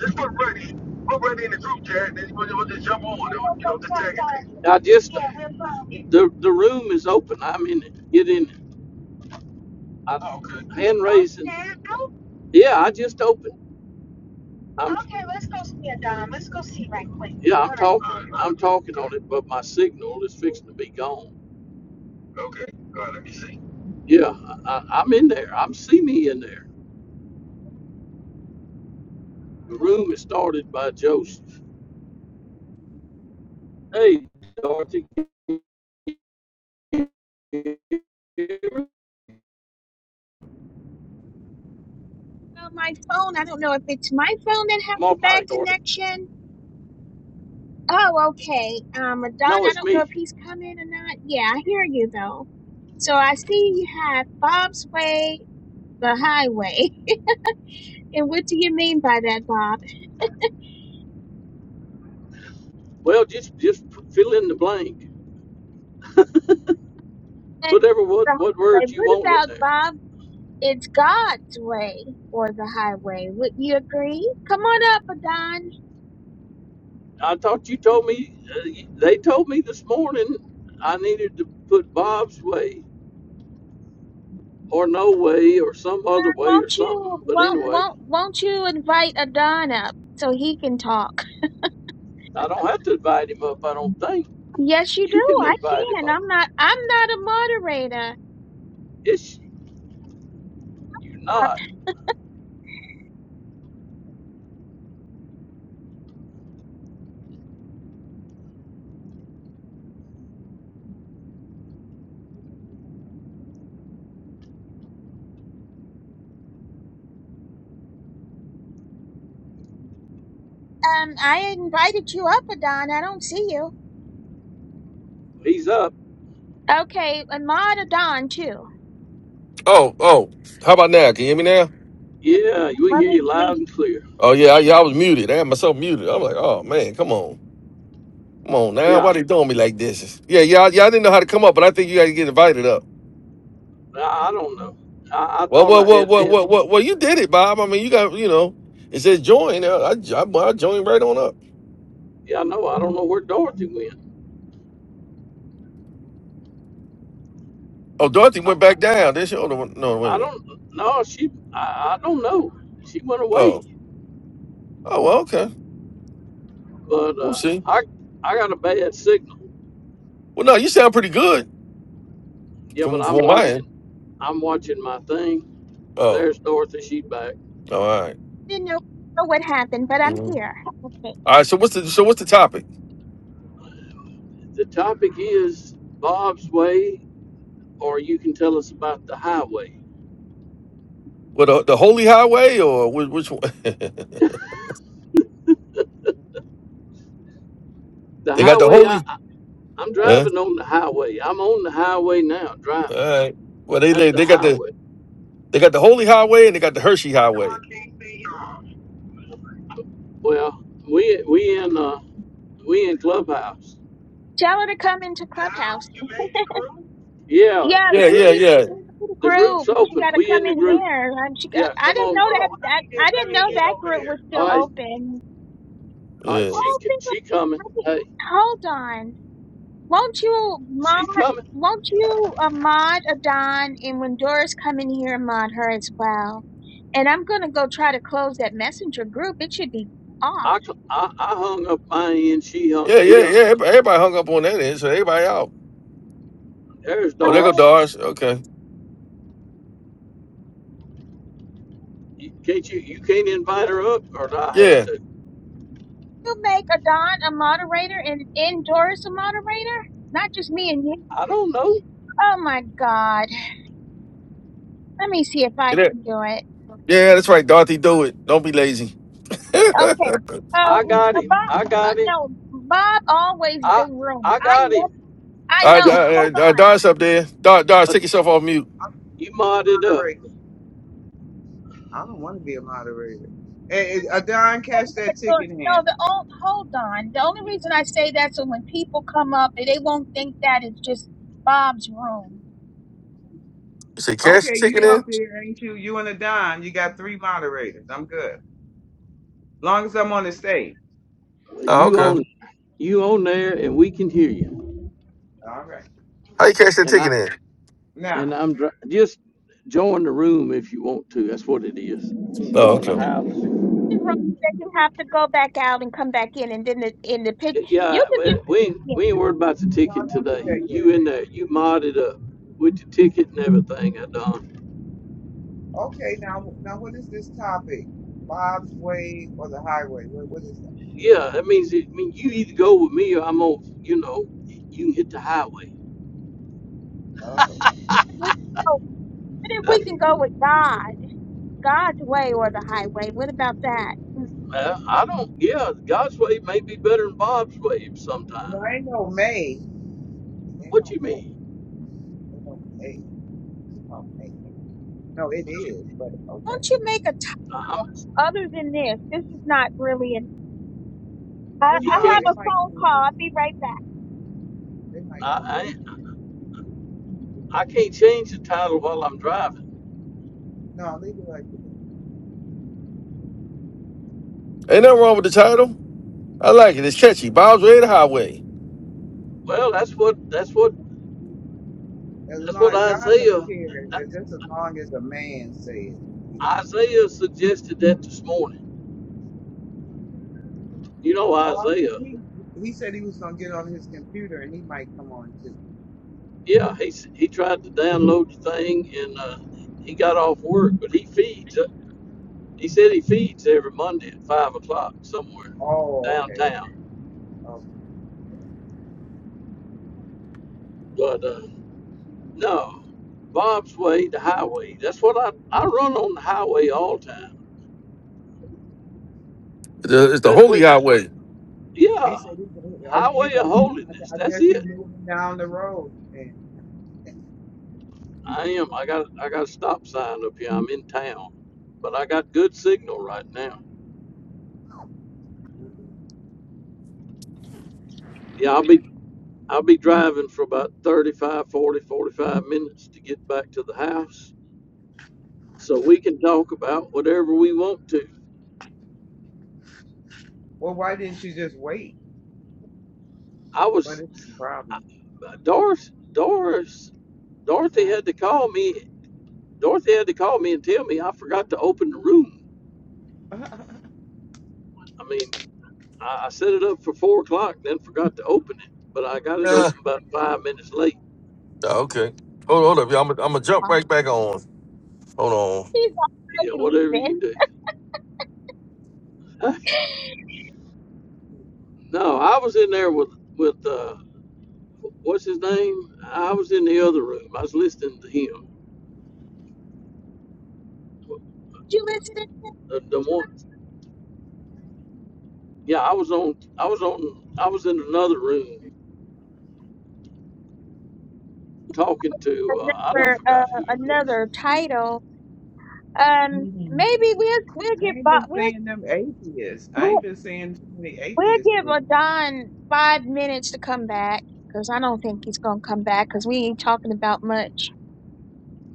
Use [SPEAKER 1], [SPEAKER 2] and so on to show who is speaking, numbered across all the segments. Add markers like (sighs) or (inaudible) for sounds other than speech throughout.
[SPEAKER 1] Just put ready. Put ready in the group chat, and then we'll, we'll just jump on. we'll, You know, just tag it. I just the the room is open. I'm in it. Get in I, Oh, good. hand raising. Yeah, I just opened. I'm, Yeah, I'm All talking. right, all I'm right. talking on it, but my signal is fixing to be gone. right. Okay. All right, let me see. Yeah, I, I- I'm in there. I'm see me in there. The room is started by Joseph. Hey, Dorothy,
[SPEAKER 2] Oh, my phone. I don't know if it's my phone that has
[SPEAKER 1] come
[SPEAKER 2] the
[SPEAKER 1] on by,
[SPEAKER 2] bad
[SPEAKER 1] Dorothy.
[SPEAKER 2] connection. Oh, okay. Um, Don,
[SPEAKER 1] No,
[SPEAKER 2] I
[SPEAKER 1] it's
[SPEAKER 2] don't know if
[SPEAKER 1] me.
[SPEAKER 2] he's coming or not. Yeah, I hear you though. So I see you have Bob's Way, the highway. (laughs) And what do you mean by that, Bob?
[SPEAKER 1] Well, just just fill in the blank.
[SPEAKER 2] And
[SPEAKER 1] Put every what
[SPEAKER 2] the
[SPEAKER 1] what words
[SPEAKER 2] highway.
[SPEAKER 1] you
[SPEAKER 2] What
[SPEAKER 1] want in
[SPEAKER 2] about
[SPEAKER 1] there.
[SPEAKER 2] Bob? It's God's way or the highway. Would you agree? Come on up, Adon.
[SPEAKER 1] I thought you told me. Uh, they told me this morning I needed to put Bob's way or no way or some other
[SPEAKER 2] Uh,
[SPEAKER 1] way or
[SPEAKER 2] won't you
[SPEAKER 1] something. But
[SPEAKER 2] won't
[SPEAKER 1] anyway,
[SPEAKER 2] won't won't you invite Adon up so he can talk?
[SPEAKER 1] I don't have to invite him up. I don't think
[SPEAKER 2] Yes, you do.
[SPEAKER 1] you can
[SPEAKER 2] I
[SPEAKER 1] invite him
[SPEAKER 2] can.
[SPEAKER 1] up.
[SPEAKER 2] I'm not. I'm not a moderator.
[SPEAKER 1] It's you are not.
[SPEAKER 2] Um, I invited you up, Adon. I don't see you.
[SPEAKER 1] He's up.
[SPEAKER 2] Okay, and mod Adon too.
[SPEAKER 3] Oh, oh, how about now? Can you hear me now?
[SPEAKER 1] Yeah, we
[SPEAKER 2] Let
[SPEAKER 1] hear
[SPEAKER 2] me
[SPEAKER 1] you
[SPEAKER 2] leave.
[SPEAKER 1] loud and clear.
[SPEAKER 3] Oh yeah, I, yeah, I was muted. I had myself muted. I'm like, oh man, come on, come on now. Why
[SPEAKER 1] Yeah,
[SPEAKER 3] they doing me like this? Yeah, yeah. Yeah, I didn't know how to come up, but I think you got to get invited up.
[SPEAKER 1] I I don't know. I, I
[SPEAKER 3] Well,
[SPEAKER 1] thought
[SPEAKER 3] well,
[SPEAKER 1] I
[SPEAKER 3] well,
[SPEAKER 1] had
[SPEAKER 3] well,
[SPEAKER 1] hand.
[SPEAKER 3] well, well, well, you did it, Bob. I mean, you got, you know, it says join. Uh, I, I, I joined right on up.
[SPEAKER 1] Yeah, I know. I don't know where Dorothy went.
[SPEAKER 3] Oh, Dorothy
[SPEAKER 1] I,
[SPEAKER 3] went back down. Did she? Oh, no, no, wait a
[SPEAKER 1] I
[SPEAKER 3] minute.
[SPEAKER 1] don't no, she I, I don't know. She went
[SPEAKER 3] Oh,
[SPEAKER 1] away.
[SPEAKER 3] oh, well, okay.
[SPEAKER 1] But
[SPEAKER 3] We'll
[SPEAKER 1] uh
[SPEAKER 3] see.
[SPEAKER 1] I I got a bad signal.
[SPEAKER 3] Well, no, you sound pretty good
[SPEAKER 1] Yeah, but
[SPEAKER 3] from
[SPEAKER 1] I'm
[SPEAKER 3] from my end.
[SPEAKER 1] watching I'm watching my thing.
[SPEAKER 3] Oh,
[SPEAKER 1] There's Dorothy, she's back.
[SPEAKER 3] all right.
[SPEAKER 2] Didn't know know what happened, but I'm
[SPEAKER 3] Mhm.
[SPEAKER 2] here. Okay.
[SPEAKER 3] All right. So what's the so what's the topic?
[SPEAKER 1] The topic is Bob's Way or you can tell us about the highway.
[SPEAKER 3] What the, the holy highway or which, which one? (laughs)
[SPEAKER 1] The
[SPEAKER 3] they got the
[SPEAKER 1] highway
[SPEAKER 3] holy.
[SPEAKER 1] I, I I'm
[SPEAKER 3] Huh?
[SPEAKER 1] driving on the highway. I'm on the highway now,
[SPEAKER 3] All
[SPEAKER 1] driving.
[SPEAKER 3] right. Well, they
[SPEAKER 1] That's
[SPEAKER 3] they
[SPEAKER 1] the
[SPEAKER 3] they got the
[SPEAKER 1] highway.
[SPEAKER 3] they got the holy highway and they got the Hershey
[SPEAKER 1] Why do I
[SPEAKER 3] highway.
[SPEAKER 1] can't see y'all? Well, we we in uh we in Clubhouse.
[SPEAKER 2] Tell her to come into
[SPEAKER 1] Now
[SPEAKER 2] Clubhouse.
[SPEAKER 1] you made the group? Yeah,
[SPEAKER 2] Yeah,
[SPEAKER 1] the
[SPEAKER 3] Yeah, yeah,
[SPEAKER 1] group's
[SPEAKER 2] she
[SPEAKER 3] yeah,
[SPEAKER 2] into the
[SPEAKER 1] the group's
[SPEAKER 2] group. She
[SPEAKER 1] open.
[SPEAKER 2] got to
[SPEAKER 1] We in
[SPEAKER 2] come
[SPEAKER 1] the
[SPEAKER 2] in
[SPEAKER 1] group.
[SPEAKER 2] here. Um, she got,
[SPEAKER 1] Yeah,
[SPEAKER 2] I
[SPEAKER 1] come
[SPEAKER 2] didn't
[SPEAKER 1] on.
[SPEAKER 2] know that.
[SPEAKER 1] Oh, let
[SPEAKER 2] That
[SPEAKER 1] me
[SPEAKER 2] I
[SPEAKER 1] get let
[SPEAKER 2] didn't
[SPEAKER 1] me
[SPEAKER 2] know
[SPEAKER 1] get
[SPEAKER 2] that
[SPEAKER 1] over
[SPEAKER 2] group was
[SPEAKER 1] there. All
[SPEAKER 2] still
[SPEAKER 1] right,
[SPEAKER 2] open.
[SPEAKER 1] all right.
[SPEAKER 3] yeah,
[SPEAKER 1] She
[SPEAKER 2] Oh, think
[SPEAKER 1] she coming.
[SPEAKER 2] of-
[SPEAKER 1] Hey,
[SPEAKER 2] hold on. won't you mod
[SPEAKER 1] she's coming.
[SPEAKER 2] won't you uh, mod Adon and when Doris come in here mod her as well and I'm gonna go try to close that messenger group it should be off
[SPEAKER 1] I I I hung up my end. She
[SPEAKER 3] yeah, yeah,
[SPEAKER 1] hung. He hung.
[SPEAKER 3] yeah. Everybody, everybody hung up on that end, so everybody out.
[SPEAKER 1] There's
[SPEAKER 3] Oh, there go
[SPEAKER 2] Will
[SPEAKER 1] Doris.
[SPEAKER 3] Doris. Okay.
[SPEAKER 1] You, can't you you can't invite her up, or do I have
[SPEAKER 3] Yeah.
[SPEAKER 1] to.
[SPEAKER 2] you make Adon a moderator and, and Doris a moderator not just me and you
[SPEAKER 1] I don't know.
[SPEAKER 2] oh my god let me see if I
[SPEAKER 3] Get it?
[SPEAKER 2] can do it
[SPEAKER 3] Yeah, that's right, Dorothy. Do it. Don't be lazy. (laughs) all right,
[SPEAKER 2] okay
[SPEAKER 1] I
[SPEAKER 2] oh
[SPEAKER 1] got
[SPEAKER 2] uh,
[SPEAKER 1] him.
[SPEAKER 2] Bob
[SPEAKER 1] I got
[SPEAKER 2] Bo-
[SPEAKER 1] him.
[SPEAKER 2] no Bob always
[SPEAKER 1] I
[SPEAKER 2] do rooms
[SPEAKER 1] I
[SPEAKER 2] I
[SPEAKER 1] got
[SPEAKER 2] know
[SPEAKER 1] him.
[SPEAKER 2] I
[SPEAKER 3] all right,
[SPEAKER 1] He
[SPEAKER 2] know hold
[SPEAKER 3] all right,
[SPEAKER 2] on
[SPEAKER 3] Doris up there. Doris, Doris,
[SPEAKER 1] uh,
[SPEAKER 3] take yourself off mute.
[SPEAKER 1] you modded up.
[SPEAKER 4] moderator. I don't want to be a moderator. Hey, hey, Adon, catch that ticket
[SPEAKER 2] No,
[SPEAKER 4] hand.
[SPEAKER 2] the oh, hold on. The only reason I say that so when people come up, they won't think that it's just Bob's room.
[SPEAKER 3] You say cash the
[SPEAKER 4] Okay,
[SPEAKER 3] ticket
[SPEAKER 4] you up
[SPEAKER 3] in?
[SPEAKER 4] there, ain't you? You and Adon, you got three moderators. I'm good. Long as I'm on the stage.
[SPEAKER 3] Oh,
[SPEAKER 1] You
[SPEAKER 3] okay.
[SPEAKER 1] on you on there, and we can hear you.
[SPEAKER 4] All right.
[SPEAKER 3] How you cash that
[SPEAKER 1] And I.
[SPEAKER 3] ticket in?
[SPEAKER 1] And
[SPEAKER 4] Now,
[SPEAKER 1] I'm dr- just join the room if you want to. That's what it is. You
[SPEAKER 3] Oh,
[SPEAKER 1] join the
[SPEAKER 3] okay.
[SPEAKER 1] house.
[SPEAKER 2] The room that you have to go back out and come back in, and then the, in the pic, you
[SPEAKER 1] Yeah,
[SPEAKER 2] could
[SPEAKER 1] we
[SPEAKER 2] just
[SPEAKER 1] we ain't,
[SPEAKER 2] yeah.
[SPEAKER 1] we ain't worried about the
[SPEAKER 4] no, I
[SPEAKER 1] ticket
[SPEAKER 4] don't do
[SPEAKER 1] today.
[SPEAKER 4] that
[SPEAKER 1] You
[SPEAKER 4] yet.
[SPEAKER 1] in there, you modded up with the ticket and everything. I done.
[SPEAKER 4] Okay, now, now, what is this topic? Bob's Way or the Highway? What, what is
[SPEAKER 1] Yeah, that means it, I mean you either go with me or I'm on. You know, you can hit the highway.
[SPEAKER 4] that? Oh,
[SPEAKER 2] If we go, but if we can go with God, God's way or the highway, what about that?
[SPEAKER 1] Uh, I don't. Yeah, God's way may be better than Bob's way
[SPEAKER 4] no,
[SPEAKER 1] sometimes.
[SPEAKER 4] ain't no May. Ain't
[SPEAKER 1] What
[SPEAKER 4] no
[SPEAKER 1] you
[SPEAKER 4] May.
[SPEAKER 1] mean?
[SPEAKER 4] Ain't no May. Ain't no May. No, it is. But okay.
[SPEAKER 2] Don't you make a t-
[SPEAKER 1] Nah, I'm,
[SPEAKER 2] other than this? This is not really an. I,
[SPEAKER 4] Well,
[SPEAKER 1] you
[SPEAKER 4] no,
[SPEAKER 2] I have
[SPEAKER 1] can't.
[SPEAKER 4] they
[SPEAKER 2] a
[SPEAKER 4] might
[SPEAKER 2] phone
[SPEAKER 4] come in.
[SPEAKER 2] call. I'll be right back.
[SPEAKER 4] They might come in.
[SPEAKER 1] I, I I can't change the title while I'm driving.
[SPEAKER 4] No, leave it like it is.
[SPEAKER 3] Ain't nothing wrong with the title. I like it. It's catchy. Bob's Red Highway.
[SPEAKER 1] Well, that's what that's what
[SPEAKER 4] As
[SPEAKER 1] That's
[SPEAKER 4] long
[SPEAKER 1] what
[SPEAKER 4] as God don't
[SPEAKER 1] Isaiah
[SPEAKER 4] care, it's just as long as a man says. you
[SPEAKER 1] Isaiah
[SPEAKER 4] know.
[SPEAKER 1] suggested that this morning. You know
[SPEAKER 4] Oh, I hope
[SPEAKER 1] Isaiah.
[SPEAKER 4] he he said he was gonna get on his computer and he might come on too.
[SPEAKER 1] Yeah, he he tried to download the thing and uh, he got off work, but he feeds. uh, He said he feeds every Monday at five o'clock somewhere
[SPEAKER 4] Oh, okay.
[SPEAKER 1] downtown.
[SPEAKER 4] okay.
[SPEAKER 1] But uh, no, Bob's way, the highway. That's what I I run on the highway all the time.
[SPEAKER 3] It's the, it's the
[SPEAKER 1] Best
[SPEAKER 3] holy
[SPEAKER 1] way.
[SPEAKER 3] highway.
[SPEAKER 4] He
[SPEAKER 1] Yeah,
[SPEAKER 4] said he. Oh, you
[SPEAKER 1] highway of
[SPEAKER 4] got. I guess
[SPEAKER 1] holiness.
[SPEAKER 4] I
[SPEAKER 1] That's
[SPEAKER 4] guess
[SPEAKER 1] it.
[SPEAKER 4] you moving down the road. And
[SPEAKER 1] I am. I got I got a stop sign up here. I'm in town, but I got good signal right now. Yeah, I'll be I'll be driving for about 35, 40, 45 minutes to get back to the house, so we can talk about whatever we want to.
[SPEAKER 4] well, why didn't you just wait?
[SPEAKER 1] I
[SPEAKER 4] But
[SPEAKER 1] was
[SPEAKER 4] it's no
[SPEAKER 1] I,
[SPEAKER 4] problem.
[SPEAKER 1] Doris Doris Dorothy
[SPEAKER 4] Huh?
[SPEAKER 1] had to call me. Dorothy had to call me and tell me I forgot to open the room.
[SPEAKER 4] Uh,
[SPEAKER 1] I mean, I, I set it up for four o'clock, then forgot to open it, but I got it
[SPEAKER 3] Yeah.
[SPEAKER 1] open about five minutes late.
[SPEAKER 3] Okay. Hold, hold up, y'all. I'm gonna jump
[SPEAKER 2] Uh,
[SPEAKER 3] right back on. Hold on.
[SPEAKER 2] He's
[SPEAKER 1] Yeah,
[SPEAKER 2] already
[SPEAKER 1] whatever you
[SPEAKER 2] leaving.
[SPEAKER 1] do. (laughs) No, I was in there with with uh, what's his name? I was in the other room. I was listening to him.
[SPEAKER 2] You listening?
[SPEAKER 1] The, the one, yeah, I was on. I was on. I was in another room talking to. Uh, I don't
[SPEAKER 2] Another
[SPEAKER 1] forgot
[SPEAKER 2] uh,
[SPEAKER 1] who it was.
[SPEAKER 2] another title.
[SPEAKER 4] I
[SPEAKER 2] Um,
[SPEAKER 4] ain't
[SPEAKER 2] maybe we'll we'll give Bob
[SPEAKER 4] been
[SPEAKER 2] we'll
[SPEAKER 4] seeing them atheists. I
[SPEAKER 2] we'll,
[SPEAKER 4] ain't been seeing too many
[SPEAKER 2] we'll
[SPEAKER 4] atheists.
[SPEAKER 2] give a five minutes to come back because I don't think he's gonna come back because we ain't talking about much.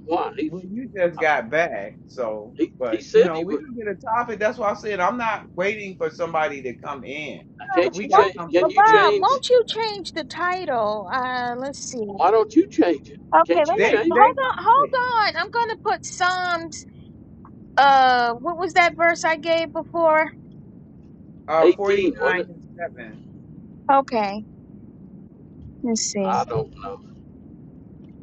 [SPEAKER 1] Why he,
[SPEAKER 4] Well, you just
[SPEAKER 1] I,
[SPEAKER 4] got back, so
[SPEAKER 1] he he
[SPEAKER 4] but you
[SPEAKER 1] said
[SPEAKER 4] know
[SPEAKER 1] he
[SPEAKER 4] we
[SPEAKER 1] would.
[SPEAKER 4] can get a topic. That's why I said I'm not waiting for somebody to come in.
[SPEAKER 2] Uh,
[SPEAKER 4] If
[SPEAKER 1] Can't you
[SPEAKER 4] we got
[SPEAKER 2] Won't,
[SPEAKER 1] change?
[SPEAKER 4] something
[SPEAKER 2] uh,
[SPEAKER 1] Can you
[SPEAKER 4] that we
[SPEAKER 2] Bob,
[SPEAKER 4] want to, do,
[SPEAKER 1] change?
[SPEAKER 2] won't you change the title? Uh, let's see.
[SPEAKER 1] Why don't you change it?
[SPEAKER 2] Okay,
[SPEAKER 1] Can't
[SPEAKER 2] let
[SPEAKER 1] you
[SPEAKER 2] me
[SPEAKER 4] they
[SPEAKER 1] change?
[SPEAKER 4] they
[SPEAKER 2] hold
[SPEAKER 4] like
[SPEAKER 2] on.
[SPEAKER 4] it.
[SPEAKER 2] Hold on. I'm gonna put Psalms. Uh, what was that verse I gave before?
[SPEAKER 4] Uh,
[SPEAKER 1] Eighteen, wasn't
[SPEAKER 4] 49
[SPEAKER 1] it?
[SPEAKER 4] and seven.
[SPEAKER 2] Okay, let's see.
[SPEAKER 1] I don't know.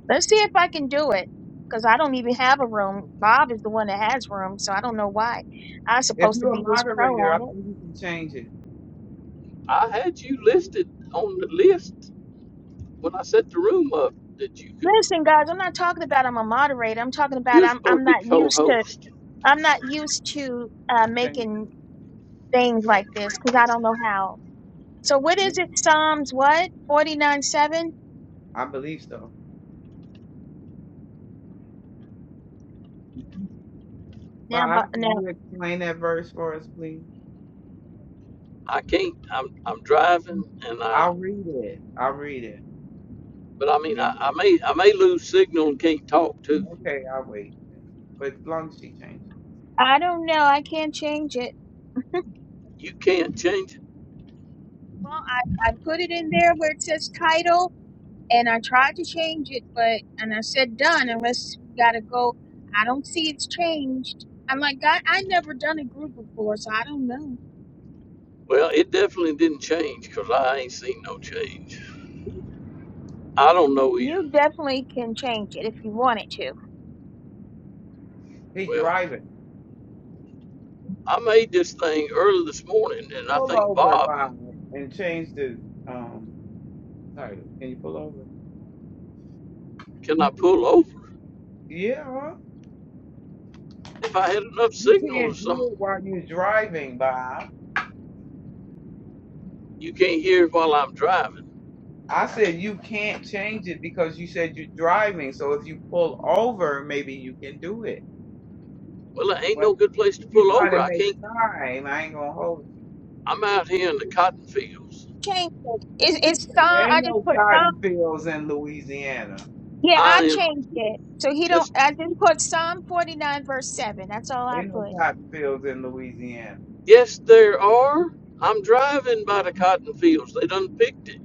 [SPEAKER 2] Let's see if I can do it. Because I don't even have a room. Bob is the one that has room, so I don't know why. I'm
[SPEAKER 4] If
[SPEAKER 2] supposed to
[SPEAKER 4] you're a
[SPEAKER 2] be this pro
[SPEAKER 4] moderator, I
[SPEAKER 2] at it.
[SPEAKER 4] think you can change it.
[SPEAKER 1] I had you listed on the list when I set the room up that you could.
[SPEAKER 2] Listen, guys, I'm not talking about I'm a moderator. I'm talking about
[SPEAKER 1] You're
[SPEAKER 2] I'm
[SPEAKER 1] supposed
[SPEAKER 2] I'm
[SPEAKER 1] to be
[SPEAKER 2] not used to
[SPEAKER 1] co-host.
[SPEAKER 2] I'm not used to uh,
[SPEAKER 4] Change it.
[SPEAKER 2] making things like this because I don't know how. So what is
[SPEAKER 4] Maybe
[SPEAKER 2] it? Psalms what? Forty nine seven.
[SPEAKER 4] I believe so.
[SPEAKER 2] Now, but
[SPEAKER 4] Bob, can
[SPEAKER 2] now
[SPEAKER 4] you explain that verse for us, please?
[SPEAKER 1] I can't. I'm I'm driving, and I.
[SPEAKER 4] I'll read it. I'll read it,
[SPEAKER 1] But I mean,
[SPEAKER 4] and
[SPEAKER 1] I,
[SPEAKER 4] then
[SPEAKER 1] I
[SPEAKER 4] you-
[SPEAKER 1] may I may lose signal and can't talk to.
[SPEAKER 4] okay, I'll wait. But as long as she changes,
[SPEAKER 2] I don't know. I can't change it.
[SPEAKER 1] You can't change it.
[SPEAKER 2] Well, I I put it in there where it says title and I tried to change it, but and I said done unless we gotta go. I don't see it's changed. I'm like God, I never done a group before, so I don't know.
[SPEAKER 1] Well, it definitely didn't change because I ain't seen no change. I don't know either.
[SPEAKER 2] You definitely can change it if you wanted to.
[SPEAKER 4] he
[SPEAKER 1] Well,
[SPEAKER 4] driving.
[SPEAKER 1] I made this thing early this morning, and I
[SPEAKER 4] Pull
[SPEAKER 1] think
[SPEAKER 4] over,
[SPEAKER 1] Bob,
[SPEAKER 4] Bob, and change the um title. Can you pull over?
[SPEAKER 1] can I pull over?
[SPEAKER 4] Yeah. huh?
[SPEAKER 1] If I had enough
[SPEAKER 4] You
[SPEAKER 1] signal or
[SPEAKER 4] can't do it
[SPEAKER 1] something,
[SPEAKER 4] while you're driving, Bob.
[SPEAKER 1] you can't hear while I'm driving.
[SPEAKER 4] I said you can't change it because you said you're driving. So if you pull over, maybe you can do it.
[SPEAKER 1] Well, it ain't
[SPEAKER 4] What?
[SPEAKER 1] no good place
[SPEAKER 4] If
[SPEAKER 1] to
[SPEAKER 4] you're
[SPEAKER 1] pull
[SPEAKER 4] trying
[SPEAKER 1] over.
[SPEAKER 4] to
[SPEAKER 1] I
[SPEAKER 4] make
[SPEAKER 1] can't.
[SPEAKER 4] time, I ain't gonna hold
[SPEAKER 1] I'm out here in the cotton fields.
[SPEAKER 2] Change it. It's, it's
[SPEAKER 4] you.
[SPEAKER 2] Psalm.
[SPEAKER 4] There ain't
[SPEAKER 2] I just
[SPEAKER 4] no
[SPEAKER 2] put Psalm.
[SPEAKER 4] cotton fields in Louisiana.
[SPEAKER 2] Yeah, I
[SPEAKER 1] I am.
[SPEAKER 2] changed it. So he don't.
[SPEAKER 1] Yes,
[SPEAKER 2] I just put Psalm 49 verse seven. That's all I
[SPEAKER 4] Ain't no
[SPEAKER 2] put.
[SPEAKER 4] cotton fields in Louisiana.
[SPEAKER 1] yes, there are. I'm driving by the cotton fields. They done picked it.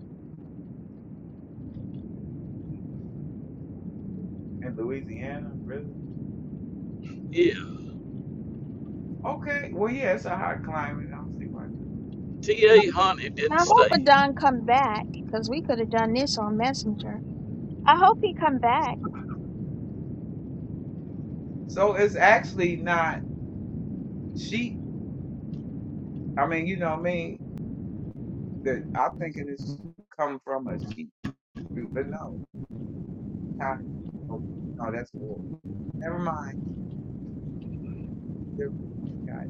[SPEAKER 4] In Louisiana, really?
[SPEAKER 1] Yeah.
[SPEAKER 4] Okay. Well, yeah, it's a hot climate. I don't see why not.
[SPEAKER 1] T.A. Honey didn't
[SPEAKER 2] I hope
[SPEAKER 1] stay.
[SPEAKER 2] Adon come back because we could have done this on Messenger. I hope he come back.
[SPEAKER 4] So it's actually not sheep. I mean, you know what I mean? That I'm thinking it's come from a sheep, but no, cotton. Okay, no, that's wool. Never mind. Difference between cotton.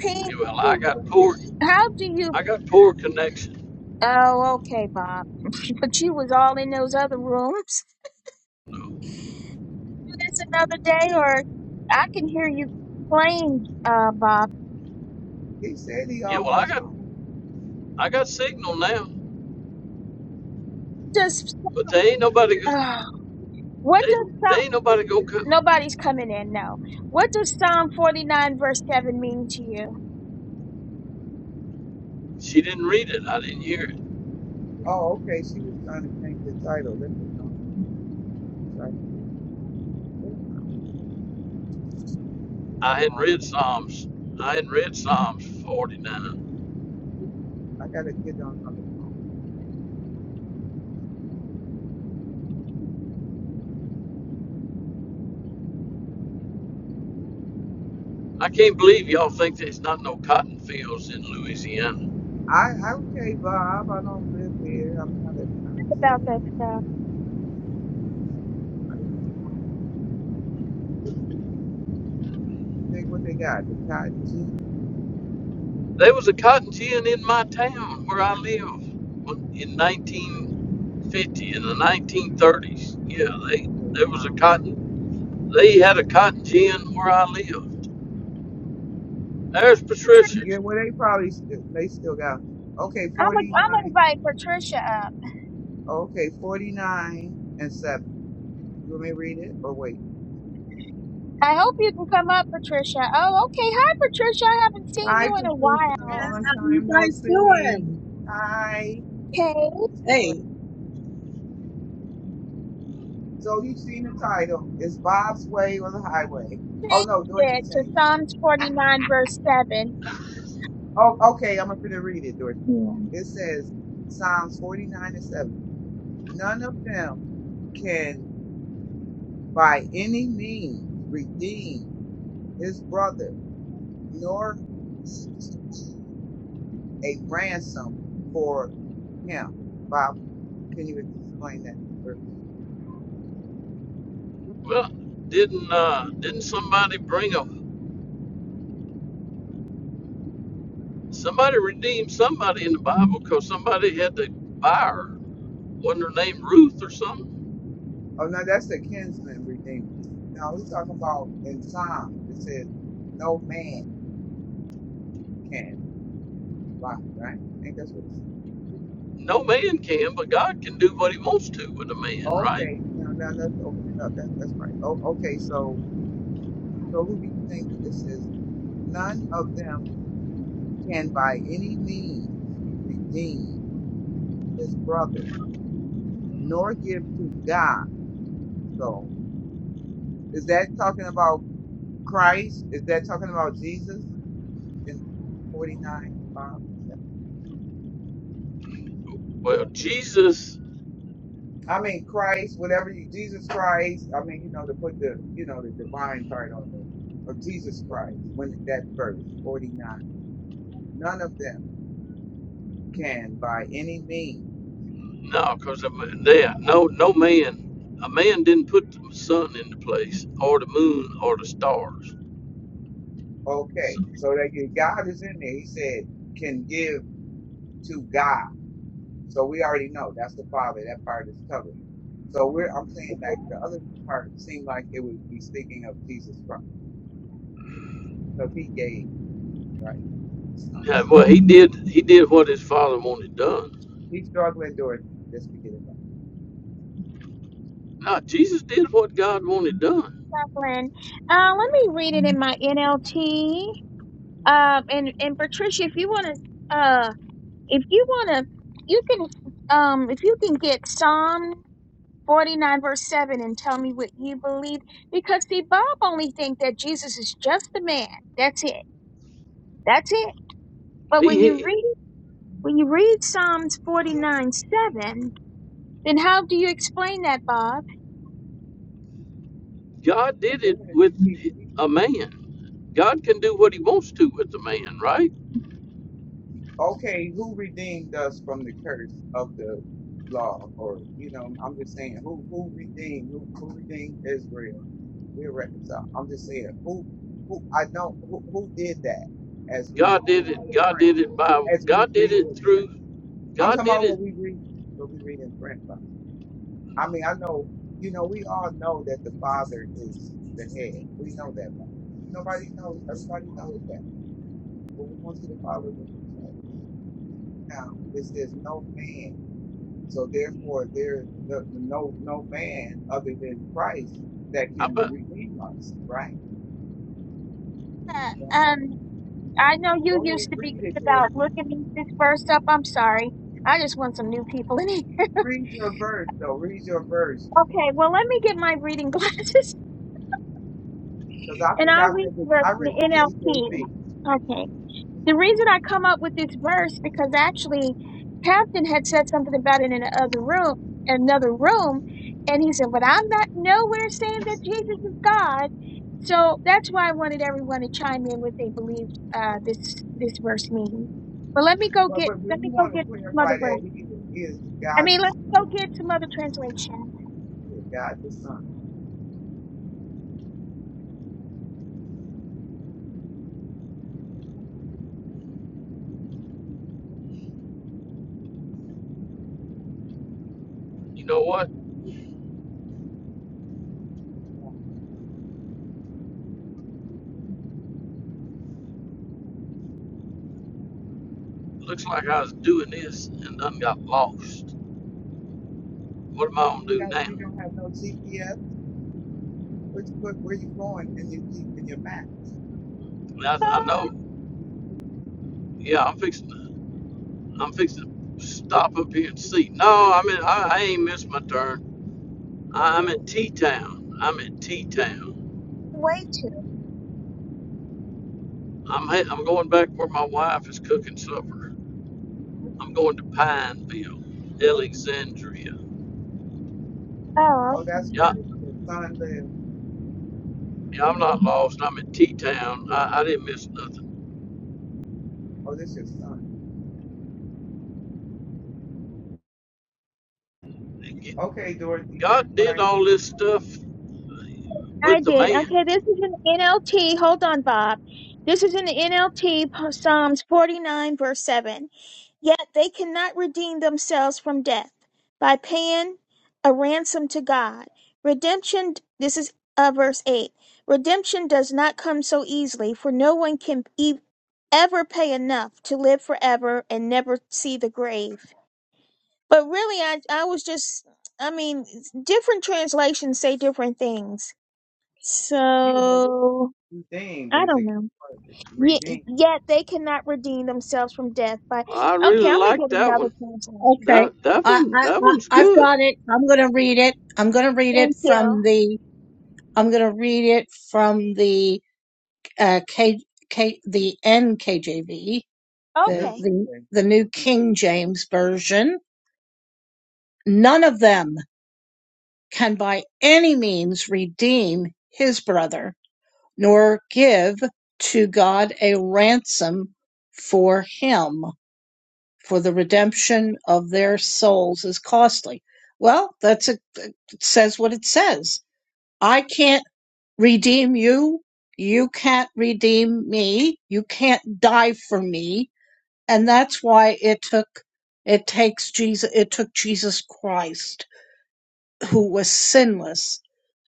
[SPEAKER 2] Ping.
[SPEAKER 1] Yeah, well, I got poor.
[SPEAKER 2] How do you?
[SPEAKER 1] I got poor connection.
[SPEAKER 2] Oh, okay, Bob. But you was all in those other rooms. Do this another day, or I can hear you playing, uh, Bob.
[SPEAKER 4] He said he
[SPEAKER 1] Yeah. Well, I
[SPEAKER 4] almost
[SPEAKER 1] got.
[SPEAKER 4] home.
[SPEAKER 1] I got signal now,
[SPEAKER 2] Just
[SPEAKER 1] but they ain't nobody.
[SPEAKER 2] uh,
[SPEAKER 1] go-
[SPEAKER 2] what
[SPEAKER 1] They
[SPEAKER 2] does
[SPEAKER 1] they
[SPEAKER 2] Psalm?
[SPEAKER 1] ain't nobody gonna come.
[SPEAKER 2] Nobody's coming in now. What does Psalm forty nine verse seven mean to you
[SPEAKER 1] She didn't read it. I didn't hear it.
[SPEAKER 4] Oh, okay. She was trying to change the title. Let me um, let me try and get. What am I
[SPEAKER 1] I hadn't
[SPEAKER 4] on?
[SPEAKER 1] read
[SPEAKER 4] Um,
[SPEAKER 1] Psalms. I hadn't read Psalms 49.
[SPEAKER 4] I gotta get on other phone. Hold
[SPEAKER 1] I
[SPEAKER 4] on.
[SPEAKER 1] can't believe y'all think there's not no cotton fields in Louisiana.
[SPEAKER 4] I, okay, Bob. I don't live there. I'm not a kind of
[SPEAKER 2] about that
[SPEAKER 4] tourist.
[SPEAKER 2] stuff?
[SPEAKER 4] I'm not a kind of tourist. I didn't know. They, what they got? The Cotton Gin?
[SPEAKER 1] There was a cotton gin in my town where I live in 1950 in the 1930s. Yeah, they
[SPEAKER 4] Okay,
[SPEAKER 1] there was a
[SPEAKER 4] Psalms
[SPEAKER 1] cotton.
[SPEAKER 4] 49.
[SPEAKER 1] They had a cotton gin where I
[SPEAKER 4] okay.
[SPEAKER 1] lived. There's
[SPEAKER 2] Patricia,
[SPEAKER 1] Patricia.
[SPEAKER 4] Yeah, well, they probably still, they still got, okay,
[SPEAKER 2] I'm i I'm gonna
[SPEAKER 4] 49.
[SPEAKER 2] invite Patricia up.
[SPEAKER 4] Okay, 49 and 7. You want me to read it or wait?
[SPEAKER 2] I hope you can come up, Patricia. Oh, okay. Hi, Patricia. I haven't seen
[SPEAKER 4] Hi,
[SPEAKER 2] you in a
[SPEAKER 4] Patricia.
[SPEAKER 5] How
[SPEAKER 2] while.
[SPEAKER 4] Long
[SPEAKER 5] how you
[SPEAKER 4] time no
[SPEAKER 5] guys
[SPEAKER 4] see.
[SPEAKER 5] doing?
[SPEAKER 4] Hi.
[SPEAKER 2] Okay,
[SPEAKER 4] It's Dorothy.
[SPEAKER 5] Hey,
[SPEAKER 4] So you've seen the title. It's Bob's Way or the Highway. Oh,
[SPEAKER 2] change
[SPEAKER 4] no, Dorothy
[SPEAKER 2] it to
[SPEAKER 4] changed it.
[SPEAKER 2] Psalms forty nine verse seven.
[SPEAKER 4] Oh, okay. I'm going to read it, Dorothy. It says Psalms 49 and 7. None of them can by any means redeem his brother, nor a ransom for him. Bob, can you explain that verse?
[SPEAKER 1] Well, didn't uh, didn't somebody bring a somebody redeemed somebody in the Bible because somebody had to buy her. Wasn't her name Ruth or something?
[SPEAKER 4] Oh, no, that's the kinsman redeemer. Now we're talking about in Psalms, it says, no man can buy, right? Ain't that's what it says? No.
[SPEAKER 1] No man can, but God can do what He wants to with a man, right?
[SPEAKER 4] Okay, now, now let's open it up. That's, that's right. Oh, okay, so, so who do you think it says, none of them can by any means redeem his brother, nor give to God. So is that talking about Christ? Is that talking about Jesus in 49? five?
[SPEAKER 1] Well, Jesus
[SPEAKER 4] I mean, Christ, whatever you, Jesus Christ, I mean, you know, to put the, you know, the divine part on there of Jesus Christ when that verse 49, none of them can by any means.
[SPEAKER 1] No, because they no no man. A man didn't put the sun into place, or the moon, or the stars. So,
[SPEAKER 4] Okay. So that you- God is in there. He said, can give to God. So we already know that's the Father. That part is covered. So we're, I'm saying like the other part seemed like it would be speaking of Jesus Christ because he gave, right? His son.
[SPEAKER 1] yeah, well,
[SPEAKER 4] Only
[SPEAKER 1] he did. He did what his father wanted done.
[SPEAKER 4] he struggled at Dorothy. Just forget about
[SPEAKER 1] No, Jesus did what God wanted done.
[SPEAKER 2] Lynn. Uh, let me read it in my NLT. Uh, and and Patricia, if you want to, uh, if you want to, you can, um, if you can get Psalm forty nine verse seven and tell me what you believe, because see, Bob only think that Jesus is just the man. That's it. That's it. But
[SPEAKER 1] He,
[SPEAKER 2] when you
[SPEAKER 1] he
[SPEAKER 2] read when you read Psalms forty nine seven, then how do you explain that, Bob?
[SPEAKER 1] God
[SPEAKER 4] it.
[SPEAKER 1] did it
[SPEAKER 4] And then if
[SPEAKER 1] with
[SPEAKER 4] you keep, keep-
[SPEAKER 1] a man. God can do what He wants to with a man, right?
[SPEAKER 4] okay, who redeemed us from the curse of the law? Or, you know, I'm just saying who, who redeemed, who, who redeemed Israel? We're reconciled. I'm just saying who, who, I know who, who did that as we
[SPEAKER 1] God did
[SPEAKER 4] read
[SPEAKER 1] it.
[SPEAKER 4] in
[SPEAKER 1] God
[SPEAKER 4] print,
[SPEAKER 1] did it by.
[SPEAKER 4] as we
[SPEAKER 1] God did
[SPEAKER 4] read
[SPEAKER 1] it
[SPEAKER 4] in print.
[SPEAKER 1] through.
[SPEAKER 4] I'm
[SPEAKER 1] God
[SPEAKER 4] talking
[SPEAKER 1] did
[SPEAKER 4] about
[SPEAKER 1] it.
[SPEAKER 4] what we read, what we read in print. I mean, I know, you know, we all know that the Father is the head. We know that. Nobody knows. Everybody knows that. But we want to follow the Father do that. Now, it says no man. So therefore, there is no, no no man other than Christ that
[SPEAKER 1] I
[SPEAKER 4] can
[SPEAKER 1] bet.
[SPEAKER 4] redeem us, right?
[SPEAKER 2] Uh,
[SPEAKER 4] So
[SPEAKER 2] Um, I know you
[SPEAKER 4] go ahead
[SPEAKER 2] used
[SPEAKER 4] and
[SPEAKER 2] to be
[SPEAKER 4] read it,
[SPEAKER 2] good about
[SPEAKER 4] Dorothy.
[SPEAKER 2] looking at this first up. I'm sorry. I just want some new people in here.
[SPEAKER 4] Read your verse, though. Read your verse.
[SPEAKER 2] Okay, well, let me get my reading glasses
[SPEAKER 4] Because I
[SPEAKER 2] (laughs) and
[SPEAKER 4] think I
[SPEAKER 2] I'll read
[SPEAKER 4] read
[SPEAKER 2] the
[SPEAKER 4] the
[SPEAKER 2] verse
[SPEAKER 4] I
[SPEAKER 2] in
[SPEAKER 4] read the
[SPEAKER 2] the
[SPEAKER 4] KJV.
[SPEAKER 2] NLT. Okay. The reason I come up with this verse because actually Captain had said something about it in another room, another room, and he said, "But I'm not nowhere saying that Jesus is God." So that's why I wanted everyone to chime in what they believed uh, this this verse means. But let me go
[SPEAKER 4] But
[SPEAKER 2] get
[SPEAKER 4] but, but
[SPEAKER 2] let
[SPEAKER 4] we
[SPEAKER 2] me go
[SPEAKER 4] want to
[SPEAKER 2] get some other
[SPEAKER 4] clarify
[SPEAKER 2] verses.
[SPEAKER 4] that he is, he is
[SPEAKER 2] I
[SPEAKER 4] God
[SPEAKER 2] mean,
[SPEAKER 4] the
[SPEAKER 2] let's go
[SPEAKER 4] Son.
[SPEAKER 2] get some other translation.
[SPEAKER 4] Yeah, God the Son.
[SPEAKER 1] You know what? Looks like I was doing this and done got lost. What am I gonna
[SPEAKER 4] You
[SPEAKER 1] do
[SPEAKER 4] got
[SPEAKER 1] now?
[SPEAKER 4] you don't have no GPS. Which where, where you going in your G in your map?
[SPEAKER 1] Well,
[SPEAKER 4] And
[SPEAKER 1] I, I
[SPEAKER 2] Oh,
[SPEAKER 4] it'll
[SPEAKER 1] know, yeah, I'm fixing to, I'm fixing to stop up here and see. No, I mean, I, I ain't missed my turn. I, I'm in
[SPEAKER 4] oh
[SPEAKER 1] T Town. I'm in T Town.
[SPEAKER 2] way too.
[SPEAKER 1] I'm he- I'm going back where my wife is cooking supper. I'm going to Pineville, Alexandria.
[SPEAKER 2] Oh,
[SPEAKER 4] oh that's
[SPEAKER 2] okay.
[SPEAKER 4] where
[SPEAKER 1] Yeah,
[SPEAKER 4] your, your son lives.
[SPEAKER 1] yeah, I'm not lost. I'm in T Town. I, I didn't miss nothing.
[SPEAKER 4] Oh, this your son. Okay, Dorothy, you
[SPEAKER 1] God
[SPEAKER 4] can
[SPEAKER 1] did
[SPEAKER 4] find
[SPEAKER 1] all
[SPEAKER 4] it.
[SPEAKER 1] this stuff with
[SPEAKER 2] I
[SPEAKER 1] the
[SPEAKER 2] did. Okay,
[SPEAKER 1] man.
[SPEAKER 2] this is an NLT. Hold on, Bob. This is in the NLT, Psalms 49, verse 7. Yet they cannot redeem themselves from death by paying a ransom to God. Redemption, this is uh, verse 8. Redemption does not come so easily, for no one can e- ever pay enough to live forever and never see the grave. But really, I I was just I mean, it's- different translations say different things.
[SPEAKER 4] Yeah, but we we-
[SPEAKER 2] So
[SPEAKER 4] redeemed
[SPEAKER 2] I
[SPEAKER 4] is the
[SPEAKER 2] don't
[SPEAKER 4] key
[SPEAKER 2] know.
[SPEAKER 4] word.
[SPEAKER 2] Yet,
[SPEAKER 4] Redeemed,
[SPEAKER 2] yet they cannot redeem themselves from death by.
[SPEAKER 1] Well, I
[SPEAKER 2] Okay,
[SPEAKER 1] really
[SPEAKER 2] I'm gonna
[SPEAKER 1] like
[SPEAKER 2] get
[SPEAKER 1] that
[SPEAKER 2] another
[SPEAKER 1] one.
[SPEAKER 2] translation.
[SPEAKER 5] okay.
[SPEAKER 1] That that
[SPEAKER 5] I,
[SPEAKER 1] one
[SPEAKER 5] I,
[SPEAKER 1] that
[SPEAKER 5] I,
[SPEAKER 1] one's
[SPEAKER 5] I've
[SPEAKER 1] good.
[SPEAKER 5] got it. I'm gonna read it. I'm gonna read it
[SPEAKER 2] Thank you.
[SPEAKER 5] from the. I'm gonna read it from the uh, K, K, the NKJV, the
[SPEAKER 4] new
[SPEAKER 2] Okay,
[SPEAKER 4] King
[SPEAKER 5] the
[SPEAKER 4] James,
[SPEAKER 5] the New
[SPEAKER 4] Version.
[SPEAKER 5] King James Version. None of them can by any means redeem his brother, nor give to God a ransom for him for the redemption of their souls is costly. Well, that's a, it says what it says. I can't redeem you. You can't redeem me. You can't die for me. And that's why it took, it takes Jesus, it took Jesus Christ, who was sinless,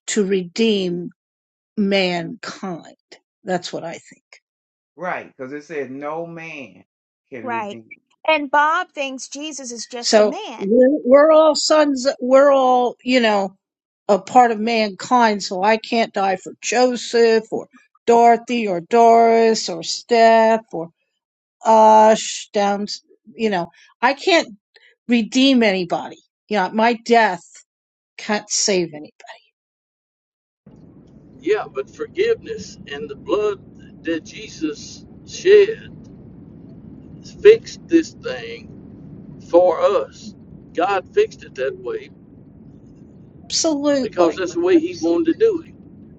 [SPEAKER 5] to redeem mankind. That's what I think.
[SPEAKER 4] right? Because it said no man can
[SPEAKER 2] right.
[SPEAKER 4] redeem.
[SPEAKER 2] And Bob thinks Jesus is just a
[SPEAKER 5] So
[SPEAKER 2] man.
[SPEAKER 5] we're, we're all sons, we're all, you know, a part of mankind. So I can't die for Joseph or Dorothy or Doris or Steph or Ush down, you know, I can't redeem anybody. You know, my death can't save anybody.
[SPEAKER 1] Yeah, but forgiveness and the blood that Jesus shed fixed this thing for us. God fixed it that way because
[SPEAKER 5] Absolutely.
[SPEAKER 1] that's
[SPEAKER 4] But
[SPEAKER 1] the way
[SPEAKER 4] that's
[SPEAKER 1] He wanted to do it.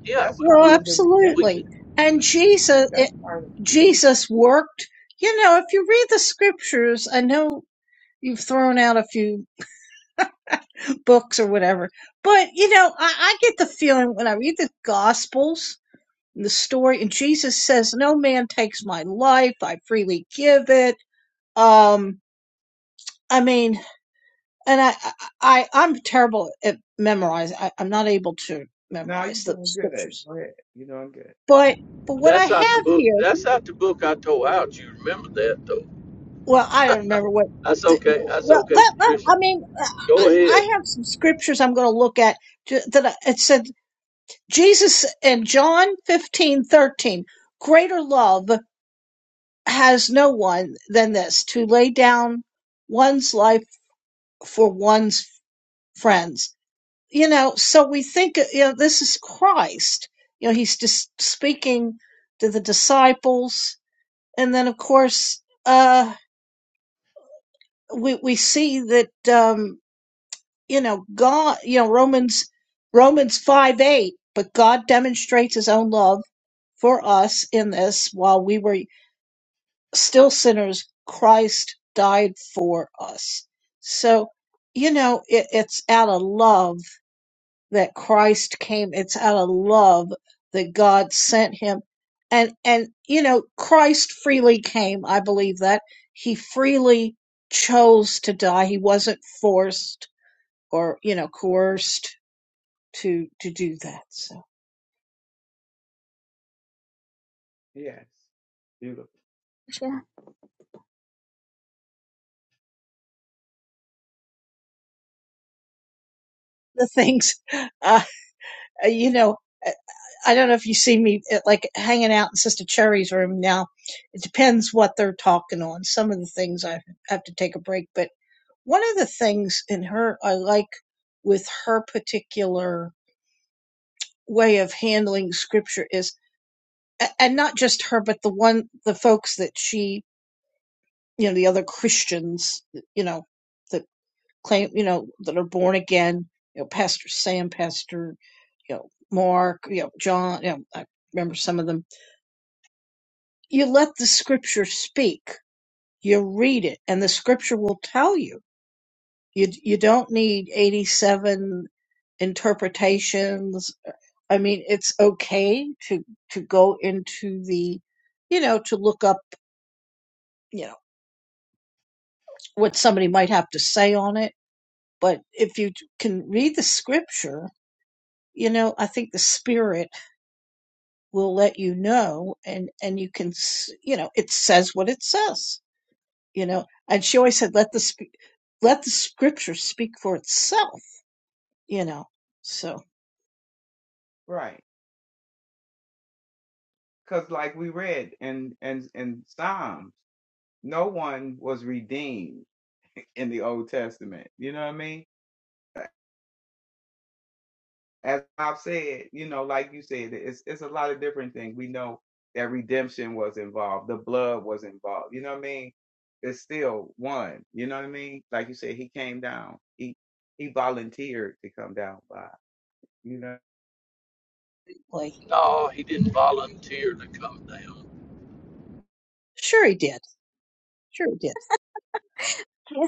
[SPEAKER 1] Yeah,
[SPEAKER 4] that's
[SPEAKER 1] but
[SPEAKER 5] Well,
[SPEAKER 4] part
[SPEAKER 1] we,
[SPEAKER 4] of the
[SPEAKER 1] we
[SPEAKER 5] absolutely.
[SPEAKER 4] redemption.
[SPEAKER 5] And Jesus,
[SPEAKER 4] That's
[SPEAKER 5] it,
[SPEAKER 4] part of the redemption.
[SPEAKER 5] Jesus worked. You know, if you read the scriptures, I know you've thrown out a few books or whatever. But you know, I, I get the feeling when I read the Gospels and the story, and Jesus says, "No man takes my life; I freely give it." Um, I mean, and I, I, I am terrible at memorizing. I, I'm not able to
[SPEAKER 4] Now you're
[SPEAKER 5] memorize the
[SPEAKER 4] doing good.
[SPEAKER 5] scriptures,
[SPEAKER 4] Go ahead. You're doing good.
[SPEAKER 5] but but what I
[SPEAKER 1] that's out the
[SPEAKER 5] have
[SPEAKER 1] book.
[SPEAKER 5] here,
[SPEAKER 1] That's out the book I tore out. You remember that though?
[SPEAKER 5] well, I don't remember what.
[SPEAKER 1] That's
[SPEAKER 5] The,
[SPEAKER 1] okay. That's
[SPEAKER 5] well,
[SPEAKER 1] okay,
[SPEAKER 5] let, let,
[SPEAKER 1] Patricia.
[SPEAKER 5] I mean, I, I
[SPEAKER 1] Go
[SPEAKER 5] I
[SPEAKER 1] ahead.
[SPEAKER 5] have some scriptures I'm going to look at ju- that I- it said Jesus in John fifteen thirteen, greater love has no one than this to lay down one's life for one's friends. You know, so we think, you know, this is Christ. You know, he's just speaking to the disciples. And then, of course, uh, we, we see that, um, you know, God, you know, Romans, Romans 5 8, but God demonstrates his own love for us in this while we were still sinners, Christ died for us. So, you know, it, it's out of love that Christ came. It's out of love that God sent him. And, and, you know, Christ freely came. I believe that he freely chose to die. He wasn't forced or, you know, coerced to, to do that. So
[SPEAKER 4] Yes. Beautiful.
[SPEAKER 2] Jo-
[SPEAKER 5] the things, (laughs) uh, uh, you know, uh, I don't know if you see me uh, like hanging out in Sister Cherry's room now. It depends what they're talking on. Some of the things I have to take a break, but one of the things in her I like with her particular way of handling scripture is, and not just her, but the one the folks that she, you know, the other Christians, you know. that. claim, you know, that are born again, you know, Pastor Sam, Pastor, you know, Mark, you know, John, you know, I remember some of them. You let the scripture speak. You read it and the scripture will tell you. You, you don't need 87 interpretations. I mean, it's okay to, to go into the, you know, to look up, you know, what somebody might have to say on it. But if you can read the scripture, you know, I think the spirit will let you know and and you can s- you know it says what it says you know and she always said let the sp- let the scripture speak for itself you know so
[SPEAKER 4] Right. Because like we read in, in in Psalms, no one was redeemed in the Old Testament. You know what I mean? As I've said, you know, like you said, it's it's a lot of different things. We know that redemption was involved, the blood was involved. You know what I mean? It's still one. You know what I mean? Like you said, he came down. He he volunteered to come down by. You know.
[SPEAKER 5] like
[SPEAKER 1] No, he didn't volunteer to come down.
[SPEAKER 5] sure he did sure he did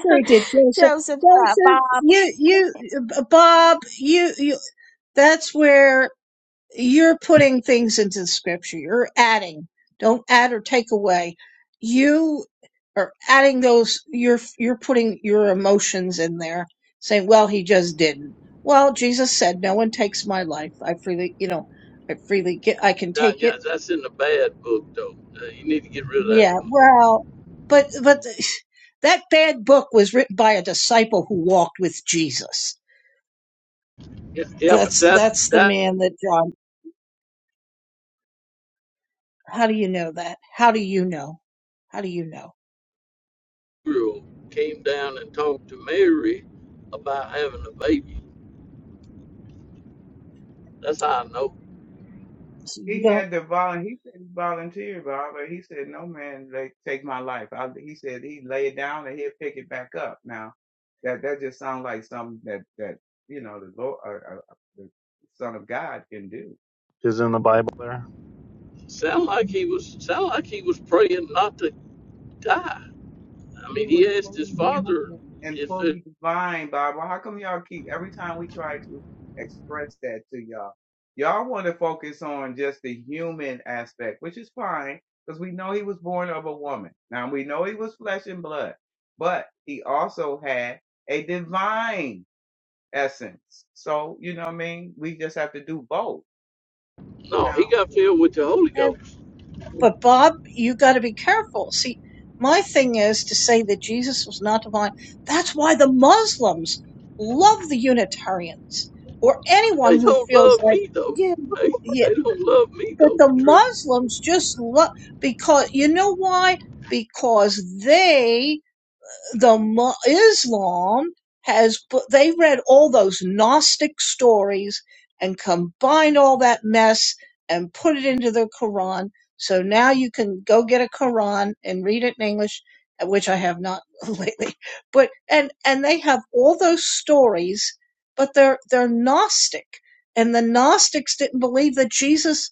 [SPEAKER 5] sure he did joseph
[SPEAKER 2] Joseph uh, Bob.
[SPEAKER 5] joseph you you uh, bob you you that's where you're putting things into the scripture. You're adding. Don't add or take away. You are adding those. You're you're putting your emotions in there, saying, "Well, he just didn't." Well, Jesus said, "No one takes my life. I freely, you know, I freely get. I can
[SPEAKER 1] Now,
[SPEAKER 5] take
[SPEAKER 1] yeah,
[SPEAKER 5] it."
[SPEAKER 1] that's in the bad book though. Uh, You need to get rid of that
[SPEAKER 5] Yeah.
[SPEAKER 1] book.
[SPEAKER 5] Well, but but (sighs) that bad book was written by a disciple who walked with Jesus.
[SPEAKER 1] Yeah, yeah but
[SPEAKER 5] That's
[SPEAKER 1] that
[SPEAKER 5] that's the
[SPEAKER 1] that
[SPEAKER 5] man that John. How do you know that? How do you know? How do you know?
[SPEAKER 1] Gabriel came down and talked to Mary about having a baby. That's how I know.
[SPEAKER 5] So you
[SPEAKER 4] He
[SPEAKER 5] don't.
[SPEAKER 4] had the volun. He said he volunteered, Bob, but he said no man like take my life. I, he said he lay it down and he'll pick it back up. Now, that that just sounds like something that that you know the Lord, uh, uh, uh, the Son of God can do.
[SPEAKER 6] is in the Bible there?
[SPEAKER 1] Sound like he was sound like he was praying not to die. I mean,
[SPEAKER 4] He was
[SPEAKER 1] he asked his
[SPEAKER 4] fully
[SPEAKER 1] father
[SPEAKER 4] human and
[SPEAKER 1] if there,
[SPEAKER 4] fully divine, Bible. How come y'all keep every time we try to express that to y'all? Y'all want to focus on just the human aspect, which is fine because we know he was born of a woman. Now we know he was flesh and blood, but he also had a divine essence. So, you know what I mean? We just have to do both.
[SPEAKER 1] no, he
[SPEAKER 4] Now,
[SPEAKER 1] got
[SPEAKER 4] yeah,
[SPEAKER 1] filled with the Holy
[SPEAKER 5] And,
[SPEAKER 1] Ghost.
[SPEAKER 5] but Bob, you got to be careful. See, my thing is to say that Jesus was not divine. That's why the Muslims love the Unitarians or anyone
[SPEAKER 1] They
[SPEAKER 5] who
[SPEAKER 1] don't
[SPEAKER 5] feels
[SPEAKER 1] love
[SPEAKER 5] like,
[SPEAKER 1] me though.
[SPEAKER 2] Dude,
[SPEAKER 1] Hey,
[SPEAKER 5] yeah,
[SPEAKER 1] they don't love me
[SPEAKER 5] but
[SPEAKER 1] though,
[SPEAKER 5] the
[SPEAKER 1] Patricia.
[SPEAKER 5] Muslims just love because, you know why? Because they the Islam has they read all those Gnostic stories and combined all that mess and put it into the Quran. So now you can go get a Quran and read it in English, which I have not (laughs) lately. But and and they have all those stories, but they're they're Gnostic, and the Gnostics didn't believe that Jesus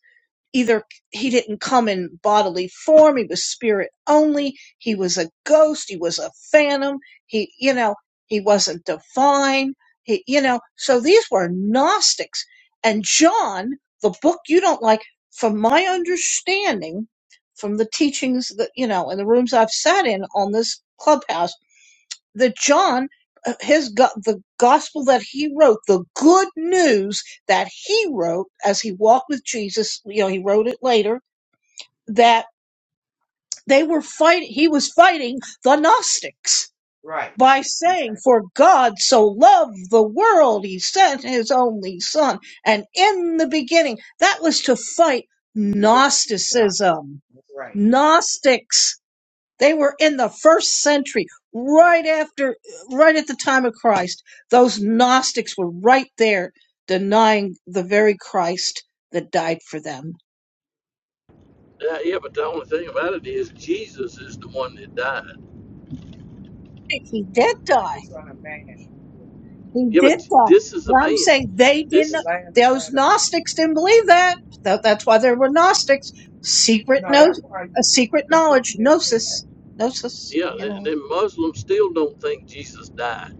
[SPEAKER 5] either he didn't come in bodily form, he was spirit only, he was a ghost, he was a phantom, he, you know, he wasn't divine, he, you know, so these were Gnostics. And John, the book you don't like, from my understanding, from the teachings that, you know, and the rooms I've sat in on this clubhouse, that John, uh, his the gospel that he wrote, the good news that he wrote as he walked with Jesus, you know, he wrote it later that they were fighting. He was fighting the Gnostics
[SPEAKER 4] right.
[SPEAKER 5] by saying,
[SPEAKER 4] Exactly.
[SPEAKER 5] "For God so loved the world, He sent His only Son." And in the beginning, that was to fight Gnosticism,
[SPEAKER 4] That's right.
[SPEAKER 5] Gnostics they were in the first century,
[SPEAKER 4] That's
[SPEAKER 5] right after, right at the time of Christ. Those Gnostics were right there denying the very Christ that died for them.
[SPEAKER 1] Yeah, yeah, but the only thing about it is Jesus is the one that died.
[SPEAKER 5] He did
[SPEAKER 4] the
[SPEAKER 5] die.
[SPEAKER 4] son of man.
[SPEAKER 5] He
[SPEAKER 1] Yeah,
[SPEAKER 5] did
[SPEAKER 1] but
[SPEAKER 5] die.
[SPEAKER 1] this is a
[SPEAKER 5] And I'm saying
[SPEAKER 1] man.
[SPEAKER 5] they didn't,
[SPEAKER 1] This
[SPEAKER 4] the
[SPEAKER 1] is
[SPEAKER 4] last
[SPEAKER 5] those
[SPEAKER 4] Adam.
[SPEAKER 5] Gnostics didn't believe that. Tha- That's why there were Gnostics. Secret,
[SPEAKER 4] No,
[SPEAKER 5] no,
[SPEAKER 4] that's why
[SPEAKER 5] a
[SPEAKER 4] you-
[SPEAKER 5] secret
[SPEAKER 4] Patricia
[SPEAKER 5] knowledge,
[SPEAKER 4] is correct.
[SPEAKER 5] gnosis, gnosis,
[SPEAKER 1] yeah.
[SPEAKER 4] You,
[SPEAKER 5] you
[SPEAKER 1] And
[SPEAKER 5] know.
[SPEAKER 1] then Muslims still don't think Jesus died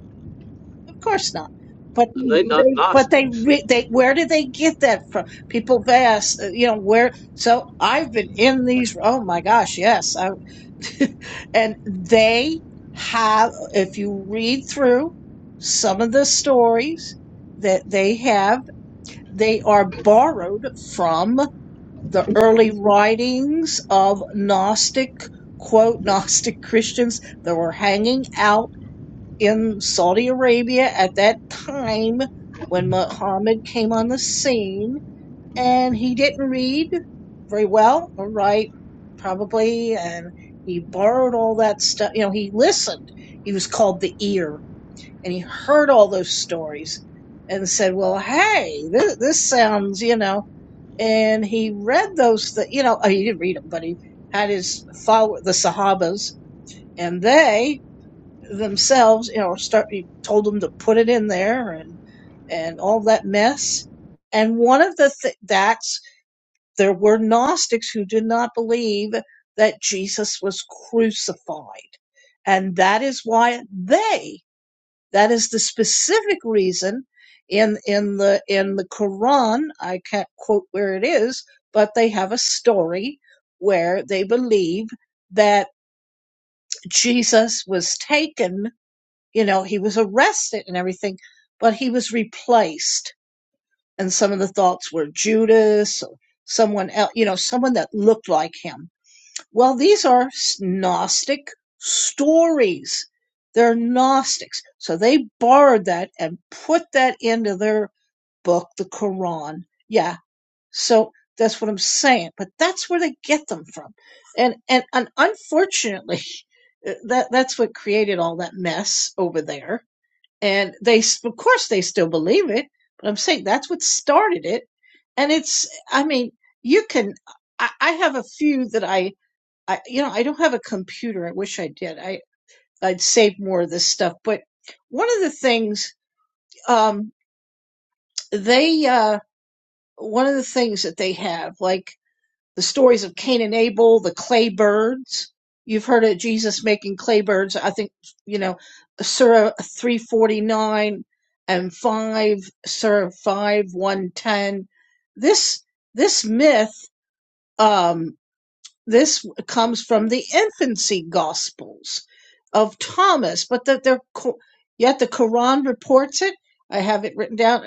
[SPEAKER 5] Of course not. But
[SPEAKER 1] They not
[SPEAKER 5] they, but they,
[SPEAKER 1] Gnostics.
[SPEAKER 5] re- they, where did they get that from? People have asked, uh, you know, where. So I've been in these. Oh my gosh, yes. I, and they have. If you read through some of the stories that they have, they are borrowed from the early writings of Gnostic, quote, (laughs) Gnostic Christians that were hanging out in Saudi Arabia at that time when Muhammad came on the scene, and he didn't read very well or write, probably, and he borrowed all that stuff. You know, he listened. He was called the ear, and he heard all those stories and said, "Well, hey, this, this sounds, you know." And he read those, th- you know, oh, he didn't read them, but he had his follow the Sahabas, and they themselves, you know, start he told them to put it in there and and all that mess. And one of the th- that's there were Gnostics who did not believe that Jesus was crucified. And that is why they that is the specific reason in in the in the Quran, I can't quote where it is, but they have a story where they believe that Jesus was taken you know, he was arrested and everything, but he was replaced. And some of the thoughts were Judas or someone else, you know, someone that looked like him. Well, these are Gnostic stories. They're Gnostics. So they borrowed that and put that into their book, the Quran. Yeah. So that's what I'm saying. But that's where they get them from. And, and, and unfortunately, (laughs) that, that's what created all that mess over there and they of course they still believe it but i'm saying that's what started it and it's i mean you can i, I have a few that I, I you know i don't have a computer i wish i did i i'd save more of this stuff but one of the things um they uh one of the things that they have like the stories of Cain and Abel, the clay birds. You've heard of Jesus making clay birds. I think, you know, Surah 349 and 5, Surah 5, 110. This, this myth, um, this comes from the infancy Gospels of Thomas, but that they're co- yet the Quran reports it. I have it written down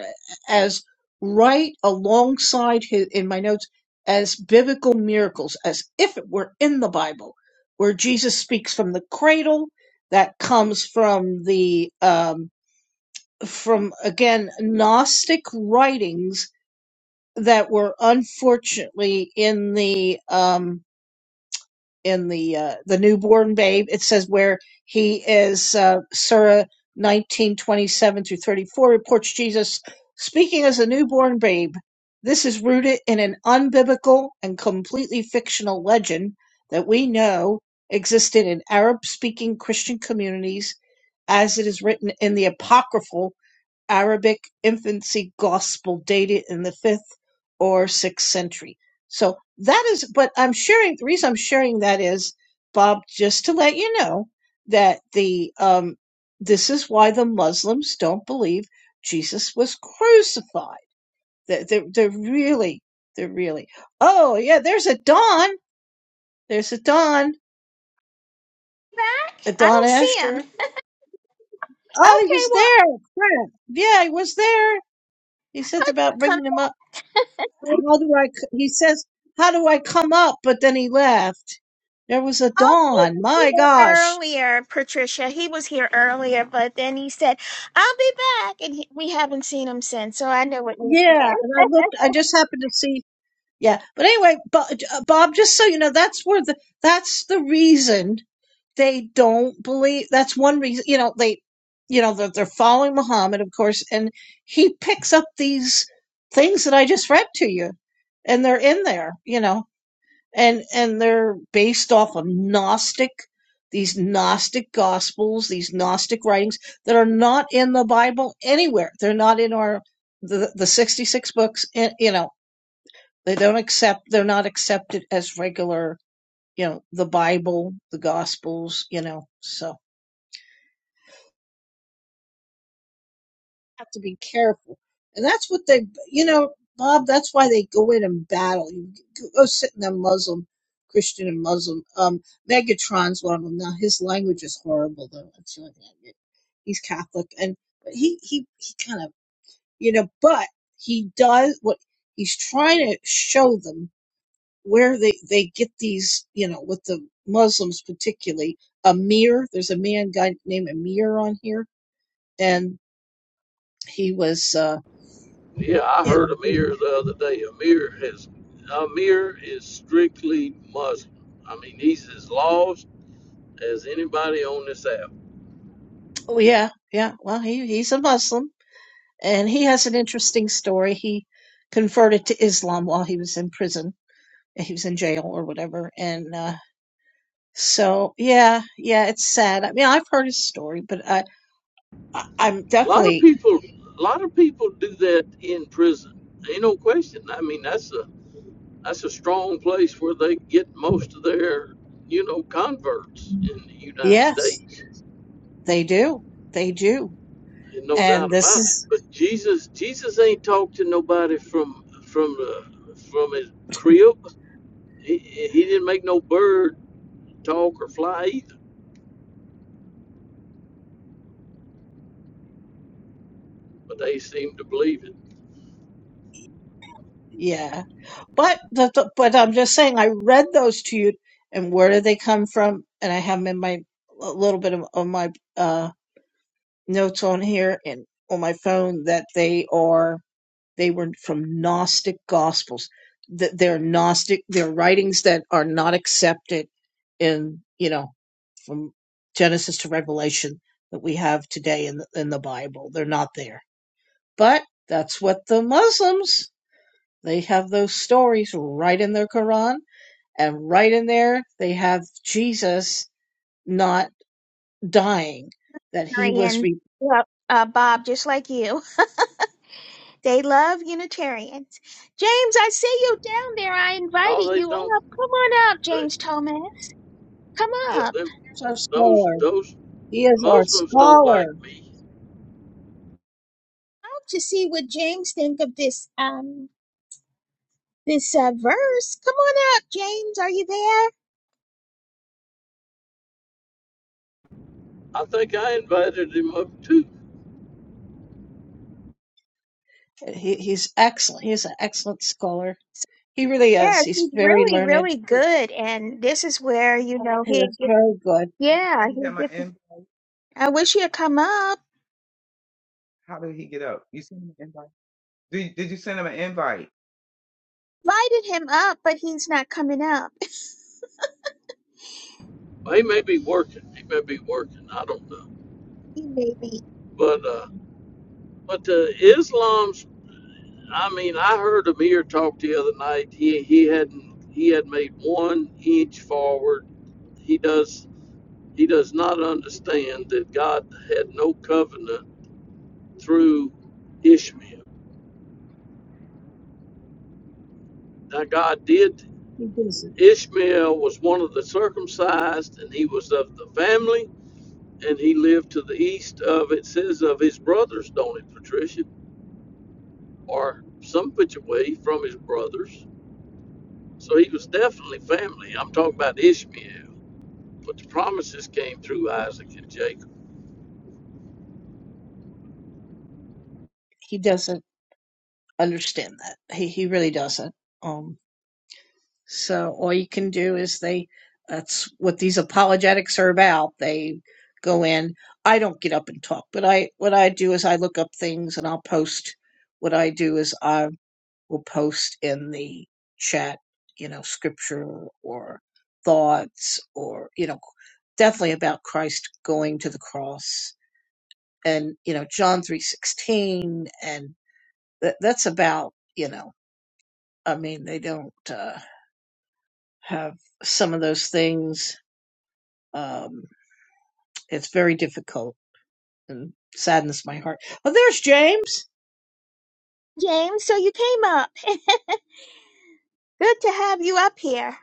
[SPEAKER 5] as right alongside his, in my notes as biblical miracles, as if it were in the Bible, where Jesus speaks from the cradle. That comes from the um, from again Gnostic writings that were unfortunately in the um, in the uh, the newborn babe. It says where he is uh, Surah nineteen twenty seven through thirty four reports Jesus speaking as a newborn babe. This is rooted in an unbiblical and completely fictional legend that we know existed in Arab speaking Christian communities as it is written in the apocryphal Arabic infancy gospel dated in the fifth or sixth century. So that is, but I'm sharing, the reason I'm sharing that is, Bob, just to let you know that the, um, this is why the Muslims don't believe Jesus was crucified. They're, they're, they're really, they're really, oh yeah, there's a Don. There's a Don,
[SPEAKER 2] back?
[SPEAKER 5] a
[SPEAKER 2] I
[SPEAKER 5] Don
[SPEAKER 2] don't see him.
[SPEAKER 5] Asher. Oh, he
[SPEAKER 2] Okay,
[SPEAKER 5] was
[SPEAKER 2] well,
[SPEAKER 5] there. Yeah, he was there. He
[SPEAKER 2] I'm
[SPEAKER 5] said
[SPEAKER 2] about to
[SPEAKER 5] about bringing
[SPEAKER 2] come.
[SPEAKER 5] him up. How do I, c- he says, how do I come up? But then he left. There was a
[SPEAKER 2] Oh, he
[SPEAKER 5] dawn.
[SPEAKER 2] was
[SPEAKER 5] My
[SPEAKER 2] here
[SPEAKER 5] gosh.
[SPEAKER 2] earlier, Patricia. He was here earlier, but then he said, "I'll be back," and he, we haven't seen him since. So I know what you're
[SPEAKER 5] Yeah. And
[SPEAKER 2] saying.
[SPEAKER 5] I
[SPEAKER 2] (laughs)
[SPEAKER 5] looked, I just happened to see. Yeah. But anyway, Bo- uh, Bob, just so you know, that's where the, that's the reason they don't believe. That's one reason, you know, they, you know, that they're following Muhammad, of course, and he picks up these things that I just read to you and they're in there, you know and and they're based off of gnostic these gnostic gospels these gnostic writings that are not in the bible anywhere they're not in our the, the 66 books and you know they don't accept they're not accepted as regular you know the bible the gospels you know so have to be careful. And that's what they, you know, Bob, that's why they go in and battle. You go sit in a Muslim, Christian and Muslim. Um, Megatron's one of them. Now, his language is horrible, though. That's the only thing I get. He's Catholic. And, but he, he, he kind of, you know, but he does what he's trying to show them where they, they get these, you know, with the Muslims particularly. Amir, there's a man guy named Amir on here, and he was, uh,
[SPEAKER 1] Yeah, I
[SPEAKER 5] you
[SPEAKER 1] heard
[SPEAKER 5] know.
[SPEAKER 1] Amir the other day. Amir has Amir is strictly Muslim. I mean, he's as lost as anybody on this app.
[SPEAKER 5] Oh yeah, yeah. Well, he he's a Muslim, and he has an interesting story. He converted to Islam while he was in prison. He was in jail or whatever, and uh, so yeah, yeah. It's sad. I mean, I've heard his story, but I, I I'm
[SPEAKER 1] A lot of
[SPEAKER 5] definitely
[SPEAKER 1] people, a lot of people do that in prison. Ain't no question. I mean, that's a that's a strong place where they get most of their you know converts in the United
[SPEAKER 5] yes,
[SPEAKER 1] States.
[SPEAKER 5] they do, they do,
[SPEAKER 1] There's no
[SPEAKER 5] and
[SPEAKER 1] doubt
[SPEAKER 5] this
[SPEAKER 1] about it.
[SPEAKER 5] is
[SPEAKER 1] But Jesus, Jesus ain't talked to nobody from from uh, from his crib. He, he didn't make no bird talk or fly either, but they seem to believe it.
[SPEAKER 5] yeah. But the, the, but I'm just saying, I read those to you, and where do they come from? And I have them in my a little bit of, of my uh. notes on here and on my phone that they are they were from Gnostic gospels that they're Gnostic they're writings that are not accepted in you know from Genesis to Revelation that we have today in the, in the Bible they're not there but that's what the Muslims they have those stories right in their Quran and right in there they have Jesus not dying, that he was
[SPEAKER 2] Unitarian,
[SPEAKER 5] re-
[SPEAKER 2] yep, uh, Bob, just like you, they love Unitarians. James, I see you down there. I
[SPEAKER 1] No,
[SPEAKER 2] invited
[SPEAKER 1] they
[SPEAKER 2] you
[SPEAKER 1] don't.
[SPEAKER 2] up. Come on up,
[SPEAKER 1] They,
[SPEAKER 2] James Thomas. Come
[SPEAKER 1] yeah,
[SPEAKER 2] up.
[SPEAKER 1] them,
[SPEAKER 5] here's our
[SPEAKER 1] those
[SPEAKER 5] scholar.
[SPEAKER 1] those
[SPEAKER 5] He is our
[SPEAKER 1] Muslims don't like
[SPEAKER 5] scholar.
[SPEAKER 1] me.
[SPEAKER 2] I hope to see what James think of this um this uh, verse. Come on up, James. Are you there?
[SPEAKER 1] I think I invited him up too.
[SPEAKER 5] He, he's excellent. He's an excellent scholar. He really is.
[SPEAKER 2] Yes,
[SPEAKER 5] He's
[SPEAKER 2] he's
[SPEAKER 5] very
[SPEAKER 2] really,
[SPEAKER 5] learned.
[SPEAKER 2] really good. And this is where, you know,
[SPEAKER 5] He
[SPEAKER 2] he
[SPEAKER 5] is
[SPEAKER 2] gets,
[SPEAKER 5] very good.
[SPEAKER 4] you
[SPEAKER 2] yeah,
[SPEAKER 4] send
[SPEAKER 2] he
[SPEAKER 4] him an
[SPEAKER 2] gets,
[SPEAKER 4] invite.
[SPEAKER 2] I wish he had come up,
[SPEAKER 4] How did he get up? You sent him an invite. Did, did you send him an invite?
[SPEAKER 2] lighted him up, but he's not coming up. (laughs)
[SPEAKER 1] Well, He may be working. He may be working. I don't know.
[SPEAKER 2] You baby.
[SPEAKER 1] But uh, but the Islam's. I mean, I heard Amir talk the other night. He he hadn't he had made one inch forward he does he does not understand that God had no covenant through Ishmael. Now, God did,
[SPEAKER 5] He doesn't.
[SPEAKER 1] Ishmael was one of the circumcised, and he was of the family, and he lived to the east of, it says, of his brothers, don't it, Patricia? Or some which away from his brothers. So he was definitely family. I'm talking about Ishmael. But the promises came through Isaac and Jacob.
[SPEAKER 5] He doesn't understand that. He he really doesn't. Um. So all you can do is they that's what these apologetics are about. They go in. I don't get up and talk, but I what I do is I look up things and I'll post what I do is I will post in the chat, you know, scripture or thoughts or you know definitely about Christ going to the cross and you know John 3:16 and that that's about, you know, I mean they don't uh have some of those things Um, it's very difficult and saddens my heart. Oh, there's James.
[SPEAKER 2] James, so you came up. (laughs) Good to have you up here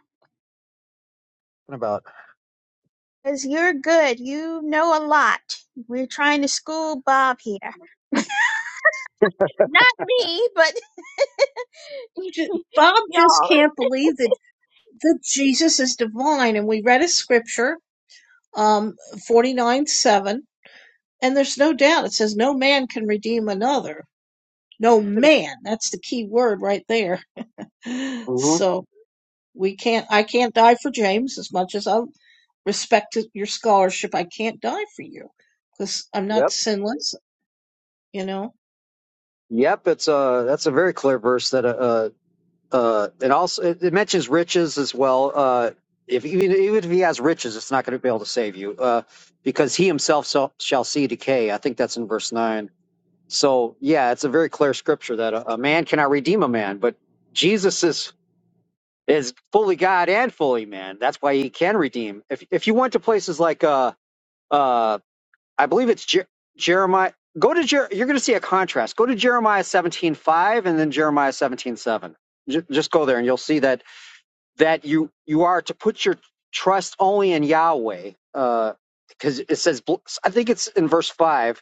[SPEAKER 7] talking about.
[SPEAKER 2] because you're good. You know a lot. We're trying to school Bob here. Not me, but (laughs)
[SPEAKER 5] J- Bob just
[SPEAKER 2] y'all.
[SPEAKER 5] can't believe that, that Jesus is divine. And we read a scripture, um, 49 7, and there's no doubt it says, No man can redeem another. No man. That's the key word right there. (laughs)
[SPEAKER 7] hmm
[SPEAKER 5] So we can't, I can't die for James as much as I respect your scholarship. I can't die for you because I'm not
[SPEAKER 7] Yep.
[SPEAKER 5] sinless, you know.
[SPEAKER 7] Yep, it's uh that's a very clear verse that uh uh and also it, it mentions riches as well. Uh, if even even if he has riches, it's not going to be able to save you, uh, because he himself shall, shall see decay. I think that's in verse nine. So yeah, it's a very clear scripture that a, a man cannot redeem a man, but Jesus is is fully God and fully man. That's why he can redeem. If if you went to places like uh uh I believe it's Jer- Jeremiah. Go to Jer- you're going to see a contrast. Go to Jeremiah 17:5 and then Jeremiah 17:7. J- just go there and you'll see that that you you are to put your trust only in Yahweh. Uh, because it says, I think it's in verse five.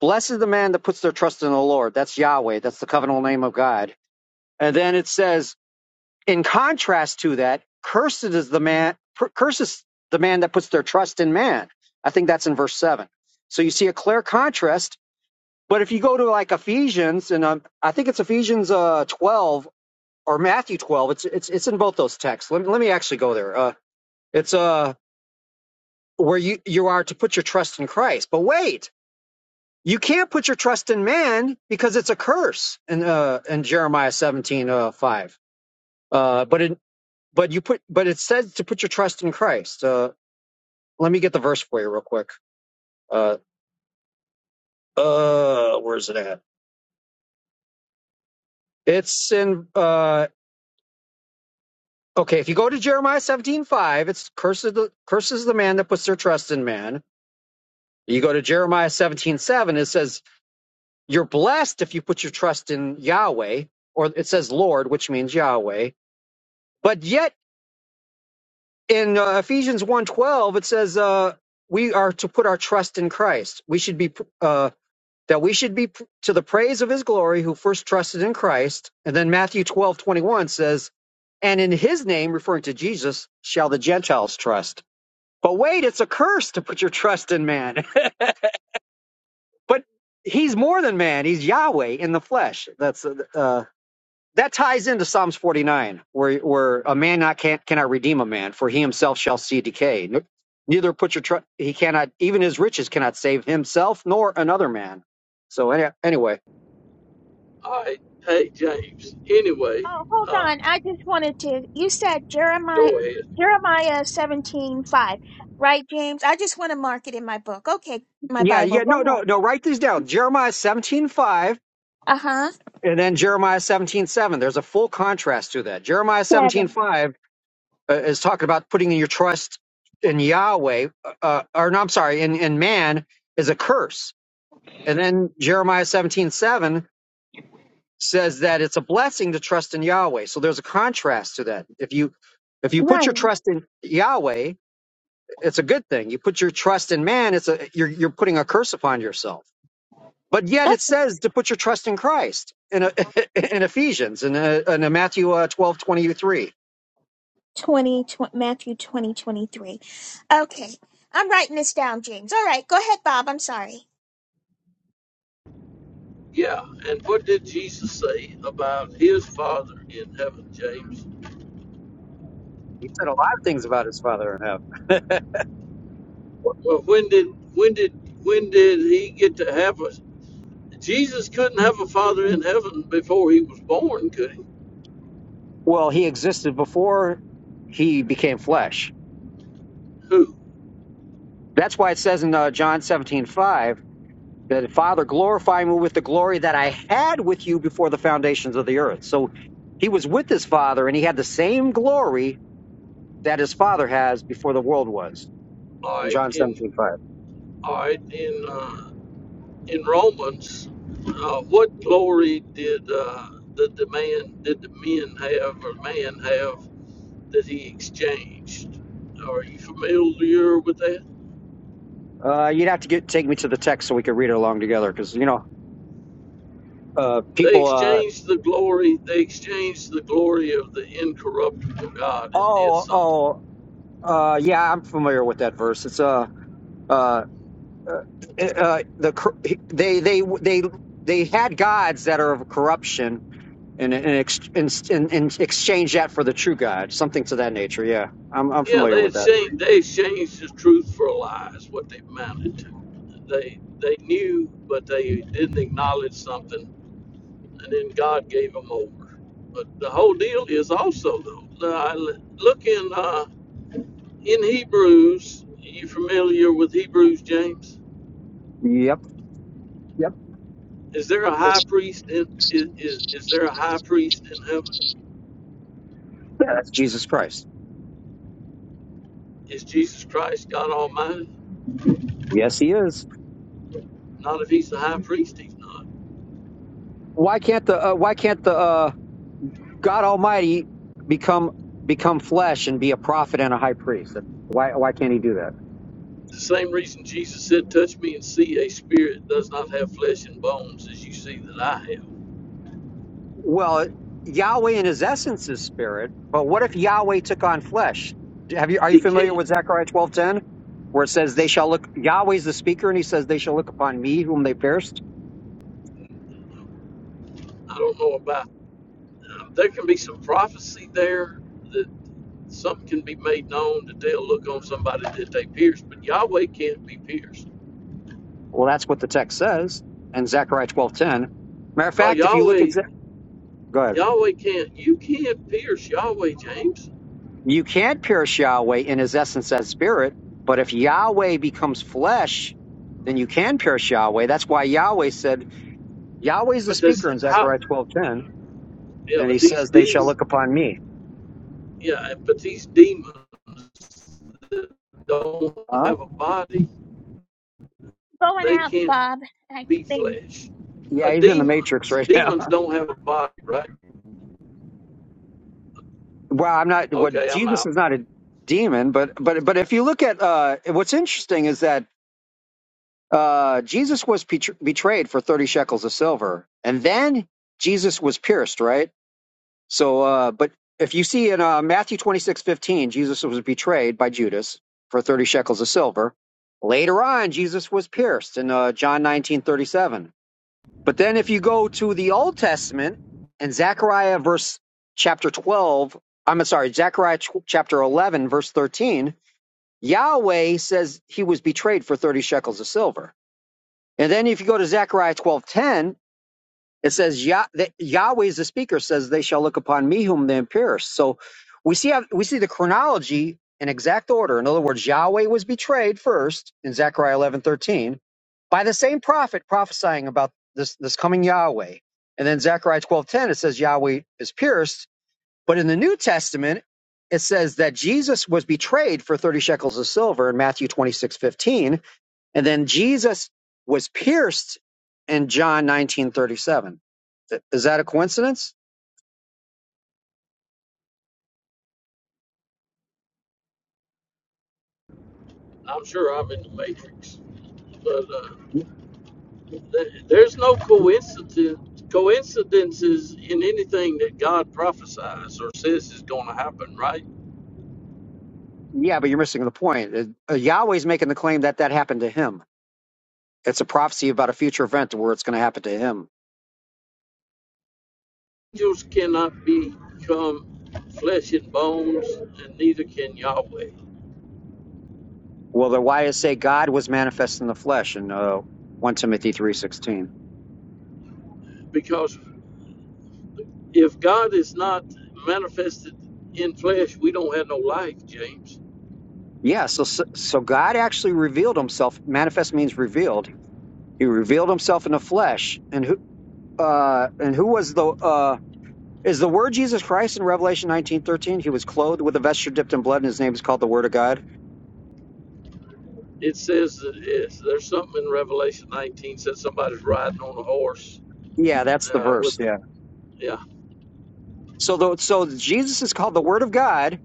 [SPEAKER 7] Blessed is the man that puts their trust in the Lord. That's Yahweh. That's the covenantal name of God. And then it says, in contrast to that, cursed is the man curses the man that puts their trust in man. I think that's in verse seven. So you see a clear contrast. But if you go to like Ephesians, and um, I think it's Ephesians uh, twelve or Matthew twelve, it's it's it's in both those texts. Let me let me actually go there. Uh, it's uh where you you are to put your trust in Christ. But wait, you can't put your trust in man because it's a curse in uh in Jeremiah seventeen uh five. Uh, but in but you put but it says to put your trust in christ uh let me get the verse for you real quick uh uh where's it at it's in uh okay if you go to jeremiah seventeen five, it's curses the curses the man that puts their trust in man you go to jeremiah seventeen seven, it says you're blessed if you put your trust in yahweh or it says lord which means yahweh but yet in uh, ephesians one twelve, it says uh we are to put our trust in christ we should be uh that we should be to the praise of his glory who first trusted in Christ. And then Matthew twelve twenty one says, And in his name, referring to Jesus, shall the Gentiles trust. But wait, it's a curse to put your trust in man. (laughs) but he's more than man, he's Yahweh in the flesh. That's uh, uh, that ties into Psalms 49, where, where a man not can, cannot redeem a man, for he himself shall see decay. Ne- Neither put your trust, he cannot, even his riches cannot save himself nor another man. So, any, anyway,
[SPEAKER 1] All right. Hey, James. Anyway,
[SPEAKER 2] Oh, hold
[SPEAKER 1] uh,
[SPEAKER 2] on. I just wanted to. You said Jeremiah,
[SPEAKER 1] go ahead.
[SPEAKER 2] Jeremiah seventeen five, right, James? I just want to mark it in my book. Okay, my
[SPEAKER 7] Yeah,
[SPEAKER 2] Bible.
[SPEAKER 7] yeah, no, no,
[SPEAKER 2] Go
[SPEAKER 7] no. Write these down. Jeremiah seventeen five,
[SPEAKER 2] ahead. Uh huh.
[SPEAKER 7] and then Jeremiah seventeen seven. There's a full contrast to that. Jeremiah seventeen
[SPEAKER 2] Seven.
[SPEAKER 7] five uh, is talking about putting in your trust in Yahweh, uh, uh, or no, I'm sorry, in, in man is a curse. And then Jeremiah seventeen seven says that it's a blessing to trust in Yahweh. So there's a contrast to that. If you if you put
[SPEAKER 2] Right.
[SPEAKER 7] your trust in Yahweh, it's a good thing. You put your trust in man, it's a you're you're putting a curse upon yourself. But yet
[SPEAKER 2] Oh,
[SPEAKER 7] it says to put your trust in Christ in, a, (laughs) in Ephesians and in, a- in a Matthew uh, 12, twenty three.
[SPEAKER 2] 20, tw- Matthew twenty twenty three. Okay. I'm writing this down, James. All right. Go ahead, Bob. I'm sorry.
[SPEAKER 1] Yeah. And what did Jesus say about his father in heaven, James?
[SPEAKER 7] He said a lot of things about his father in heaven. (laughs)
[SPEAKER 1] Well, when did when did when did he get to have a? Jesus couldn't have a father in heaven before he was born, could he?
[SPEAKER 7] Well, he existed before he became flesh.
[SPEAKER 1] Who?
[SPEAKER 7] That's why it says in uh, John 17 5 that Father, glorify me with the glory that I had with you before the foundations of the earth. So he was with his father and he had the same glory that his father has before the world was
[SPEAKER 1] All
[SPEAKER 7] in
[SPEAKER 1] right,
[SPEAKER 7] John 17
[SPEAKER 1] in
[SPEAKER 7] 5.
[SPEAKER 1] all right, in uh, in Romans, uh, what glory did uh, the, the man did the men have or man have that he exchanged? Are you familiar with that?
[SPEAKER 7] Uh, you'd have to get take me to the text so we could read it along together, because you know, uh,
[SPEAKER 1] They
[SPEAKER 7] people. Uh,
[SPEAKER 1] exchanged the glory. They exchanged the glory of the incorruptible God and did
[SPEAKER 7] oh,
[SPEAKER 1] something.
[SPEAKER 7] oh, uh, yeah, I'm familiar with that verse. It's uh, uh, uh, uh, the cor- they they they they had gods that are of corruption, and and, ex- and and and exchange that for the true God, something to that nature. Yeah, I'm I'm
[SPEAKER 1] Yeah,
[SPEAKER 7] familiar
[SPEAKER 1] they
[SPEAKER 7] with that.
[SPEAKER 1] exchanged, they exchanged the truth for a lie is what they amounted to. They they knew, but they didn't acknowledge something, and then God gave them over. But the whole deal is also though. Uh, look in uh, in Hebrews. Are you familiar with Hebrews, James?
[SPEAKER 7] Yep, yep.
[SPEAKER 1] Is there a high priest in is, is is there a high priest in heaven?
[SPEAKER 7] Yeah, that's Jesus Christ.
[SPEAKER 1] Is Jesus Christ God Almighty?
[SPEAKER 7] Yes, he is.
[SPEAKER 1] Not if He's the high priest, He's not.
[SPEAKER 7] Why can't the uh, why can't the uh, God Almighty become become flesh and be a prophet and a high priest. Why why can't he do that?
[SPEAKER 1] The same reason Jesus said, Touch me and see a spirit does not have flesh and bones as you see that I have.
[SPEAKER 7] Well, Yahweh in his essence is spirit, but what if Yahweh took on flesh? Have you are you
[SPEAKER 1] He
[SPEAKER 7] familiar
[SPEAKER 1] can't.
[SPEAKER 7] with Zechariah twelve ten, where it says they
[SPEAKER 1] It's-
[SPEAKER 7] shall look Yahweh's the speaker and he says they shall look upon me whom they pierced?
[SPEAKER 1] I don't know about um, There can be some prophecy there that something can be made known that they'll look on somebody that they pierced, but Yahweh can't be pierced.
[SPEAKER 7] Well, that's what the text says in Zechariah twelve ten. Matter of
[SPEAKER 1] No,
[SPEAKER 7] fact, if you look at
[SPEAKER 1] Yahweh,
[SPEAKER 7] Ze- go ahead.
[SPEAKER 1] Yahweh can't. You can't pierce Yahweh, James.
[SPEAKER 7] You can't pierce Yahweh in his essence as spirit, but if Yahweh becomes flesh, then you can pierce Yahweh. That's why Yahweh said,
[SPEAKER 1] Yeah,
[SPEAKER 7] Yahweh's the
[SPEAKER 1] But that's
[SPEAKER 7] speaker in
[SPEAKER 1] how,
[SPEAKER 7] Zechariah 12:10,
[SPEAKER 1] yeah,
[SPEAKER 7] and
[SPEAKER 1] but
[SPEAKER 7] he
[SPEAKER 1] these
[SPEAKER 7] says, They shall
[SPEAKER 1] demons,
[SPEAKER 7] look upon me.
[SPEAKER 1] yeah, but these demons don't
[SPEAKER 7] Huh?
[SPEAKER 1] have a body.
[SPEAKER 2] Going
[SPEAKER 1] They
[SPEAKER 2] out,
[SPEAKER 1] can't
[SPEAKER 2] Bob. I
[SPEAKER 1] be
[SPEAKER 2] think.
[SPEAKER 1] flesh. Uh,
[SPEAKER 7] Yeah, he's in the matrix
[SPEAKER 1] demons,
[SPEAKER 7] right now. (laughs)
[SPEAKER 1] demons don't have a body, right?
[SPEAKER 7] Well, I'm not what well,
[SPEAKER 1] Okay, I'm
[SPEAKER 7] Jesus
[SPEAKER 1] out.
[SPEAKER 7] is not a demon, but but but if you look at uh what's interesting is that uh Jesus was betr- betrayed for 30 shekels of silver, and then Jesus was pierced, right? So, uh, but if you see in uh, Matthew twenty six fifteen, Jesus was betrayed by Judas for 30 shekels of silver. Later on, Jesus was pierced in uh, John nineteen thirty seven. But then if you go to the Old Testament and Zechariah verse chapter 12, I'm sorry, Zechariah tw- chapter 11, verse 13, Yahweh says he was betrayed for 30 shekels of silver. And then if you go to Zechariah 12:10, it says Yah, that Yahweh is the speaker. Says they shall look upon me, whom they pierced. So we see how, we see the chronology in exact order. In other words, Yahweh was betrayed first in Zechariah eleven thirteen by the same prophet prophesying about this this coming Yahweh. And then Zechariah twelve ten it says Yahweh is pierced. But in the New Testament, it says that Jesus was betrayed for thirty shekels of silver in Matthew twenty six fifteen and then Jesus was pierced in John 1937. Th- Is that a coincidence?
[SPEAKER 1] I'm sure I'm in the matrix, but uh, th- there's no coincidence coincidences in anything that God prophesies or says is going to happen, right?
[SPEAKER 7] Yeah, but you're missing the point. It- uh, Yahweh's making the claim that that happened to him. It's a prophecy about a future event where it's going to happen to him.
[SPEAKER 1] Angels cannot become flesh and bones, and neither can Yahweh,
[SPEAKER 7] Well, then why is say God was manifest in the flesh in uh, 1 Timothy 3.16?
[SPEAKER 1] because if God is not manifested in flesh, we don't have no life, James.
[SPEAKER 7] Yeah, so, so so God actually revealed himself. Manifest means revealed. He revealed himself in the flesh. And who uh, and who was the uh, Is the word Jesus Christ in Revelation nineteen thirteen? He was clothed with a vesture dipped in blood, and his name is called the Word of God.
[SPEAKER 1] It says that it's, there's something in Revelation 19 says somebody's riding on a horse
[SPEAKER 7] Yeah, that's the
[SPEAKER 1] uh, with
[SPEAKER 7] verse. Yeah.
[SPEAKER 1] yeah.
[SPEAKER 7] So the, so Jesus is called the Word of God,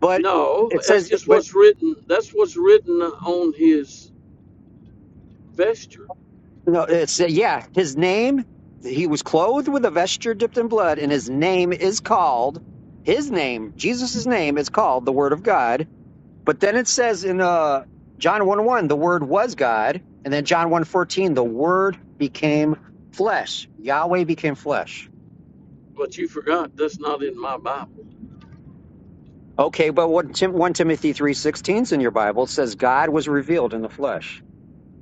[SPEAKER 7] but
[SPEAKER 1] No,
[SPEAKER 7] it
[SPEAKER 1] that's
[SPEAKER 7] says,
[SPEAKER 1] just
[SPEAKER 7] but
[SPEAKER 1] what's written. That's what's written on his vesture.
[SPEAKER 7] no, it's yeah, his name. He was clothed with a vesture dipped in blood, and his name is called his name. Jesus' name is called the Word of God. But then it says in uh, John one one, the Word was God, and then John one fourteen, the Word became flesh. Yahweh became flesh.
[SPEAKER 1] But you forgot that's not in my Bible. (laughs)
[SPEAKER 7] Okay, but what Tim, 1 Timothy 3:16 's in your Bible It says God was revealed in the flesh,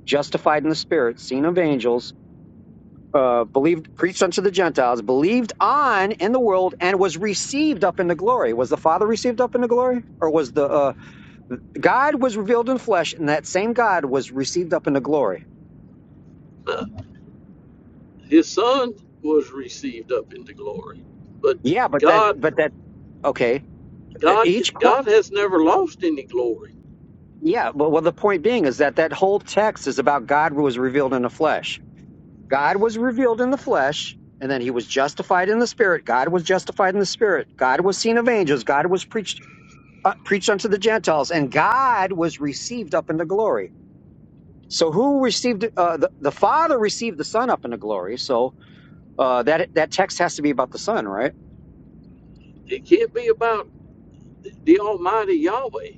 [SPEAKER 7] justified in the spirit, seen of angels, uh, believed preached unto the Gentiles, believed on in the world and was received up into glory. Was the Father received up into glory or was the uh, God was revealed in flesh and that same God was received up into glory?
[SPEAKER 1] Uh, his son was received up into glory, but
[SPEAKER 7] Yeah, but that
[SPEAKER 1] God,
[SPEAKER 7] but that okay, e-,
[SPEAKER 1] God,
[SPEAKER 7] each qu-
[SPEAKER 1] God has never lost any glory.
[SPEAKER 7] yeah, but well the point being is that that whole text is about God who was revealed in the flesh. God was revealed in the flesh, and then he was justified in the spirit. God was justified in the spirit. God was seen of angels. God was preached uh, preached unto the Gentiles, and God was received up into glory. So who received uh, the the Father received the Son up into glory? So uh, that that text has to be about the Son, right?
[SPEAKER 1] It can't be about the Almighty Yahweh.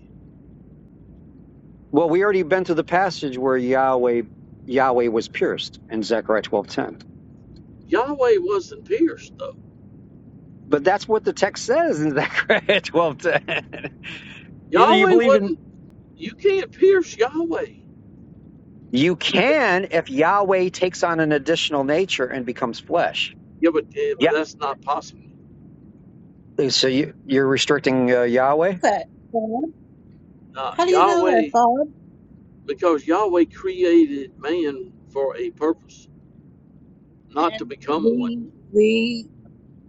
[SPEAKER 7] Well, we already been through the passage where Yahweh Yahweh was pierced in Zechariah twelve ten.
[SPEAKER 1] Yahweh wasn't pierced though.
[SPEAKER 7] But that's what the text says in Zechariah (laughs) twelve ten. Either you
[SPEAKER 1] Yahweh
[SPEAKER 7] believe in
[SPEAKER 1] wasn't. You can't pierce Yahweh.
[SPEAKER 7] You
[SPEAKER 1] Yeah,
[SPEAKER 7] can if Yahweh takes on an additional nature and becomes flesh.
[SPEAKER 1] yeah but, eh, but
[SPEAKER 7] Yeah.
[SPEAKER 1] that's not possible.
[SPEAKER 7] So you, you're restricting uh, Yahweh?
[SPEAKER 5] That.
[SPEAKER 1] Uh,
[SPEAKER 5] How do you know that,
[SPEAKER 1] Yahweh,
[SPEAKER 5] Bob?
[SPEAKER 1] because Yahweh created man for a purpose, not to
[SPEAKER 5] And
[SPEAKER 1] become one.
[SPEAKER 5] we we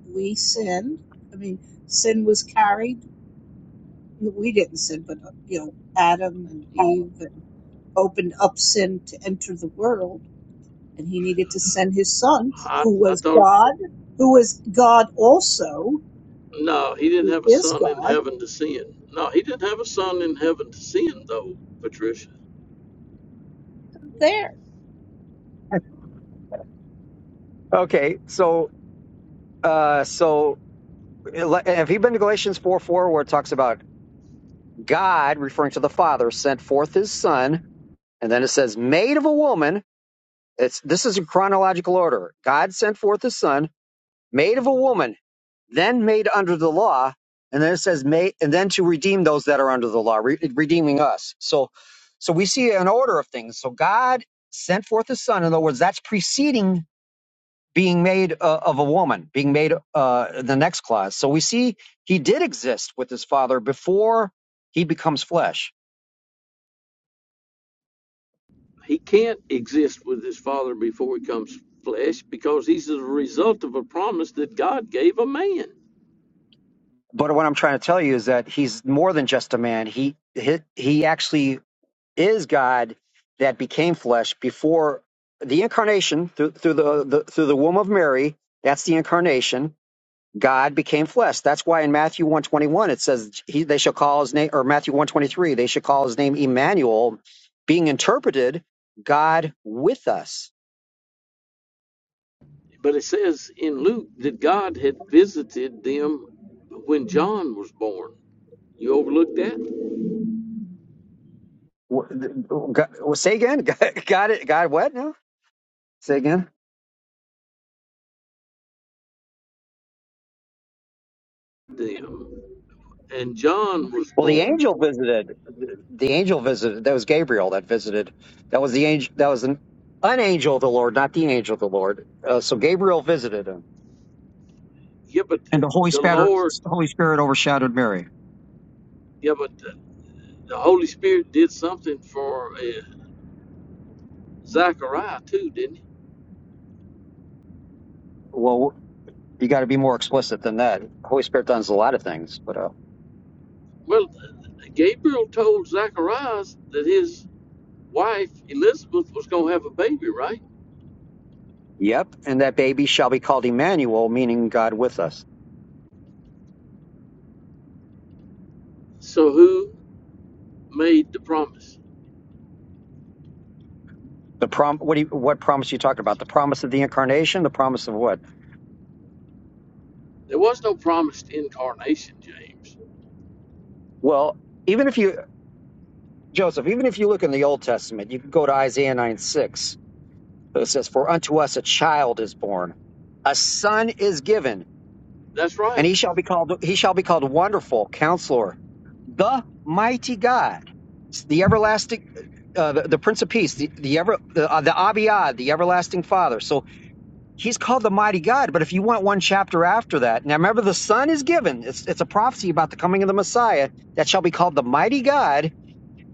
[SPEAKER 5] we sinned. I mean, sin was carried. We didn't sin, but uh, you know, Adam and Eve and opened up sin to enter the world, and he needed to send his son,
[SPEAKER 1] I,
[SPEAKER 5] who
[SPEAKER 1] I
[SPEAKER 5] was
[SPEAKER 1] thought,
[SPEAKER 5] God, who was God also,
[SPEAKER 1] no, he didn't
[SPEAKER 5] who
[SPEAKER 1] have a
[SPEAKER 5] is
[SPEAKER 1] son in
[SPEAKER 5] God,
[SPEAKER 1] heaven to sin. No, he didn't have a son in heaven to sin, though, Patricia.
[SPEAKER 5] there,
[SPEAKER 7] (laughs) Okay. So, uh, so have you been to Galatians 4 4, where it talks about God, referring to the Father, sent forth his Son, and then it says, made of a woman. It's This is in chronological order. God sent forth his Son, made of a woman. then made under the law, and then it says made, and then to redeem those that are under the law, re- redeeming us. So, so we see an order of things. So God sent forth His Son. In other words, that's preceding being made uh, of a woman, being made uh, the next clause. So we see He did exist with His Father before He becomes flesh.
[SPEAKER 1] He can't exist with his father before he comes flesh because he's the result of a promise that God gave a man.
[SPEAKER 7] But what I'm trying to tell you is that He's more than just a man. He he, he actually is God that became flesh before the incarnation through, through the, the through the womb of Mary. That's the incarnation. God became flesh. That's why in Matthew one twenty one it says he, they shall call his name, or Matthew one twenty three they shall call his name Emmanuel, being interpreted God with us.
[SPEAKER 1] But it says in Luke that God had visited them when John was born. You overlooked that?
[SPEAKER 7] Wh- God, say again, (laughs) God, God, what now? Say again.
[SPEAKER 1] Them. And John was
[SPEAKER 7] Well, the
[SPEAKER 1] born.
[SPEAKER 7] angel visited. The angel visited. That was Gabriel that visited. That was the angel. That was an, an angel of the Lord, not the angel of the Lord. Uh, so Gabriel visited him,
[SPEAKER 1] Yeah, but
[SPEAKER 7] and
[SPEAKER 1] the,
[SPEAKER 7] the Holy
[SPEAKER 1] the
[SPEAKER 7] Spirit,
[SPEAKER 1] Lord,
[SPEAKER 7] Holy Spirit overshadowed Mary.
[SPEAKER 1] yeah, but the, the Holy Spirit did something for uh, Zachariah too, didn't he?
[SPEAKER 7] Well, you got to be more explicit than that. Holy Spirit does a lot of things, but uh,
[SPEAKER 1] Well, uh, Gabriel told Zacharias that his wife, Elizabeth, was going to have a baby, right?
[SPEAKER 7] yep. And that baby shall be called Emmanuel, meaning God with us.
[SPEAKER 1] So who made the promise?
[SPEAKER 7] The prom. What do you, What promise you talking about? The promise of the incarnation. The promise of what?
[SPEAKER 1] There was no promised incarnation, James.
[SPEAKER 7] Well, even if you Joseph, even if you look in the Old Testament, you can go to Isaiah nine six So it says, For unto us a child is born, a son is given,
[SPEAKER 1] That's
[SPEAKER 7] and he
[SPEAKER 1] right.
[SPEAKER 7] shall be called he shall be called Wonderful Counselor, the Mighty God, the everlasting uh, the, the Prince of Peace, the the ever the, uh, the Abiyad, the everlasting Father. So he's called the Mighty God. But if you want one chapter after that, now remember the Son is given. It's it's a prophecy about the coming of the Messiah that shall be called the Mighty God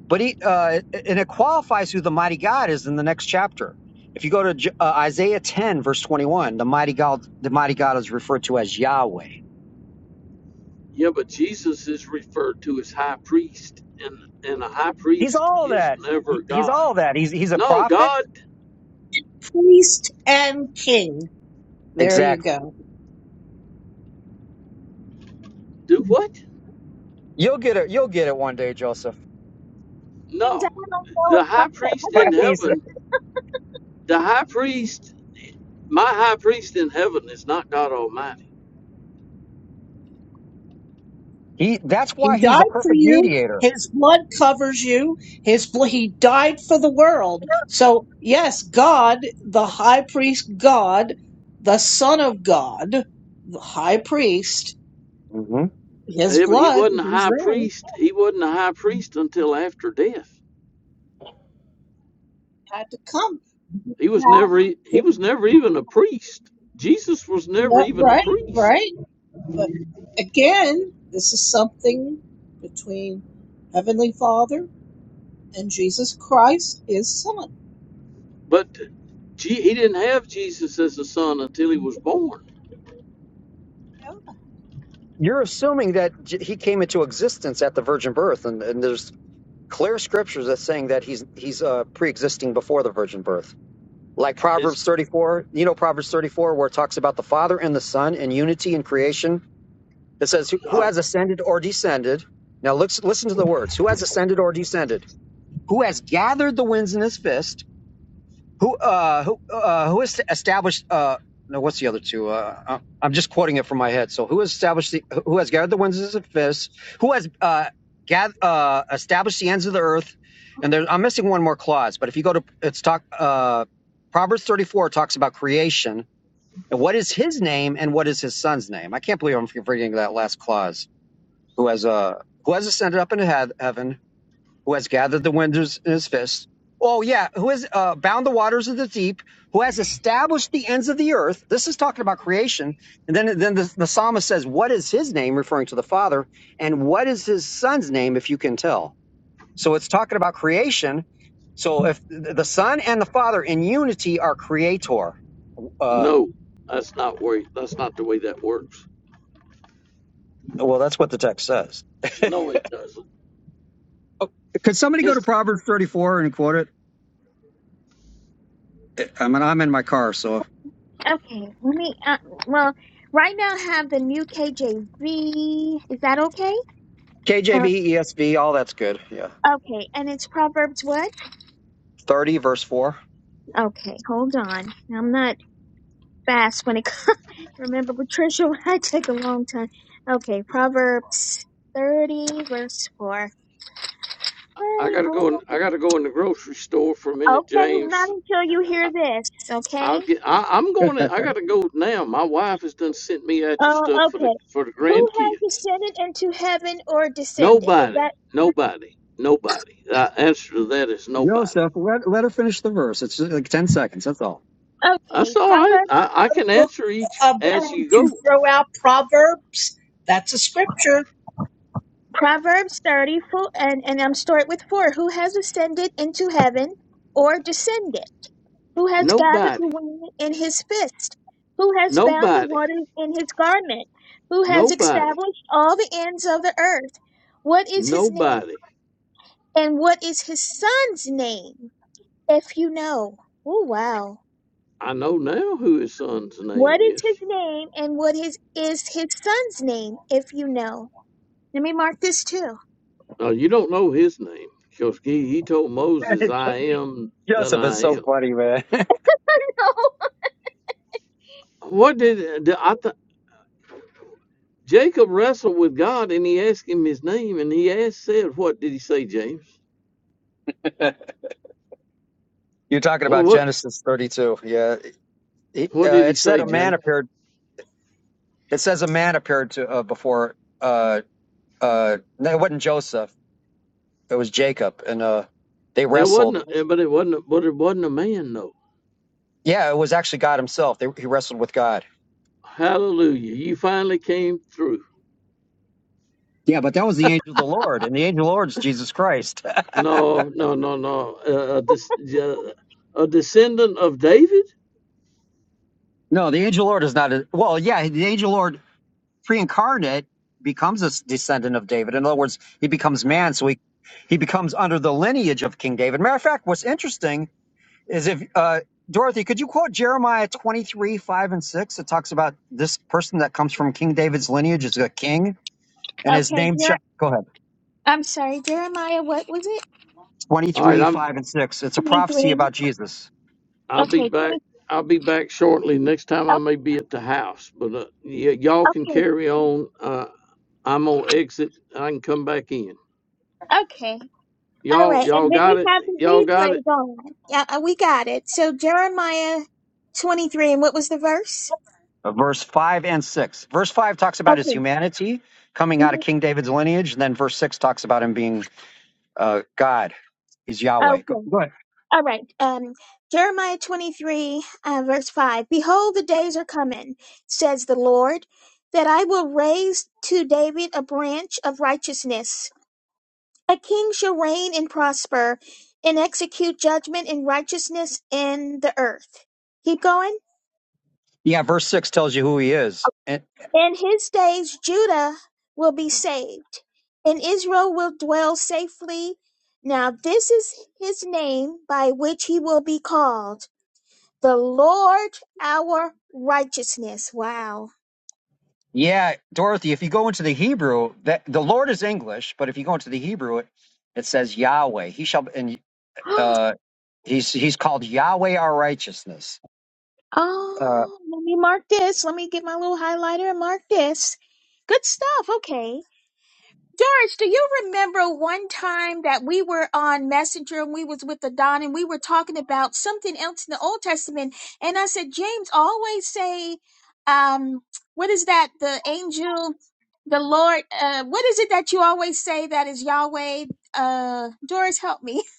[SPEAKER 7] but he, uh, and it qualifies who the mighty God is in the next chapter. If you go to J- uh, Isaiah 10, verse 21, the mighty God, the mighty God is referred to as Yahweh.
[SPEAKER 1] Yeah, but Jesus is referred to as high priest, and, and a high
[SPEAKER 7] He's
[SPEAKER 1] priest
[SPEAKER 7] all
[SPEAKER 1] is
[SPEAKER 7] that.
[SPEAKER 1] never
[SPEAKER 7] He- He's
[SPEAKER 1] God
[SPEAKER 7] all that. He's he's a
[SPEAKER 1] No,
[SPEAKER 7] prophet.
[SPEAKER 1] God,
[SPEAKER 5] priest and king. There you
[SPEAKER 7] Exactly.
[SPEAKER 5] go.
[SPEAKER 1] do what?
[SPEAKER 7] You'll get it. You'll get it one day, Joseph.
[SPEAKER 2] James, I don't
[SPEAKER 1] No,
[SPEAKER 2] know
[SPEAKER 1] the
[SPEAKER 2] if
[SPEAKER 1] high
[SPEAKER 2] Bob's
[SPEAKER 1] priest in
[SPEAKER 7] (laughs) he's a-
[SPEAKER 1] heaven, the high priest, my high priest in heaven is not God Almighty.
[SPEAKER 7] he. That's
[SPEAKER 5] He
[SPEAKER 7] why he's a
[SPEAKER 5] died for
[SPEAKER 7] perfect
[SPEAKER 5] you.
[SPEAKER 7] mediator.
[SPEAKER 5] His blood covers you. His bl- he died for the world. So yes, God, the high priest, God, the Son of God, the high priest,
[SPEAKER 7] hmm
[SPEAKER 5] his
[SPEAKER 1] He he
[SPEAKER 5] blood,
[SPEAKER 1] wasn't a
[SPEAKER 5] he's
[SPEAKER 1] high
[SPEAKER 5] there,
[SPEAKER 1] priest. He wasn't a high priest until after death.
[SPEAKER 5] had to come.
[SPEAKER 1] He was
[SPEAKER 5] Now,
[SPEAKER 1] never e- he
[SPEAKER 5] he-
[SPEAKER 1] was never even a priest. Jesus was never
[SPEAKER 5] no-
[SPEAKER 1] even a
[SPEAKER 5] right,
[SPEAKER 1] priest.
[SPEAKER 5] right. But again, this is something between Heavenly Father and Jesus Christ, His Son.
[SPEAKER 1] But he didn't have Jesus as a son until he was born.
[SPEAKER 7] You're assuming that J- he came into existence at the virgin birth, and, and there's clear scriptures that saying that he's he's uh, pre-existing before the virgin birth. like
[SPEAKER 1] It's
[SPEAKER 7] Proverbs 34. You know Proverbs 34 where it talks about the Father and the Son and unity in creation. It says who who
[SPEAKER 1] uh,
[SPEAKER 7] has ascended or descended. Now let's listen to the words. Who has ascended or descended? Who has gathered the winds in his fist? Who uh who uh who has established uh no what's the other two uh I- I'm just quoting it from my head. So who has established the who has gathered the winds as a fist? Who has uh gath uh established the ends of the earth? And there I'm missing one more clause, but if you go to it's talk uh Proverbs 34 talks about creation and what is his name and what is his son's name. I can't believe I'm forgetting that last clause. Who has uh who has ascended up into heav- heaven who has gathered the winds in his fist. Oh yeah, who has uh, bound the waters of the deep, who has established the ends of the earth. This is talking about creation. And then then the, the psalmist says, "What is his name?" referring to the Father, and what is his Son's name, if you can tell. So it's talking about creation. So if the Son and the Father in unity are creator, uh,
[SPEAKER 1] no, that's not where. That's not the way that works.
[SPEAKER 7] well, that's what the text says.
[SPEAKER 1] No, it doesn't.
[SPEAKER 7] Oh, could somebody go
[SPEAKER 1] It's
[SPEAKER 7] to Proverbs 34 and quote it? I mean, I'm in my car, so
[SPEAKER 2] ever getting. Okay. Let me. Uh, well, right now I have the new KJV. Is that okay? Uh,
[SPEAKER 7] KJV, ESV, all that's good. Yeah.
[SPEAKER 2] Okay, and it's Proverbs what?
[SPEAKER 7] 30, verse 4.
[SPEAKER 2] Okay, hold on. I'm not fast when it (laughs) comes. Remember, Patricia, (laughs) I take a long time. Okay, Proverbs 30, verse 4.
[SPEAKER 1] I
[SPEAKER 2] Hey,
[SPEAKER 1] gotta
[SPEAKER 2] hold
[SPEAKER 1] go. In,
[SPEAKER 2] on.
[SPEAKER 1] I gotta go in the grocery store for a minute,
[SPEAKER 2] Okay, not
[SPEAKER 1] James.
[SPEAKER 2] until you hear this, okay?
[SPEAKER 1] I'll get. I, I'm going. In, I gotta go now. My wife has done sent me extra
[SPEAKER 2] Oh,
[SPEAKER 1] stuff for the
[SPEAKER 2] okay.
[SPEAKER 1] for the
[SPEAKER 2] Who has
[SPEAKER 1] grandkids.
[SPEAKER 2] ascended into heaven or descended? Is that
[SPEAKER 1] Nobody, nobody, nobody. The answer to that is nobody.
[SPEAKER 7] Joseph, let, let her finish the verse. It's like 10 seconds. That's all.
[SPEAKER 2] okay?
[SPEAKER 1] That's all right.
[SPEAKER 2] Proverbs,
[SPEAKER 1] I, I can
[SPEAKER 5] book
[SPEAKER 1] answer each
[SPEAKER 5] uh, Bob,
[SPEAKER 1] as
[SPEAKER 2] uh,
[SPEAKER 5] that
[SPEAKER 1] you
[SPEAKER 5] you
[SPEAKER 1] go.
[SPEAKER 5] throw out Proverbs. That's a scripture.
[SPEAKER 2] Proverbs thirty four, and, and I'm start with 4. Who has ascended into heaven or descended? who has gathered the
[SPEAKER 1] Nobody,
[SPEAKER 2] wind in his fist, who has bound the
[SPEAKER 1] nobody,
[SPEAKER 2] waters in his garment, who has
[SPEAKER 1] nobody,
[SPEAKER 2] established all the ends of the earth. What is his name?
[SPEAKER 1] nobody.
[SPEAKER 2] And what is his son's name, if you know? Oh, wow.
[SPEAKER 1] I know now who his son's
[SPEAKER 2] What
[SPEAKER 1] name
[SPEAKER 2] is
[SPEAKER 1] is.
[SPEAKER 2] his name and what is, is his son's name, if you know? Let me mark this too.
[SPEAKER 1] No, you don't know his name because he, he told
[SPEAKER 7] (laughs)
[SPEAKER 1] Moses, "I am that
[SPEAKER 7] Joseph is
[SPEAKER 1] I
[SPEAKER 7] so
[SPEAKER 1] am."
[SPEAKER 7] funny, man.
[SPEAKER 2] (laughs)
[SPEAKER 1] What did the, I th- Jacob wrestled with God and he asked him his name and he asked said, "What did he say, James?
[SPEAKER 7] (laughs) You're talking
[SPEAKER 1] Well,
[SPEAKER 7] about
[SPEAKER 1] what
[SPEAKER 7] Genesis 32. Yeah. He,
[SPEAKER 1] what
[SPEAKER 7] uh,
[SPEAKER 1] did he
[SPEAKER 7] it said
[SPEAKER 1] say,
[SPEAKER 7] a
[SPEAKER 1] James?
[SPEAKER 7] man appeared. It says a man appeared to uh, before. Uh, uh, no, it wasn't Joseph. It was Jacob. And uh, they
[SPEAKER 1] There wasn't,
[SPEAKER 7] wrestled.
[SPEAKER 1] a, eh, but it wasn't, a, but it wasn't a man though.
[SPEAKER 7] Yeah, it was actually God himself. They, he wrestled with God.
[SPEAKER 1] Hallelujah! You finally came through.
[SPEAKER 7] Yeah, but that was the angel. Angel of The Lord. And the angel of the Lord is Jesus Christ.
[SPEAKER 1] No, no, no, no. Uh, a, des- uh, a descendant of David.
[SPEAKER 7] (laughs) no, the angel of the Lord is not. A, well, yeah, the angel of the Lord pre-incarnate becomes a descendant of David. In other words, he becomes man, so he he becomes under the lineage of King David. Matter of fact, what's interesting is if uh, Dorothy, could you quote Jeremiah twenty three five and six? It talks about this person that comes from King David's lineage is a king, and his
[SPEAKER 2] Okay,
[SPEAKER 7] name.
[SPEAKER 2] Jer-
[SPEAKER 7] Shall, go ahead.
[SPEAKER 2] I'm sorry, Jeremiah, what was it?
[SPEAKER 7] Twenty
[SPEAKER 1] All right,
[SPEAKER 7] three
[SPEAKER 1] I'm.
[SPEAKER 7] five and six. It's a prophecy
[SPEAKER 2] 23.
[SPEAKER 7] about Jesus.
[SPEAKER 1] I'll be
[SPEAKER 2] Okay, 20,
[SPEAKER 1] back. I'll be back shortly. Next time
[SPEAKER 2] oh,
[SPEAKER 1] I may be at the house, but uh, y- y'all can
[SPEAKER 2] okay,
[SPEAKER 1] carry on. Uh, I'm gonna exit. I can come back in.
[SPEAKER 2] okay. All
[SPEAKER 1] Y'all,
[SPEAKER 2] right,
[SPEAKER 1] y'all
[SPEAKER 2] and then
[SPEAKER 1] got
[SPEAKER 2] we
[SPEAKER 1] it.
[SPEAKER 2] have
[SPEAKER 1] Y'all
[SPEAKER 2] the
[SPEAKER 1] got it.
[SPEAKER 2] replays on. Yeah, uh, we got it. So Jeremiah 23, and what was the verse?
[SPEAKER 7] Uh, Verse five and six. Verse five talks about his
[SPEAKER 2] Okay.
[SPEAKER 7] humanity coming out of
[SPEAKER 2] mhm,
[SPEAKER 7] King David's lineage, and then verse six talks about him being uh, God. He's Yahweh. Go,
[SPEAKER 2] Okay.
[SPEAKER 7] go ahead.
[SPEAKER 2] All right. Um, Jeremiah 23, uh, verse 5. Behold, the days are coming, says the Lord, that I will raise to David a branch of righteousness. A king shall reign and prosper and execute judgment and righteousness in the earth. Keep going.
[SPEAKER 7] Yeah, verse six tells you who he is. And
[SPEAKER 2] In his days, Judah will be saved, and Israel will dwell safely. Now, this is his name by which he will be called the Lord our righteousness. Wow.
[SPEAKER 7] yeah, Dorothy, if you go into the Hebrew, that the Lord is English, but if you go into the Hebrew, it, it says Yahweh. He shall and
[SPEAKER 2] (gasps)
[SPEAKER 7] uh he's he's called Yahweh our righteousness. Uh
[SPEAKER 2] Oh, let me mark this. Let me get my little highlighter and mark this. Good stuff. Okay. George, do you remember one time that we were on Messenger and we was with the Don and we were talking about something else in the Old Testament? And I said, James always say, um, what is that? The angel, the Lord, uh, what is it that you always say that is Yahweh? Uh, Doris, help me. (laughs)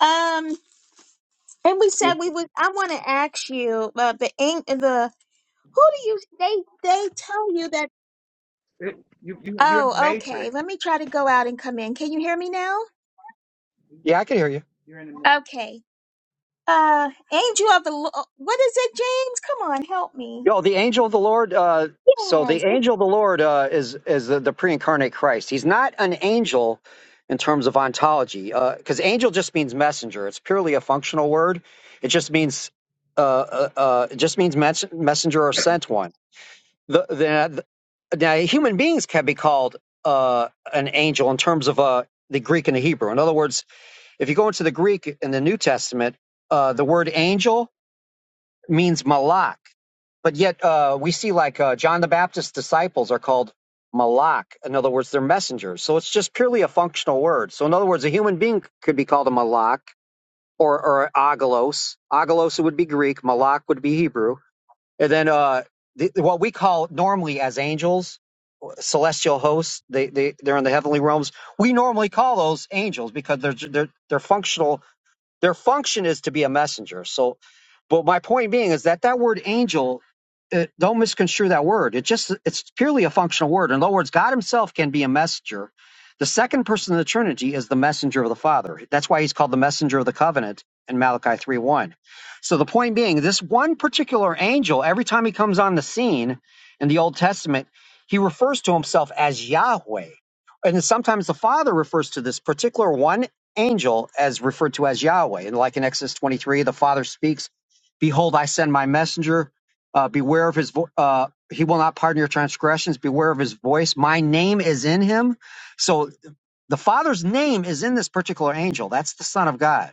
[SPEAKER 2] Um, and we said
[SPEAKER 7] y-
[SPEAKER 2] we would. I want to ask you uh, the ang- the who do you they they tell you that?
[SPEAKER 4] It- you, you, you're in the
[SPEAKER 2] Oh, okay.
[SPEAKER 4] matrix.
[SPEAKER 2] Let me try to go out and come in. Can you hear me now?
[SPEAKER 7] yeah, I can hear you.
[SPEAKER 4] You're in the matrix.
[SPEAKER 2] Okay uh angel of the Lo- what is it james come on help me
[SPEAKER 7] Yo, the angel of the Lord. Uh, so
[SPEAKER 2] yes
[SPEAKER 7] the
[SPEAKER 2] it's,
[SPEAKER 7] angel of the Lord uh, is is the, the pre-incarnate Christ. He's not an angel in terms of ontology, because angel just means messenger. It's purely a functional word. It just means uh, uh, uh, it just means mes- messenger or sent one. The, the, the now human beings can be called uh, an angel in terms of uh, the Greek and the Hebrew. In other words, if you go into the Greek in the New Testament, uh, the word angel means Malak. But yet uh, we see like uh, John the Baptist's disciples are called Malak. In other words, they're messengers. So it's just purely a functional word. So in other words, a human being could be called a Malak or, or Agalos. Agalos would be Greek. Malak would be Hebrew. And then uh, the, what we call normally as angels, celestial hosts, they, they, they're in the heavenly realms. We normally call those angels because they're, they're, they're functional their function is to be a messenger. So, but my point being is that that word angel, it, don't misconstrue that word. It just it's purely a functional word. In other words, God Himself can be a messenger. The second person of the Trinity is the messenger of the Father. That's why He's called the messenger of the covenant in Malachi three one. So the point being, this one particular angel, every time he comes on the scene in the Old Testament, he refers to himself as Yahweh. And sometimes the Father refers to this particular one angel as referred to as Yahweh. And like in Exodus 23, the Father speaks, Behold, I send my messenger. Uh, beware of his vo- uh, he will not pardon your transgressions. Beware of his voice. My name is in him. So the Father's name is in this particular angel. That's the Son of God.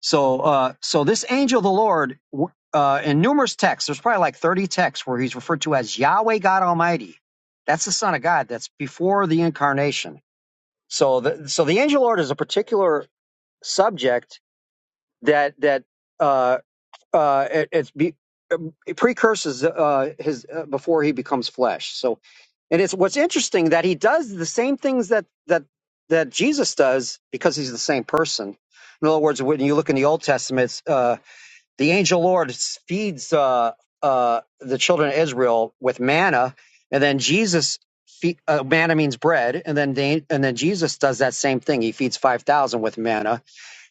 [SPEAKER 7] So, uh, so this angel, of the Lord, w- uh, in numerous texts, there's probably like 30 texts where he's referred to as Yahweh God Almighty. That's the Son of God. That's before the incarnation. So, the, so the angel of the Lord is a particular subject that that uh, uh, it, it's be, um, it precurses uh, his uh, before he becomes flesh. So, and it's what's interesting that he does the same things that that that Jesus does because he's the same person. In other words, when you look in the Old Testament, it's, uh, the angel Lord feeds uh, uh, the children of Israel with manna, and then Jesus. Fe- uh, manna means bread, and then they, and then Jesus does that same thing. He feeds five thousand with manna,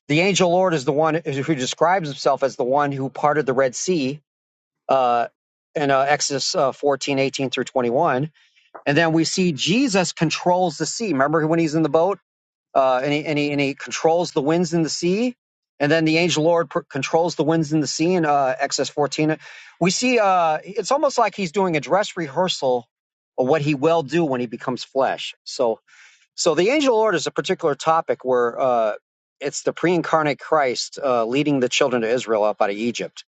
[SPEAKER 7] the angel Lord is the one who describes himself as the one who parted the Red Sea uh, in uh, Exodus uh, 14, eighteen through 21. And then we see Jesus controls the sea. Remember when he's in the boat uh, and, he, and, he, and he controls the winds in the sea? And then the angel Lord pr- controls the winds in the sea in uh, Exodus 14. We see uh, it's almost like he's doing a dress rehearsal of what he will do when he becomes flesh. So so the angel order is a particular topic where uh, it's the pre-incarnate Christ uh, leading the children of Israel up out of Egypt.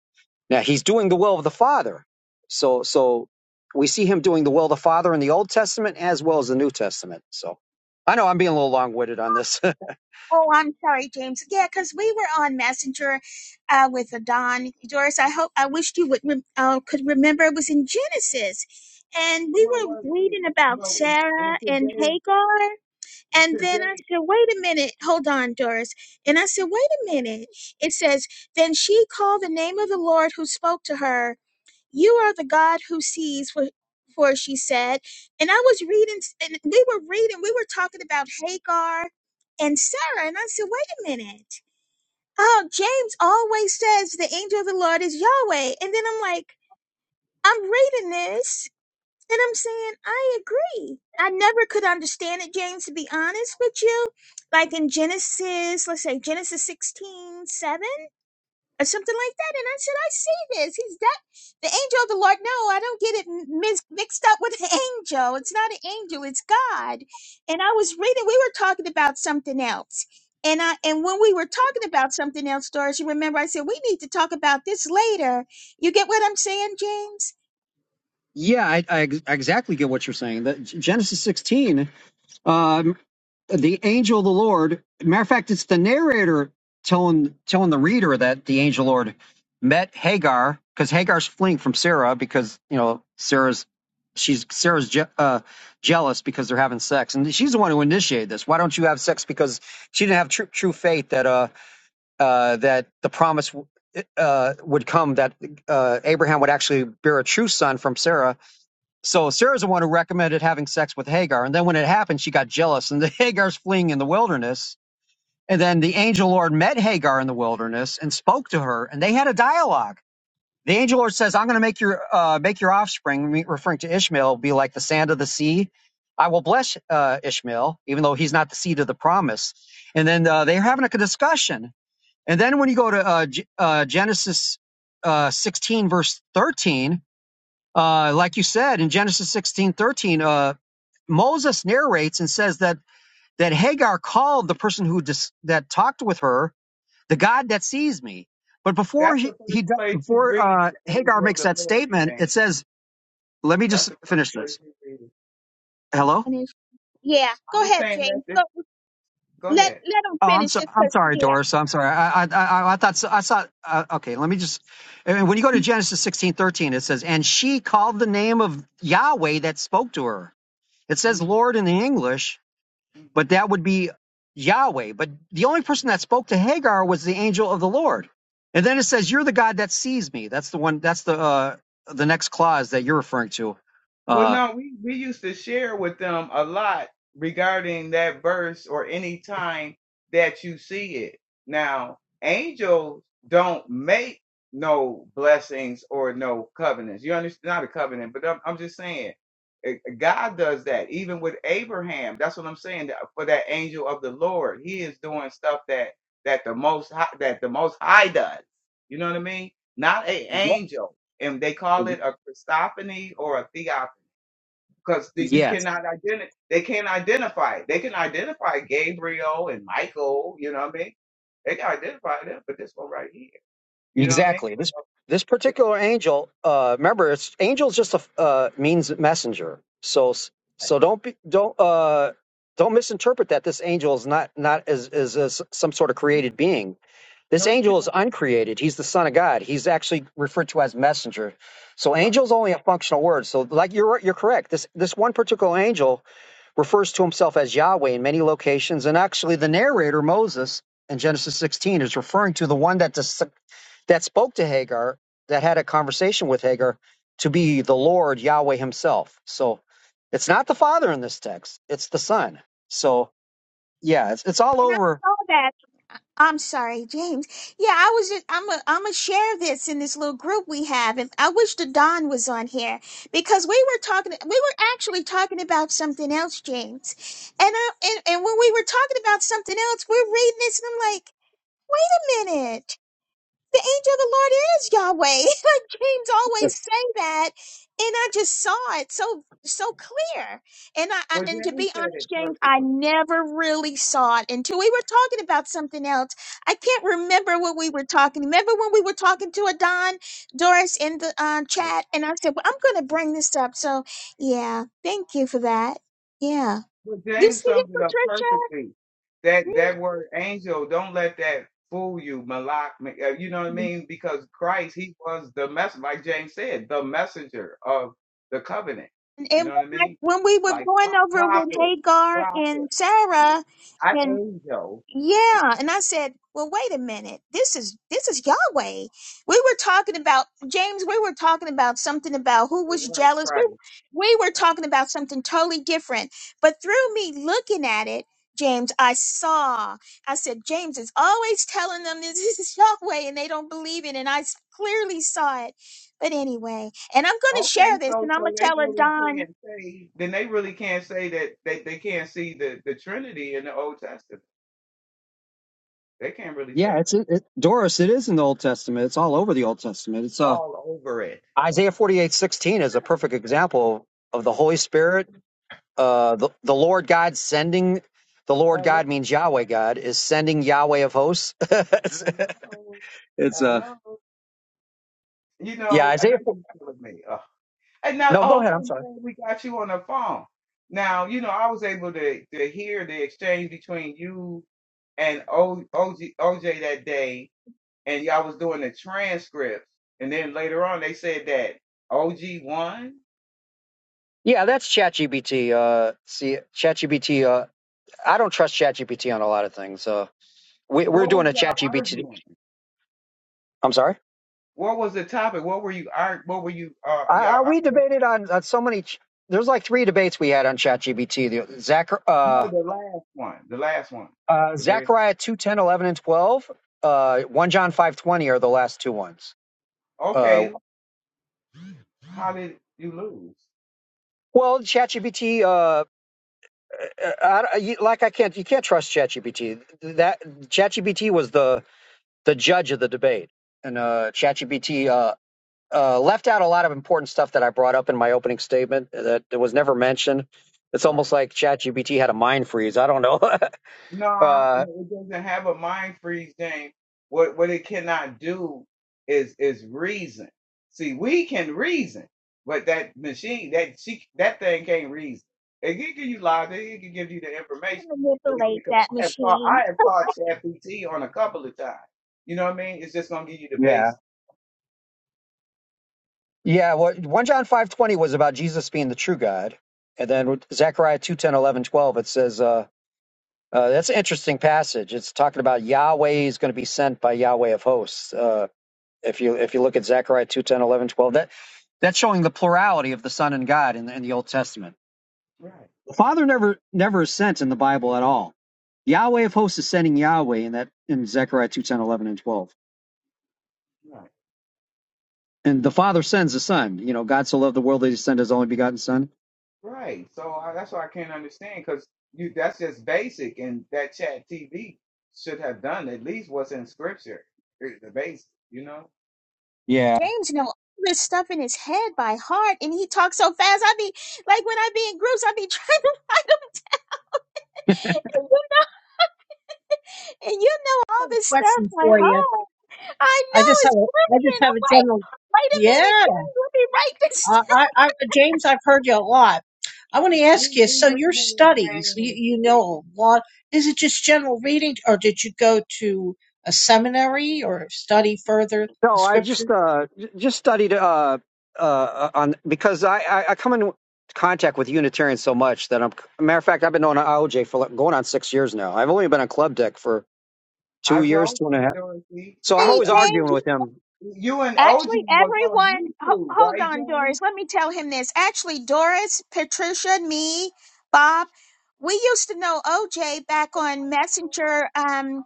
[SPEAKER 7] Now he's doing the will of the Father. So so we see him doing the will of the Father in the Old Testament as well as the New Testament. So I know I'm being a little long-winded on this.
[SPEAKER 2] oh i'm sorry james yeah because we were on messenger uh with don doris i hope i wished you would rem- uh, could remember it was in genesis and we
[SPEAKER 4] Well,
[SPEAKER 2] were
[SPEAKER 4] well, it-
[SPEAKER 2] reading
[SPEAKER 4] it-
[SPEAKER 2] about
[SPEAKER 4] well, it-
[SPEAKER 2] sarah
[SPEAKER 4] well
[SPEAKER 2] and
[SPEAKER 4] today,
[SPEAKER 2] hagar and then i
[SPEAKER 4] today,
[SPEAKER 2] said wait a minute hold on doris and i said wait a minute it says then she called the name of the lord who spoke to her You are the God who sees, for, for she said. And I was reading, and we were reading, we were talking about Hagar and Sarah. And I said, wait a minute. Oh, James always says the angel of the Lord is Yahweh. And then I'm like, I'm reading this and I'm saying, I agree. I never could understand it, James, to be honest with you. Like in Genesis, let's say Genesis 16:7 or something like that. And I said, I see this. He's that the angel of the Lord. No, I don't get it mis- mixed up with an (laughs) angel. It's not an angel. It's God. And I was reading. We were talking about something else. And I and when we were talking about something else, Doris, you remember I said we need to talk about this later. You get what I'm saying, James?
[SPEAKER 7] (laughs) yeah, I, I ex- exactly get what you're saying. That Genesis 16. Um, the angel of the Lord. Matter of fact, it's the narrator telling telling the reader that the angel of the Lord met Hagar because Hagar's fleeing from Sarah because you know Sarah's she's Sarah's je- uh, jealous because they're having sex and she's the one who initiated this. Why don't you have sex? Because she didn't have true true faith that uh uh that the promise. Uh, would come that uh, Abraham would actually bear a true son from Sarah, so Sarah's the one who recommended having sex with Hagar. And then when it happened, she got jealous and the (laughs) Hagar's fleeing in the wilderness. And then the angel Lord met Hagar in the wilderness and spoke to her and they had a dialogue. The angel Lord says, I'm going to make your, uh, make your offspring, me- referring to Ishmael, be like the sand of the sea. I will bless, uh, Ishmael, even though he's not the seed of the promise. And then, uh, they're having a discussion. And then when you go to, uh, G- uh, Genesis, uh, 16 verse 13, uh, like you said in Genesis sixteen thirteen, uh, Moses narrates and says that that Hagar called the person who dis- that talked with her the God that sees me. But before
[SPEAKER 4] that's
[SPEAKER 7] he,
[SPEAKER 4] the
[SPEAKER 7] he
[SPEAKER 4] first
[SPEAKER 7] do-
[SPEAKER 4] place you
[SPEAKER 7] before
[SPEAKER 4] read
[SPEAKER 7] uh,
[SPEAKER 4] the
[SPEAKER 7] Hagar
[SPEAKER 4] angel of
[SPEAKER 7] makes
[SPEAKER 4] the
[SPEAKER 7] that
[SPEAKER 4] Lord
[SPEAKER 7] statement, it
[SPEAKER 4] thing.
[SPEAKER 7] says, "Let me
[SPEAKER 4] That's
[SPEAKER 7] just
[SPEAKER 4] the first
[SPEAKER 7] finish
[SPEAKER 4] place
[SPEAKER 7] this."
[SPEAKER 4] you read it.
[SPEAKER 7] Hello.
[SPEAKER 2] Yeah,
[SPEAKER 4] I
[SPEAKER 2] go
[SPEAKER 4] was
[SPEAKER 2] ahead,
[SPEAKER 4] saying that.
[SPEAKER 2] James. Go
[SPEAKER 4] This, go
[SPEAKER 2] let
[SPEAKER 4] ahead.
[SPEAKER 2] let him
[SPEAKER 7] Oh, I'm
[SPEAKER 2] finish
[SPEAKER 7] so
[SPEAKER 2] this.
[SPEAKER 7] I'm
[SPEAKER 2] 'cause-
[SPEAKER 7] sorry,
[SPEAKER 2] Yeah,
[SPEAKER 7] Doris. I'm sorry. I I I, I thought so, I thought uh, okay. Let me just. And when you go to Genesis sixteen thirteen, it says, "And she called the name of Yahweh that spoke to her." It says
[SPEAKER 4] hmm
[SPEAKER 7] "Lord" in the English, but that would be Yahweh. But the only person that spoke to Hagar was the angel of the Lord. And then it says, "You're the God that sees me." That's the one. That's the uh, the next clause that you're referring to.
[SPEAKER 4] Well,
[SPEAKER 7] Uh,
[SPEAKER 4] no, we, we used to share with them a lot regarding that verse or any time that you see it. Now, angels don't make no blessings or no covenants. You understand? Not a covenant, but I'm, I'm just saying eh, God does that even with Abraham. That's what I'm saying that- for that angel of the Lord. He is doing stuff that that the most high, that the most high does. You know what I mean? Not a
[SPEAKER 7] yeah.
[SPEAKER 4] angel and they call it a Christophany or a theophany because you
[SPEAKER 7] Yes,
[SPEAKER 4] cannot identify. They can't identify. it. They can identify Gabriel and Michael. You know what I mean? They can identify them, but this one right here. You know what I mean?
[SPEAKER 7] exactly. This
[SPEAKER 4] So,
[SPEAKER 7] this
[SPEAKER 4] it's
[SPEAKER 7] particular angel. Uh, remember, it's angel just a uh, means messenger. So
[SPEAKER 4] like,
[SPEAKER 7] so don't be don't uh, don't misinterpret that this angel is not not as is as some sort of
[SPEAKER 4] mm,
[SPEAKER 7] created being This
[SPEAKER 4] No, you
[SPEAKER 7] angel is
[SPEAKER 4] cannot.
[SPEAKER 7] uncreated. He's the son of God. He's actually referred to as messenger. So
[SPEAKER 4] Right.
[SPEAKER 7] angel is only a functional word. So like you're you're correct. This this one particular angel refers to himself as Yahweh in many locations, and actually the narrator Moses in Genesis 16 is referring to the one that dis- that spoke to Hagar, that had a conversation with Hagar, to be the Lord Yahweh Himself. So it's not the Father in this text; it's the Son. So yeah, it's it's all
[SPEAKER 2] and I
[SPEAKER 7] over
[SPEAKER 2] saw that. I- I'm sorry, James. Yeah, I was just I'm a I'm a share this in this little group we have, and I wish the Don was on here because we were talking we were actually talking about something else, James, and I and and when we were talking about something else, we're reading this, and I'm like, wait a minute. the angel of the Lord is Yahweh. (laughs) Like James always say that, and I just saw it so so clear. And I, I
[SPEAKER 4] Well,
[SPEAKER 2] and to
[SPEAKER 4] James
[SPEAKER 2] be
[SPEAKER 4] said
[SPEAKER 2] honest,
[SPEAKER 4] it
[SPEAKER 2] James, I
[SPEAKER 4] perfectly.
[SPEAKER 2] never really saw it until we were talking about something else. I can't remember what we were talking. Remember when we were talking to Adon Doris in the uh, chat, and I said, "Well, I'm going to bring this up." So yeah, thank you for that. Yeah,
[SPEAKER 4] Well,
[SPEAKER 2] you
[SPEAKER 4] James
[SPEAKER 2] see it,
[SPEAKER 4] summed it up
[SPEAKER 2] Patricia.
[SPEAKER 4] perfectly. That that
[SPEAKER 2] Mm-hmm.
[SPEAKER 4] word angel, don't let that fool you, Malak. ma- uh, You know what I mean? Because Christ, he was the messenger, like James said, the messenger of the covenant.
[SPEAKER 2] And when,
[SPEAKER 4] You know what I
[SPEAKER 2] I,
[SPEAKER 4] mean?
[SPEAKER 2] when we were
[SPEAKER 4] Like pro-
[SPEAKER 2] going over with
[SPEAKER 4] prophet,
[SPEAKER 2] Hagar
[SPEAKER 4] prophet,
[SPEAKER 2] and Sarah,
[SPEAKER 4] not
[SPEAKER 2] and
[SPEAKER 4] angel.
[SPEAKER 2] yeah, and I said, "Well, wait a minute. This is this is Yahweh." We were talking about James. We were talking about something about who
[SPEAKER 4] The
[SPEAKER 2] was
[SPEAKER 4] word
[SPEAKER 2] jealous. We
[SPEAKER 4] Christ.
[SPEAKER 2] we were talking about something totally different. But through me looking at it. James, I saw. I said, James is always telling them (laughs) this is Yahweh and they don't believe it. And I s- clearly saw it. But anyway, and I'm going to share
[SPEAKER 4] Okay,
[SPEAKER 2] this and
[SPEAKER 4] so
[SPEAKER 2] I'm
[SPEAKER 4] so
[SPEAKER 2] going to
[SPEAKER 4] they
[SPEAKER 2] tell
[SPEAKER 4] really
[SPEAKER 2] Adon
[SPEAKER 4] can't say. Then they really can't say that they, they can't see the the Trinity in the Old Testament. They can't really
[SPEAKER 7] Yeah,
[SPEAKER 4] say
[SPEAKER 7] it's
[SPEAKER 4] that
[SPEAKER 7] it, it, Doris. It is in the Old Testament. It's all over the Old Testament. It's uh,
[SPEAKER 4] all over it.
[SPEAKER 7] Isaiah forty eight sixteen is a perfect example of the Holy Spirit. Uh, the the Lord God sending the Lord God means Yahweh God is sending Yahweh of hosts. (laughs) it's
[SPEAKER 4] Hello.
[SPEAKER 7] it's, uh,
[SPEAKER 4] Hello. You
[SPEAKER 7] yeah,
[SPEAKER 4] know, uh, they
[SPEAKER 7] Isaiah. 4,
[SPEAKER 4] been killing me. Ugh. And now,
[SPEAKER 7] no, go
[SPEAKER 4] oh,
[SPEAKER 7] ahead.
[SPEAKER 4] okay,
[SPEAKER 7] I'm
[SPEAKER 4] I'm
[SPEAKER 7] sorry.
[SPEAKER 4] glad we got you on the phone. Now, you know, I was able to, to hear the exchange between you and o, OG, OJ that day, and y'all was doing the transcripts. And then later on, they said that OG won.
[SPEAKER 7] Yeah, that's ChatGPT. Uh, see, ChatGPT. Uh, I don't trust ChatGPT on a lot of things. Uh, we, we're
[SPEAKER 4] What was
[SPEAKER 7] doing a
[SPEAKER 4] y'all
[SPEAKER 7] ChatGPT.
[SPEAKER 4] arguing?
[SPEAKER 7] I'm sorry.
[SPEAKER 4] What was the topic? What were you ar- What were you uh
[SPEAKER 7] I,
[SPEAKER 4] y'all
[SPEAKER 7] I we
[SPEAKER 4] arguing?
[SPEAKER 7] debated on, on so many. ch- There's like three debates we had on ChatGPT. The Zach,
[SPEAKER 4] No,
[SPEAKER 7] uh,
[SPEAKER 4] the last one, the last one,
[SPEAKER 7] uh,
[SPEAKER 4] the very
[SPEAKER 7] Zechariah two ten eleven and twelve. Uh, one John five twenty are the last two ones. Uh,
[SPEAKER 4] okay. How did you lose?
[SPEAKER 7] well, ChatGPT. Uh, uh, I, I- you- like I can't. You can't trust ChatGPT. That ChatGPT was the the judge of the debate, and uh, ChatGPT. Uh, uh, left out a lot of important stuff that I brought up in my opening statement that was never mentioned it's almost
[SPEAKER 4] Right.
[SPEAKER 7] like ChatGPT had a mind freeze. I don't know. (laughs)
[SPEAKER 4] No,
[SPEAKER 7] Uh,
[SPEAKER 4] it doesn't have a mind freeze James. What what it cannot do is is reason. See, we can reason, but that machine, that she, that thing can't reason. It can give you lies. It can give you the information.
[SPEAKER 2] can manipulate
[SPEAKER 4] Because
[SPEAKER 2] that
[SPEAKER 4] I have taught,
[SPEAKER 2] machine.
[SPEAKER 4] I have taught ChatGPT on a couple of times. You know what I mean? It's just gonna give you the
[SPEAKER 7] yeah,
[SPEAKER 4] base.
[SPEAKER 7] yeah. What one John five twenty was about Jesus being the true God, and then with Zechariah two ten eleven twelve It says uh, uh, that's an interesting passage. It's talking about Yahweh is going to be sent by Yahweh of hosts. Uh, if you if you look at Zechariah two ten eleven twelve that that's showing the plurality of the Son and God in the, in the Old Testament.
[SPEAKER 4] Right.
[SPEAKER 7] The Father never never is sent in the Bible at all. Yahweh of hosts is sending Yahweh in that in Zechariah two ten eleven and twelve.
[SPEAKER 4] Right.
[SPEAKER 7] And the Father sends the Son. You know, God so loved the world that He sent His only begotten Son
[SPEAKER 4] Right. So I, that's why I can't understand because you that's just basic, and that Chat TV should have done at least what's in scripture, eh, the basic. You know,
[SPEAKER 7] Yeah.
[SPEAKER 2] James know all this stuff in his head by heart, and he talks so fast. I be like when I be in groups, I be trying to (laughs) find him, and you, and you know
[SPEAKER 5] I
[SPEAKER 2] all
[SPEAKER 5] have a
[SPEAKER 2] this stuff
[SPEAKER 5] question
[SPEAKER 2] by
[SPEAKER 5] for you.
[SPEAKER 2] heart. I
[SPEAKER 5] I
[SPEAKER 2] know
[SPEAKER 5] just have
[SPEAKER 2] it's
[SPEAKER 5] a, I just
[SPEAKER 2] brilliant.
[SPEAKER 5] have
[SPEAKER 2] I'm
[SPEAKER 5] a
[SPEAKER 2] like,
[SPEAKER 5] general.
[SPEAKER 2] wait a minute,
[SPEAKER 5] Yeah,
[SPEAKER 2] James, let me write this (laughs)
[SPEAKER 5] I,
[SPEAKER 2] down.
[SPEAKER 5] I, I, James, I've heard you a lot. I want to ask
[SPEAKER 4] we
[SPEAKER 5] you.
[SPEAKER 4] we
[SPEAKER 5] So
[SPEAKER 4] we
[SPEAKER 5] your
[SPEAKER 4] need
[SPEAKER 5] studies, you,
[SPEAKER 4] change.
[SPEAKER 5] you know a lot. Is it just general reading, or did you go to a seminary or study further the
[SPEAKER 7] No, I
[SPEAKER 5] scripture?
[SPEAKER 7] just uh, j- just studied uh, uh, uh, on because I, I, I come in contact with Unitarians so much that I'm matter of fact I've been on IOJ for like going on six years now. I've only been on Club Deck for
[SPEAKER 4] I
[SPEAKER 7] two years,
[SPEAKER 4] told
[SPEAKER 7] two and
[SPEAKER 4] you,
[SPEAKER 7] a half.
[SPEAKER 4] Dorothy.
[SPEAKER 7] So I'm
[SPEAKER 4] I
[SPEAKER 2] Hey,
[SPEAKER 7] always
[SPEAKER 4] you
[SPEAKER 7] arguing
[SPEAKER 2] James,
[SPEAKER 7] with him.
[SPEAKER 4] you and OG
[SPEAKER 2] actually,
[SPEAKER 4] was on
[SPEAKER 2] everyone, ho-
[SPEAKER 4] YouTube,
[SPEAKER 2] hold
[SPEAKER 4] right,
[SPEAKER 2] on,
[SPEAKER 4] James?
[SPEAKER 2] Doris. Let me tell him this. Actually, Doris, Patricia, me, Bob, we used to know OJ back on Messenger. Um,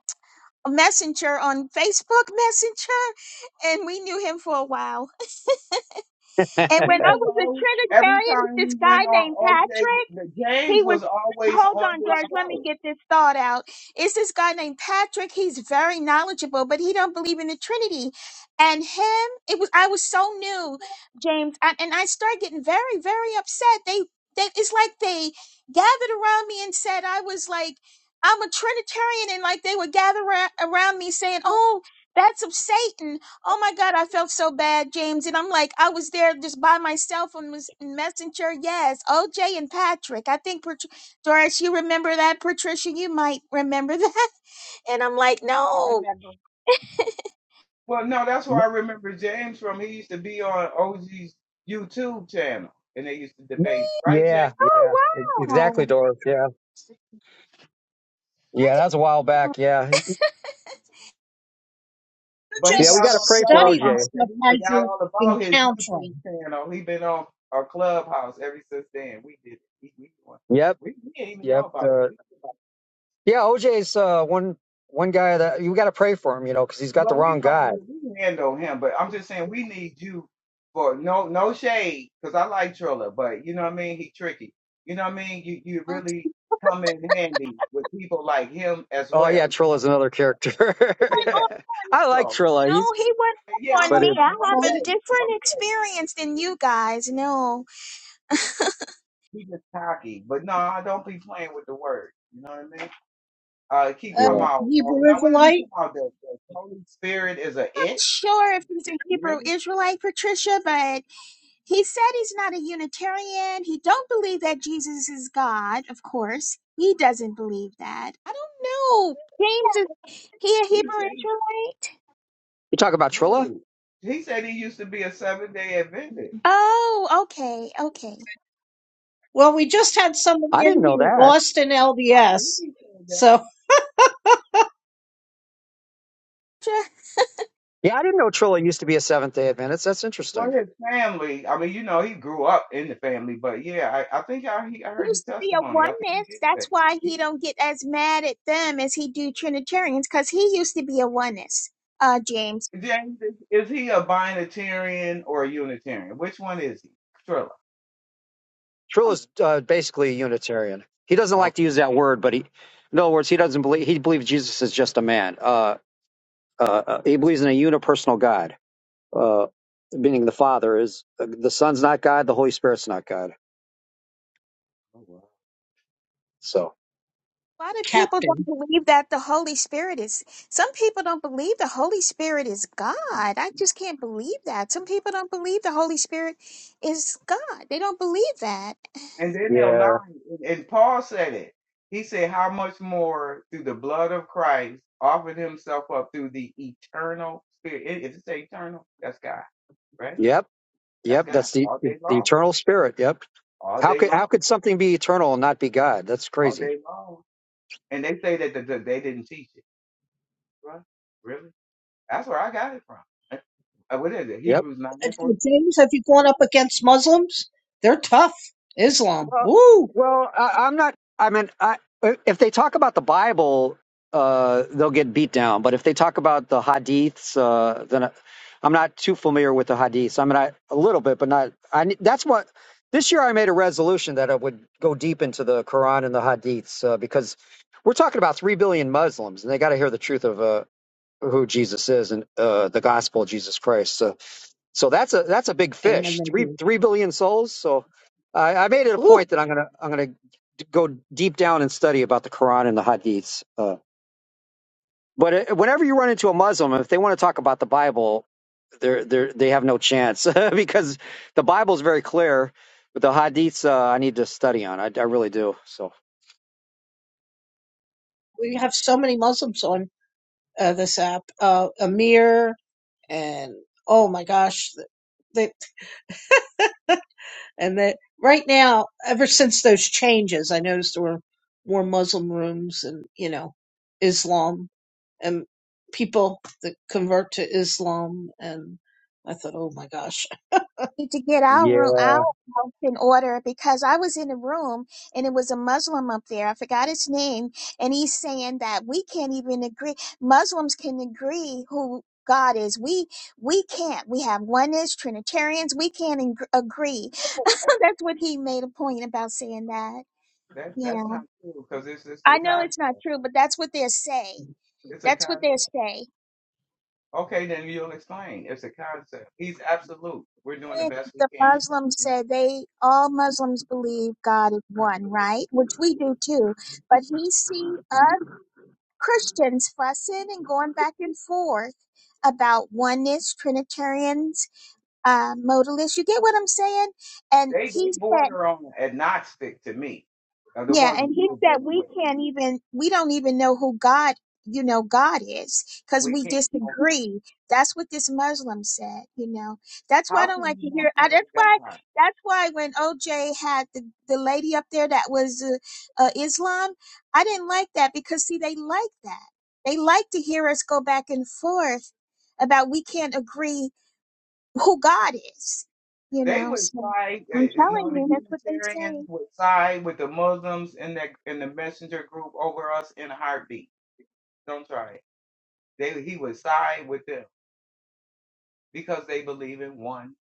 [SPEAKER 2] Messenger on Facebook Messenger, and we knew him for a while.
[SPEAKER 7] (laughs) yeah,
[SPEAKER 2] And
[SPEAKER 4] He
[SPEAKER 2] when I
[SPEAKER 4] was
[SPEAKER 2] was a
[SPEAKER 4] always every
[SPEAKER 2] Trinitarian,
[SPEAKER 4] time
[SPEAKER 2] this
[SPEAKER 4] we
[SPEAKER 2] guy
[SPEAKER 4] went on
[SPEAKER 2] named Patrick.
[SPEAKER 4] OJ, the
[SPEAKER 2] He
[SPEAKER 4] James
[SPEAKER 2] was,
[SPEAKER 4] was always
[SPEAKER 2] hold
[SPEAKER 4] on
[SPEAKER 2] on,
[SPEAKER 4] this
[SPEAKER 2] George, let
[SPEAKER 4] show.
[SPEAKER 2] me get this thought out. It's this guy named Patrick. He's very knowledgeable, but he don't believe in the Trinity. And him, it was, I was so new, James, I, and I started getting very, very upset. They, they, it's like they gathered around me and said I was like, I'm a Trinitarian, and like they would gather ra- around me saying, "Oh, that's of Satan." Oh my God, I felt so bad, James. And I'm like, I was there just by myself on mes- Messenger. Yes, OJ and Patrick. I think, Pat- Doris, you remember that. Patricia, you might remember that. (laughs) And I'm like, no.
[SPEAKER 5] I
[SPEAKER 2] Oh,
[SPEAKER 5] remember.
[SPEAKER 4] Well, no, that's where I remember James from. He used to be on OG's YouTube channel, and they used to debate, right,
[SPEAKER 7] yeah,
[SPEAKER 4] James?
[SPEAKER 7] e-
[SPEAKER 2] wow.
[SPEAKER 7] exactly, Doris. Yeah,
[SPEAKER 2] I
[SPEAKER 7] yeah,
[SPEAKER 2] didn't
[SPEAKER 7] that's a while back. Yeah, he-
[SPEAKER 5] you
[SPEAKER 4] But he
[SPEAKER 7] yeah, we
[SPEAKER 4] got
[SPEAKER 7] got to
[SPEAKER 4] on
[SPEAKER 5] just
[SPEAKER 7] pray for
[SPEAKER 5] study this
[SPEAKER 7] OJ.
[SPEAKER 4] Clubhouse,
[SPEAKER 5] stuff
[SPEAKER 4] and he
[SPEAKER 5] as
[SPEAKER 4] forgot
[SPEAKER 5] you're
[SPEAKER 4] all about his
[SPEAKER 5] encountering.
[SPEAKER 4] YouTube channel. He been on our Clubhouse ever since then. We did it. we,
[SPEAKER 7] Yep,
[SPEAKER 4] we, we didn't even know
[SPEAKER 7] yep.
[SPEAKER 4] about
[SPEAKER 7] Uh,
[SPEAKER 4] it.
[SPEAKER 7] yeah, OJ's uh, one one guy that you got to pray for him, you know, because he's got the
[SPEAKER 4] Well, we
[SPEAKER 7] wrong
[SPEAKER 4] don't
[SPEAKER 7] guy.
[SPEAKER 4] we can handle him, but I'm just saying we need you for no no shade because I like Triller, but you know what I mean. He tricky. You know what I mean. You you
[SPEAKER 2] know. He
[SPEAKER 4] really come in handy with people like him as
[SPEAKER 7] Oh
[SPEAKER 4] well.
[SPEAKER 7] yeah,
[SPEAKER 4] You
[SPEAKER 7] Trilla's
[SPEAKER 4] know.
[SPEAKER 7] another character.
[SPEAKER 4] Yeah,
[SPEAKER 2] went
[SPEAKER 4] yeah.
[SPEAKER 2] off-
[SPEAKER 7] (laughs) I like
[SPEAKER 4] So
[SPEAKER 7] Trilla.
[SPEAKER 2] No,
[SPEAKER 7] He's
[SPEAKER 2] he went
[SPEAKER 4] yeah, Yeah, I
[SPEAKER 2] off on
[SPEAKER 7] but
[SPEAKER 4] like
[SPEAKER 2] me.
[SPEAKER 7] it,
[SPEAKER 2] I
[SPEAKER 4] him. No
[SPEAKER 2] have
[SPEAKER 5] So,
[SPEAKER 2] a
[SPEAKER 4] shade, no
[SPEAKER 2] different
[SPEAKER 4] shade.
[SPEAKER 2] experience than you guys. No.
[SPEAKER 4] He just cocky, but no, I don't be playing with the word. You know what I mean? Uh, keep
[SPEAKER 7] yeah.
[SPEAKER 4] talking
[SPEAKER 5] um,
[SPEAKER 4] about.
[SPEAKER 5] Hebrew
[SPEAKER 4] Oh, now what is he
[SPEAKER 5] Israelite.
[SPEAKER 4] talking about? The, the Holy Spirit is a it?
[SPEAKER 2] Sure, if he's a Hebrew
[SPEAKER 4] Really?
[SPEAKER 2] Israelite, Patricia, but. He said he's not a Unitarian. He don't believe that Jesus is God, of course. He doesn't believe that. I don't know. James is he a Hebrew Israelite?
[SPEAKER 7] You talk about Trilla?
[SPEAKER 4] Oh, he said he used to be a seven day Adventist.
[SPEAKER 2] Oh, okay, okay.
[SPEAKER 5] Well, we just had somebody
[SPEAKER 7] I didn't
[SPEAKER 5] in
[SPEAKER 7] know
[SPEAKER 5] here
[SPEAKER 7] that.
[SPEAKER 5] lost in
[SPEAKER 4] I think
[SPEAKER 5] LDS.
[SPEAKER 4] he said that.
[SPEAKER 5] So,
[SPEAKER 2] Ju-
[SPEAKER 7] Yeah, I didn't know Trilla used to be a Seventh Day Adventist. That's
[SPEAKER 4] Well,
[SPEAKER 7] interesting.
[SPEAKER 4] his family, I mean, you know, he grew up in the family, but yeah, I, I think I, he, I heard
[SPEAKER 2] Used
[SPEAKER 4] the
[SPEAKER 2] to be a
[SPEAKER 4] testimony. I think he
[SPEAKER 2] oneness.
[SPEAKER 4] did
[SPEAKER 2] That's
[SPEAKER 4] say.
[SPEAKER 2] why
[SPEAKER 4] He,
[SPEAKER 2] he don't get as mad at them as he do Trinitarians, because he used to be a oneness, uh James.
[SPEAKER 4] James, is, is he a binitarian or a Unitarian? Which one is he? Trilla.
[SPEAKER 7] Trilla's uh, basically a Unitarian. He doesn't
[SPEAKER 4] Okay.
[SPEAKER 7] like to use that word, but he, in other words, he doesn't believe he believes Jesus is just a man. Uh, uh, uh, he believes in a unipersonal God, uh, meaning the Father is uh, the Son's not God, the Holy Spirit's not God.
[SPEAKER 4] Oh, wow.
[SPEAKER 7] So
[SPEAKER 2] A lot of people don't
[SPEAKER 5] Captain
[SPEAKER 2] believe that the Holy Spirit is. Some people don't believe the Holy Spirit is God. I just can't believe that. Some people don't believe the Holy Spirit is God. They don't believe that.
[SPEAKER 4] And then they'll lie.
[SPEAKER 7] yeah,
[SPEAKER 4] And, and Paul said it. He said, How much more through the blood of Christ offered himself up through the eternal spirit? If it's eternal, that's God, right?
[SPEAKER 7] yep,
[SPEAKER 4] That's
[SPEAKER 7] yep.
[SPEAKER 4] God
[SPEAKER 7] That's the
[SPEAKER 4] all day
[SPEAKER 7] the
[SPEAKER 4] long,
[SPEAKER 7] eternal Spirit. Yep.
[SPEAKER 4] all
[SPEAKER 7] How
[SPEAKER 4] day
[SPEAKER 7] could
[SPEAKER 4] long,
[SPEAKER 7] how could something be eternal and not be God? That's
[SPEAKER 4] all
[SPEAKER 7] crazy.
[SPEAKER 4] day long. And they say that the, the, they didn't teach it. Right? Really? That's where I got it from. Eh, Uh, What is it?
[SPEAKER 7] Yep.
[SPEAKER 4] Hebrews 9
[SPEAKER 5] Uh,
[SPEAKER 4] and 14?
[SPEAKER 5] James, have you gone up against Muslims? They're tough. Islam.
[SPEAKER 7] Well,
[SPEAKER 5] Ooh,
[SPEAKER 7] well, I, I'm not. I mean, I, if they talk about the Bible, uh, they'll get beat down. But if they talk about the Hadiths, uh, then I, I'm not too familiar with the Hadiths. I mean, I a little bit, but not. I ne- that's what this year I made a resolution that I would go deep into the Quran and the Hadiths uh, because we're talking about three billion Muslims and they got to hear the truth of uh, who Jesus is and uh, the gospel of Jesus Christ. So So that's a that's a big
[SPEAKER 5] amen.
[SPEAKER 7] fish.
[SPEAKER 5] They
[SPEAKER 7] Three
[SPEAKER 5] do.
[SPEAKER 7] three billion souls. So I, I made it a
[SPEAKER 5] Ooh,
[SPEAKER 7] point that I'm gonna I'm gonna d- go deep down and study about the Quran and the Hadiths. Uh, but it, whenever you run into a Muslim, if they want to talk about the Bible, they're they they have no chance (laughs) because the Bible is very clear. But the Hadiths, uh, I need to study on. I, I really do. So
[SPEAKER 5] we have so many Muslims on uh, this app. Uh, Amir and oh my gosh, they. And that right now, ever since those changes, I noticed there were more Muslim rooms and, you know, Islam and people that convert to Islam. And I thought, oh my gosh,
[SPEAKER 2] Need to get our room our
[SPEAKER 7] yeah,
[SPEAKER 2] house in order because I was in a room and it was a Muslim up there. I forgot his name, and he's saying that we can't even agree. Muslims can agree who. God is we we can't we have oneness Trinitarians we can't ing- agree (laughs) that's what he made a point about saying that.
[SPEAKER 4] That,
[SPEAKER 2] Yeah,
[SPEAKER 4] that's not true because it's, it's a
[SPEAKER 2] I know
[SPEAKER 4] concept.
[SPEAKER 2] it's not true, but that's what they say.
[SPEAKER 4] It's a
[SPEAKER 2] That's what they
[SPEAKER 4] concept.
[SPEAKER 2] say.
[SPEAKER 4] Okay, then you'll explain. It's a concept. He's absolute. We're doing the
[SPEAKER 2] And
[SPEAKER 4] best we
[SPEAKER 2] The
[SPEAKER 4] can.
[SPEAKER 2] Muslims
[SPEAKER 4] You know?
[SPEAKER 2] said they all Muslims believe God is one, right? Which we do too. But he see us Christians fussing and going back and forth about oneness, Trinitarians, uh, modalists. You get what I'm saying? And
[SPEAKER 4] They they
[SPEAKER 2] he said.
[SPEAKER 4] border on agnostic to me, are the
[SPEAKER 2] Yeah,
[SPEAKER 4] ones
[SPEAKER 2] and
[SPEAKER 4] we
[SPEAKER 2] he
[SPEAKER 4] were
[SPEAKER 2] said
[SPEAKER 4] dealing
[SPEAKER 2] we
[SPEAKER 4] with.
[SPEAKER 2] can't even we don't even know who God, you know, God is because
[SPEAKER 4] We
[SPEAKER 2] we
[SPEAKER 4] can't know him.
[SPEAKER 2] disagree. That's what this Muslim said, you know. That's why I
[SPEAKER 4] How
[SPEAKER 2] don't
[SPEAKER 4] can
[SPEAKER 2] like to
[SPEAKER 4] you not
[SPEAKER 2] hear I,
[SPEAKER 4] know
[SPEAKER 2] that's why
[SPEAKER 4] God?
[SPEAKER 2] that's why when OJ had the the lady up there that was uh, uh Islam, I didn't like that because see they like that. They like to hear us go back and forth about we can't agree who God is, you
[SPEAKER 4] They
[SPEAKER 2] know.
[SPEAKER 4] would
[SPEAKER 2] So
[SPEAKER 4] side, uh,
[SPEAKER 2] I'm
[SPEAKER 4] you
[SPEAKER 2] telling
[SPEAKER 4] know, the
[SPEAKER 2] you, that's what they
[SPEAKER 4] Unitarians
[SPEAKER 2] say.
[SPEAKER 4] would side with the Muslims in that in the messenger group over us in a heartbeat. Don't try it. They he would side with them because they believe in one.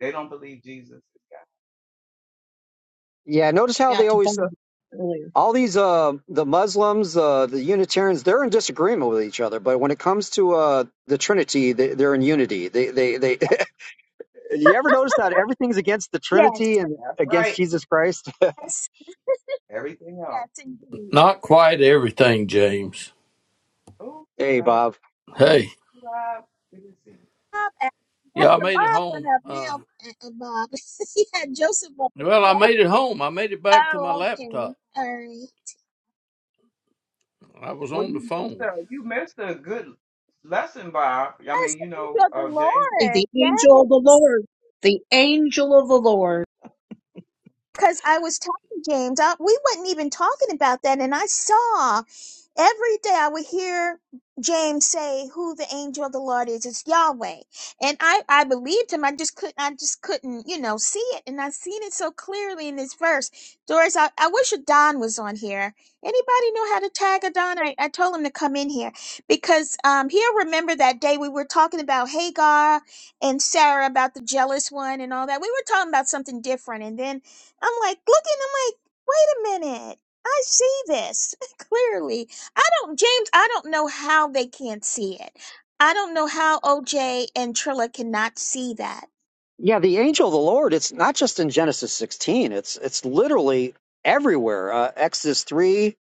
[SPEAKER 4] They don't believe Jesus is
[SPEAKER 7] yeah. Notice how
[SPEAKER 5] I'm out
[SPEAKER 7] they
[SPEAKER 5] to
[SPEAKER 7] always
[SPEAKER 5] bomb earlier.
[SPEAKER 7] all these uh the Muslims, uh the Unitarians, they're in disagreement with each other. But when it comes to uh the Trinity, they, they're in unity. They they they.
[SPEAKER 4] God.
[SPEAKER 7] (laughs) you ever notice
[SPEAKER 4] Yep,
[SPEAKER 7] that
[SPEAKER 4] yep,
[SPEAKER 7] everything's against the Trinity and
[SPEAKER 4] that's
[SPEAKER 7] against
[SPEAKER 4] right.
[SPEAKER 7] Jesus Christ? (laughs)
[SPEAKER 2] Yes.
[SPEAKER 4] Everything else.
[SPEAKER 2] Yes, indeed.
[SPEAKER 8] Not quite everything, James.
[SPEAKER 4] Oops,
[SPEAKER 7] hey,
[SPEAKER 4] sorry.
[SPEAKER 7] Bob.
[SPEAKER 8] Hey,
[SPEAKER 4] Bob, we didn't see. you.
[SPEAKER 2] Bob, uh,
[SPEAKER 8] yeah, I
[SPEAKER 2] Dr.
[SPEAKER 8] made it
[SPEAKER 2] Bob went
[SPEAKER 8] home.
[SPEAKER 2] up
[SPEAKER 8] Uh,
[SPEAKER 2] now, uh, uh, Bob. (laughs) he had Joseph up
[SPEAKER 8] well, I
[SPEAKER 2] before.
[SPEAKER 8] made it home. I made it back to my
[SPEAKER 2] Oh, okay. All
[SPEAKER 8] laptop.
[SPEAKER 2] right.
[SPEAKER 8] I was
[SPEAKER 4] Well,
[SPEAKER 8] on the
[SPEAKER 4] you missed
[SPEAKER 8] phone.
[SPEAKER 4] a you missed a good lesson, Bob. I
[SPEAKER 2] Yes,
[SPEAKER 4] mean, you
[SPEAKER 2] the
[SPEAKER 4] know,
[SPEAKER 2] angel of the
[SPEAKER 4] uh, James.
[SPEAKER 5] Hey, The
[SPEAKER 2] Lord.
[SPEAKER 5] angel of the
[SPEAKER 2] Yes.
[SPEAKER 5] Lord, the angel of the Lord,
[SPEAKER 2] because I was talking, James. I, we wasn't even talking about that, and I saw every day I would hear James say who the angel of the Lord is. It's Yahweh, and I I believed him. I just couldn't. I just couldn't, you know, see it, and I seen it so clearly in this verse. Doris, I, I wish Adon was on here. Anybody know how to tag Adon? I, I told him to come in here because um, he'll remember that day we were talking about Hagar and Sarah about the jealous one and all that. We were talking about something different, and then I'm like looking, I'm like, wait a minute. I see this (laughs) clearly. I don't, James, I don't know how they can't see it. I don't know how OJ and Trilla cannot see that.
[SPEAKER 7] Yeah, the angel of the Lord. It's not just in Genesis 16. It's it's literally everywhere. Uh, Exodus 3.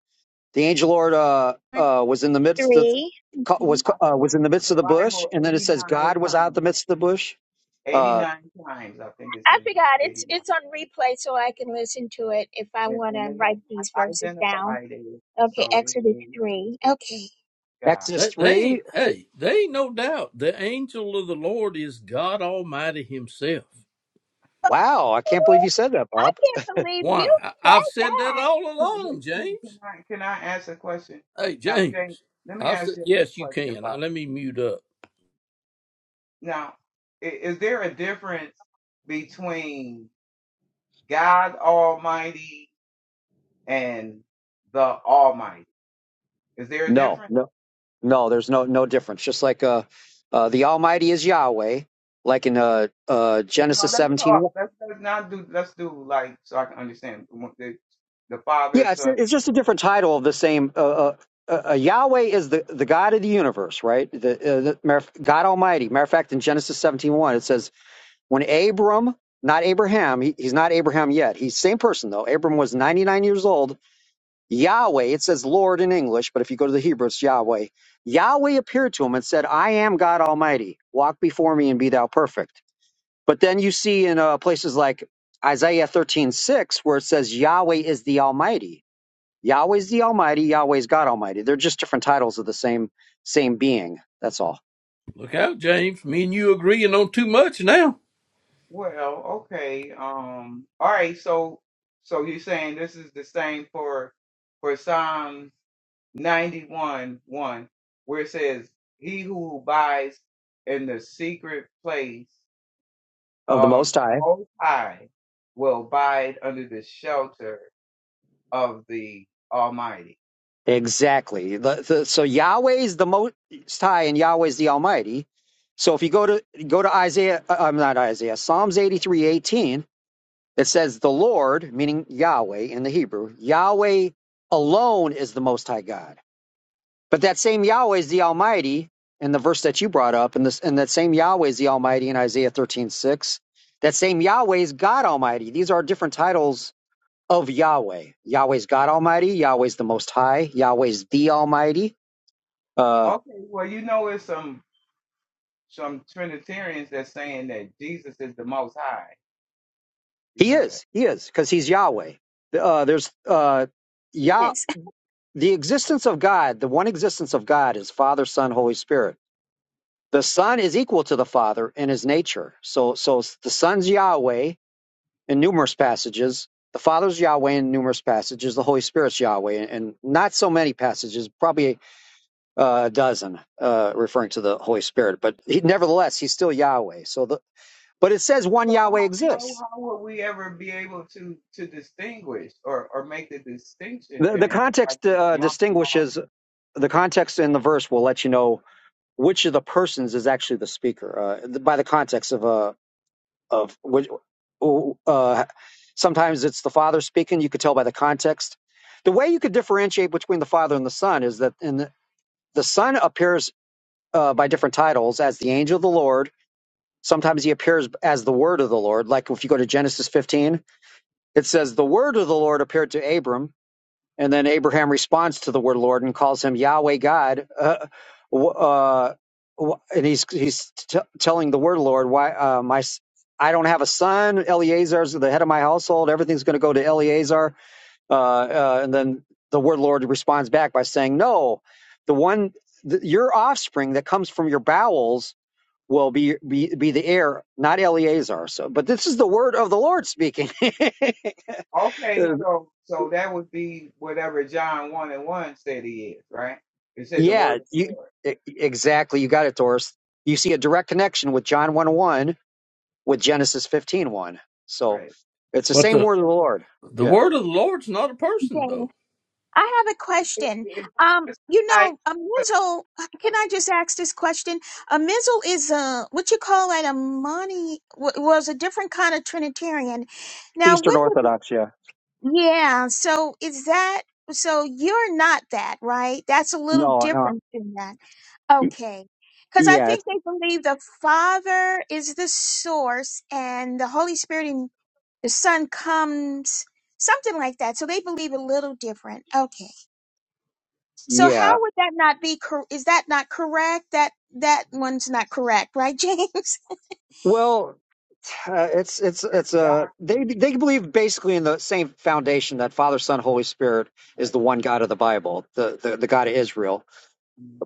[SPEAKER 7] The angel Lord uh
[SPEAKER 2] One,
[SPEAKER 7] uh was in the midst of
[SPEAKER 2] three.
[SPEAKER 7] was
[SPEAKER 2] Mhm.
[SPEAKER 4] I
[SPEAKER 7] uh,
[SPEAKER 4] think
[SPEAKER 7] was in
[SPEAKER 4] it's
[SPEAKER 7] the
[SPEAKER 4] in
[SPEAKER 7] midst
[SPEAKER 4] the
[SPEAKER 7] of the bush,
[SPEAKER 4] Bible
[SPEAKER 7] and then it
[SPEAKER 4] eighty
[SPEAKER 7] says
[SPEAKER 4] nine
[SPEAKER 7] God was out of
[SPEAKER 4] times.
[SPEAKER 7] the midst of the bush. Uh,
[SPEAKER 4] 89 times, I think it's
[SPEAKER 2] I
[SPEAKER 4] in
[SPEAKER 2] forgot.
[SPEAKER 4] there.
[SPEAKER 2] It's
[SPEAKER 4] 89.
[SPEAKER 2] it's on replay, so I can listen to it if I
[SPEAKER 4] And,
[SPEAKER 2] want
[SPEAKER 4] and
[SPEAKER 2] to
[SPEAKER 4] they have
[SPEAKER 2] write these
[SPEAKER 4] not
[SPEAKER 2] verses down.
[SPEAKER 4] identified it,
[SPEAKER 2] Okay,
[SPEAKER 4] so it
[SPEAKER 2] Exodus
[SPEAKER 4] is
[SPEAKER 2] three. Okay.
[SPEAKER 4] God.
[SPEAKER 7] Exodus
[SPEAKER 8] They, they
[SPEAKER 7] 3.
[SPEAKER 8] ain't, hey, they ain't no doubt the angel of the Lord is God Almighty Himself.
[SPEAKER 2] (laughs)
[SPEAKER 7] Wow, I can't believe you said that,
[SPEAKER 2] I
[SPEAKER 7] Bob.
[SPEAKER 2] can't believe
[SPEAKER 8] Why?
[SPEAKER 2] you
[SPEAKER 8] I,
[SPEAKER 2] said
[SPEAKER 8] I've said that
[SPEAKER 2] that.
[SPEAKER 8] all
[SPEAKER 4] Can,
[SPEAKER 8] along,
[SPEAKER 4] can, can,
[SPEAKER 8] James.
[SPEAKER 4] I, can I ask a question?
[SPEAKER 8] Hey,
[SPEAKER 4] Now, James,
[SPEAKER 8] James.
[SPEAKER 4] let me
[SPEAKER 8] I've
[SPEAKER 4] ask
[SPEAKER 8] said,
[SPEAKER 4] James a
[SPEAKER 8] yes, you
[SPEAKER 4] question,
[SPEAKER 8] can. Now,
[SPEAKER 4] Bob.
[SPEAKER 8] let me mute up.
[SPEAKER 4] Now, i- is there a difference between God Almighty and the Almighty? Is there a
[SPEAKER 7] No,
[SPEAKER 4] difference?
[SPEAKER 7] no, no. There's no no difference. Just like uh, uh the Almighty is Yahweh, like in uh, uh
[SPEAKER 4] If No,
[SPEAKER 7] Genesis
[SPEAKER 4] let's talk.
[SPEAKER 7] 17.
[SPEAKER 4] Let's, let's not do, let's do like, so I can understand the, the Father,
[SPEAKER 7] Yeah, it's
[SPEAKER 4] Son,
[SPEAKER 7] it's just a different title of the same. Uh, uh, uh, uh, Yahweh is the, the God of the universe, right? The, uh, the matter of- God Almighty. Matter of fact, in Genesis 17.1, it says, when Abram, not Abraham, he, he's not Abraham yet. He's same person though. Abram was 99 years old Yahweh, it says Lord in English, but if you go to the Hebrew, it's Yahweh. Yahweh appeared to him and said, I am God Almighty. Walk before me and be thou perfect. But then you see in uh, places like Isaiah thirteen six, where it says Yahweh is the Almighty. Yahweh's the Almighty, Yahweh's God Almighty. They're just different titles of the same same being. That's all.
[SPEAKER 8] Look out, James. Me and you agreeing on too much now.
[SPEAKER 4] Well, okay. Um, all right. So, so you're saying this is the same for for Psalm 91, 1, where it says, "He who abides in the secret place
[SPEAKER 7] Of the
[SPEAKER 4] of
[SPEAKER 7] Most
[SPEAKER 4] the
[SPEAKER 7] High.
[SPEAKER 4] Most High will abide under the shelter of the Almighty."
[SPEAKER 7] Exactly. The- the- so Yahweh's the Most High and Yahweh's the Almighty. So if you go to go to Isaiah, uh, I'm not Isaiah, Psalms eighty three eighteen It says the Lord, meaning Yahweh in the Hebrew, Yahweh alone is the Most High God. But that same Yahweh is the Almighty in the verse that you brought up, and, this, and that same Yahweh is the Almighty in Isaiah thirteen six. That same Yahweh is God Almighty. These are different titles of Yahweh. Yahweh's God Almighty, Yahweh's the Most High, Yahweh's the Almighty. Uh,
[SPEAKER 4] Okay. Well, you know, it's some some Trinitarians that's saying that Jesus is the Most High. You
[SPEAKER 7] he
[SPEAKER 4] know that.
[SPEAKER 7] is, he is, because he's Yahweh. Uh, there's uh, Yah,
[SPEAKER 2] Yes.
[SPEAKER 7] the existence of God, the one existence of God is Father, Son, Holy Spirit The Son is equal to the Father in his nature. So, so the Son's Yahweh in numerous passages. The Father's Yahweh in numerous passages. The Holy Spirit's Yahweh and in not so many passages, probably uh, a dozen, uh, referring to the Holy Spirit. But he, nevertheless, he's still Yahweh. So, the, but it says one
[SPEAKER 4] So
[SPEAKER 7] Yahweh
[SPEAKER 4] how, how
[SPEAKER 7] exists.
[SPEAKER 4] how will we ever be able to to distinguish or or make the distinction,
[SPEAKER 7] The, the
[SPEAKER 4] James? If I
[SPEAKER 7] context
[SPEAKER 4] just
[SPEAKER 7] uh,
[SPEAKER 4] lump them
[SPEAKER 7] distinguishes the context in the verse will let you know which of the persons is actually the speaker uh, by the context of uh, of
[SPEAKER 4] all.
[SPEAKER 7] which uh, sometimes it's the father speaking you could tell by the context the way you could differentiate between the father and the son is that in the, the son appears uh, by different titles as the angel of the lord sometimes he appears as the word of the lord like if you go to genesis 15 it says the word of the lord appeared to abram and then Abraham responds to the word Lord and calls him Yahweh God. Uh, uh, and he's he's t- telling the word Lord, why uh, my s- I don't have a son. Eleazar's the head of my household. Everything's going to go to Eleazar. Uh, uh, and then the word Lord responds back by saying, No, the one th- your offspring that comes from your bowels will be, be be the heir, not Eleazar. So, but this is the word of the Lord speaking.
[SPEAKER 4] Okay,
[SPEAKER 7] (laughs)
[SPEAKER 4] so so that would be whatever John one and one said he is, right? It said the
[SPEAKER 7] Yeah,
[SPEAKER 4] word of the
[SPEAKER 7] you
[SPEAKER 4] Lord,
[SPEAKER 7] e- exactly. You got it, Doris. You see a direct connection with John 1 oh 1 with Genesis fifteen one. So
[SPEAKER 4] right?
[SPEAKER 7] it's the
[SPEAKER 8] But
[SPEAKER 7] same
[SPEAKER 8] the,
[SPEAKER 7] word of the Lord.
[SPEAKER 8] the
[SPEAKER 7] Yeah.
[SPEAKER 8] word of the Lord's not a
[SPEAKER 2] (laughs)
[SPEAKER 8] person, though.
[SPEAKER 2] I have a
[SPEAKER 4] It,
[SPEAKER 2] question.
[SPEAKER 4] it,
[SPEAKER 2] Um,
[SPEAKER 4] it's just
[SPEAKER 2] you
[SPEAKER 4] like
[SPEAKER 2] know, a
[SPEAKER 4] uh,
[SPEAKER 2] missile. Can I just ask this question? A missile is a what you call it a money w- was a different kind of Trinitarian. Now,
[SPEAKER 7] Eastern
[SPEAKER 2] what would?
[SPEAKER 7] Orthodox. Yeah.
[SPEAKER 2] Yeah. So is that? So you're not that, right? That's a little
[SPEAKER 7] No, no.
[SPEAKER 2] different than that.
[SPEAKER 7] Y-
[SPEAKER 2] Okay. Because I
[SPEAKER 7] Yeah.
[SPEAKER 2] think
[SPEAKER 7] it's-
[SPEAKER 2] they believe the Father is the source, and the Holy Spirit and the Son comes, something like that. So they believe a little different. Okay. So
[SPEAKER 7] Yeah.
[SPEAKER 2] how would that not be? Cor- is that not correct? That that one's not correct, right, (laughs) James?
[SPEAKER 7] Well, uh, it's, it's,
[SPEAKER 4] it's
[SPEAKER 7] it's, uh, they,
[SPEAKER 4] doctrine,
[SPEAKER 7] they believe basically in the same foundation that Father, Son, Holy Spirit is
[SPEAKER 4] like.
[SPEAKER 7] the one God of the Bible, the, the, the God of Israel.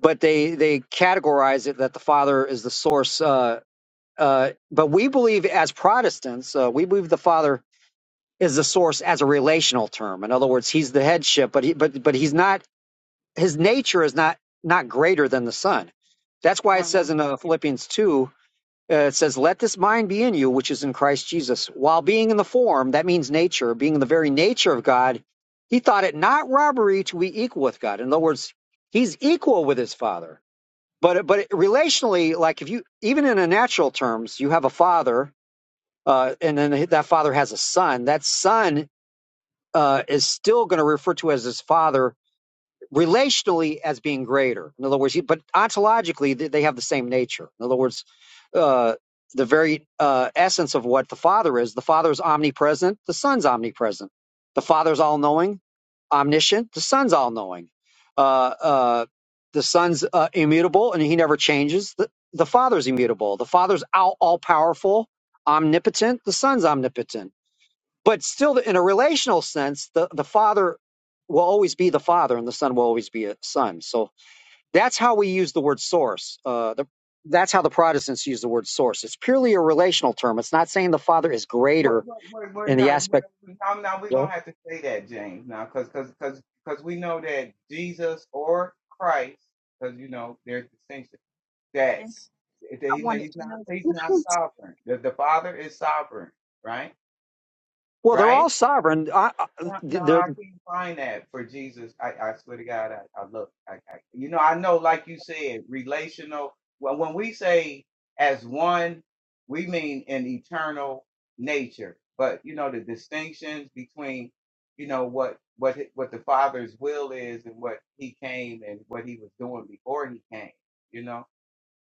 [SPEAKER 7] But they, they categorize it that the Father is the source, uh, Uh, but we believe as Protestants, uh, we believe the Father is the source as a relational term. In other words, he's the headship, but he, but but he's not. His nature is not not greater than the Son. That's why it
[SPEAKER 4] uh-huh.
[SPEAKER 7] says in uh, Philippians two, uh, it says, "Let this mind be in you, which is in Christ Jesus." While being in the form, that means nature, being in the very nature of God, he thought it not robbery to be equal with God. In other words, he's equal with his Father. But but relationally, like if you even in a natural terms, you have a father uh, and then that father has a son. That son uh, is still going to refer to as his father relationally as being greater. In other words, but ontologically, they have the same nature. In other words, uh, the very uh, essence of what the Father is the Father is omnipresent, the Son's omnipresent. The Father's all knowing, omniscient, the Son's all knowing. Uh, uh, the Son's uh, immutable and he never changes. The, the Father's immutable. The Father's all powerful, omnipotent, the Son's omnipotent but still, in a relational sense, the, the father will always be the father and the son will always be a son. So that's how we use the word source. Uh, the, that's how the Protestants use the word source. It's purely a relational term. It's not saying the father is
[SPEAKER 4] Well,
[SPEAKER 7] greater
[SPEAKER 4] well, well, well,
[SPEAKER 7] in the
[SPEAKER 4] no, well,
[SPEAKER 7] aspect.
[SPEAKER 4] now, now we're gonna
[SPEAKER 7] Well,
[SPEAKER 4] have to say that, James, now, because because because because we know that Jesus or Christ, because you know there's distinction
[SPEAKER 2] And
[SPEAKER 4] that,
[SPEAKER 2] if
[SPEAKER 4] that
[SPEAKER 2] I
[SPEAKER 4] he,
[SPEAKER 2] wanted
[SPEAKER 4] he's
[SPEAKER 2] to
[SPEAKER 4] not
[SPEAKER 2] know the
[SPEAKER 4] he's not
[SPEAKER 2] difference.
[SPEAKER 4] sovereign. The, the Father is sovereign, right?
[SPEAKER 7] well, they're
[SPEAKER 4] Right?
[SPEAKER 7] all sovereign. I, I,
[SPEAKER 4] Yeah, no,
[SPEAKER 7] they're,
[SPEAKER 4] I can't find that for Jesus. I, I swear to God, I, I look. I, I, you know, I know, like you said, relational. Well, when we say as one, we mean an eternal nature. But you know, the distinctions between, you know, what what hi- what the Father's will is and what He came and what He was doing before He came. You know,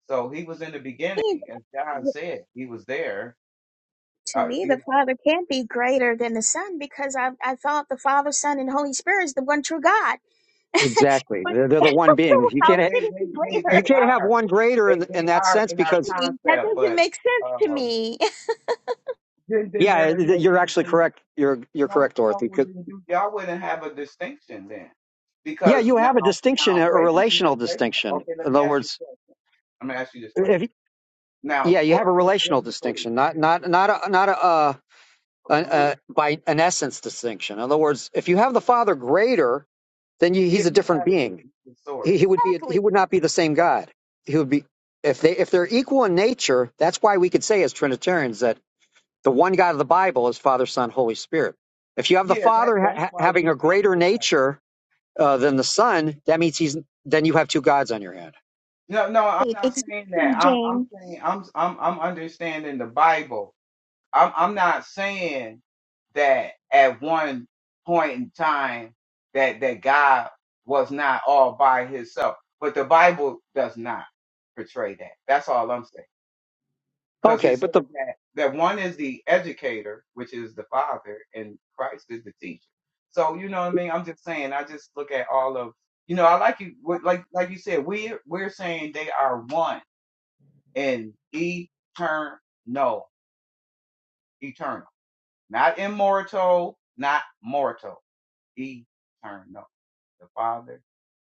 [SPEAKER 4] so He was in the
[SPEAKER 2] (laughs)
[SPEAKER 4] beginning, as John said, He was there.
[SPEAKER 2] To me, the Father can't be greater than the Son because I I thought the Father, Son, and Holy Spirit is the one true God. (laughs) but
[SPEAKER 7] exactly.
[SPEAKER 2] (laughs)
[SPEAKER 7] They're, they're the one
[SPEAKER 2] so
[SPEAKER 7] being. You
[SPEAKER 4] they
[SPEAKER 2] how
[SPEAKER 7] can't
[SPEAKER 2] can
[SPEAKER 4] they
[SPEAKER 7] ha-
[SPEAKER 2] it
[SPEAKER 4] they
[SPEAKER 2] be
[SPEAKER 4] they they
[SPEAKER 7] you
[SPEAKER 2] greater?
[SPEAKER 7] can't have
[SPEAKER 4] are
[SPEAKER 7] one greater
[SPEAKER 4] they
[SPEAKER 7] in in
[SPEAKER 4] they
[SPEAKER 7] that
[SPEAKER 4] are
[SPEAKER 7] sense
[SPEAKER 4] in our
[SPEAKER 7] because
[SPEAKER 2] That
[SPEAKER 4] concept,
[SPEAKER 2] doesn't
[SPEAKER 4] but
[SPEAKER 2] make sense to
[SPEAKER 4] um,
[SPEAKER 2] me. (laughs)
[SPEAKER 4] then then
[SPEAKER 7] yeah,
[SPEAKER 4] there is no
[SPEAKER 7] you're
[SPEAKER 4] then,
[SPEAKER 7] actually
[SPEAKER 4] then
[SPEAKER 7] correct. You're you're
[SPEAKER 4] no
[SPEAKER 7] correct,
[SPEAKER 4] no
[SPEAKER 7] Dorothy.
[SPEAKER 4] well,
[SPEAKER 7] 'Cause-
[SPEAKER 4] then you y'all wouldn't have a distinction then
[SPEAKER 7] yeah,
[SPEAKER 4] because
[SPEAKER 7] you
[SPEAKER 4] now
[SPEAKER 7] have a distinction,
[SPEAKER 4] now
[SPEAKER 7] a
[SPEAKER 4] wait a minute
[SPEAKER 7] relational
[SPEAKER 4] wait a minute.
[SPEAKER 7] distinction.
[SPEAKER 4] okay let
[SPEAKER 7] In
[SPEAKER 4] me
[SPEAKER 7] other
[SPEAKER 4] ask you
[SPEAKER 7] words,
[SPEAKER 4] a question I'm gonna ask you this question
[SPEAKER 7] If,
[SPEAKER 4] now
[SPEAKER 7] yeah, you
[SPEAKER 4] qu-
[SPEAKER 7] have a relational
[SPEAKER 4] biblically
[SPEAKER 7] distinction, not not not a not a, uh, an
[SPEAKER 4] who,
[SPEAKER 7] uh by an essence distinction. In other words, if you have the Father greater, then you,
[SPEAKER 4] yeah
[SPEAKER 7] he's a
[SPEAKER 4] you
[SPEAKER 7] different
[SPEAKER 4] have to
[SPEAKER 7] being.
[SPEAKER 4] the
[SPEAKER 7] He,
[SPEAKER 4] source
[SPEAKER 7] he would be a, he
[SPEAKER 2] Exactly.
[SPEAKER 7] would not be the same God. He would be if they if they're equal in nature. That's why we could say as Trinitarians that the one God of the Bible is Father, Son, Holy Spirit. If you have the
[SPEAKER 4] yeah that
[SPEAKER 7] Father ha-
[SPEAKER 4] that's
[SPEAKER 7] ha-
[SPEAKER 4] why we
[SPEAKER 7] having a
[SPEAKER 4] follow
[SPEAKER 7] greater
[SPEAKER 4] the Bible
[SPEAKER 7] nature uh, than the Son, that means he's then you have two gods on your hand.
[SPEAKER 4] no no I'm
[SPEAKER 2] Right.
[SPEAKER 4] not
[SPEAKER 2] Exactly,
[SPEAKER 4] saying that I'm I'm
[SPEAKER 2] James.
[SPEAKER 4] saying I'm I'm I'm understanding the Bible I'm I'm not saying that at one point in time that that God was not all by himself, but the Bible does not portray that. That's all I'm saying. Because
[SPEAKER 7] Okay,
[SPEAKER 4] it says
[SPEAKER 7] but the
[SPEAKER 4] that that one is the educator, which is the Father, and Christ is the teacher. So you know what I mean. I'm just saying. I just look at all of you know. I like you what- like like you said. We we're we're saying they are one and eternal, eternal. Not immortal, not mortal. Eternal. The Father,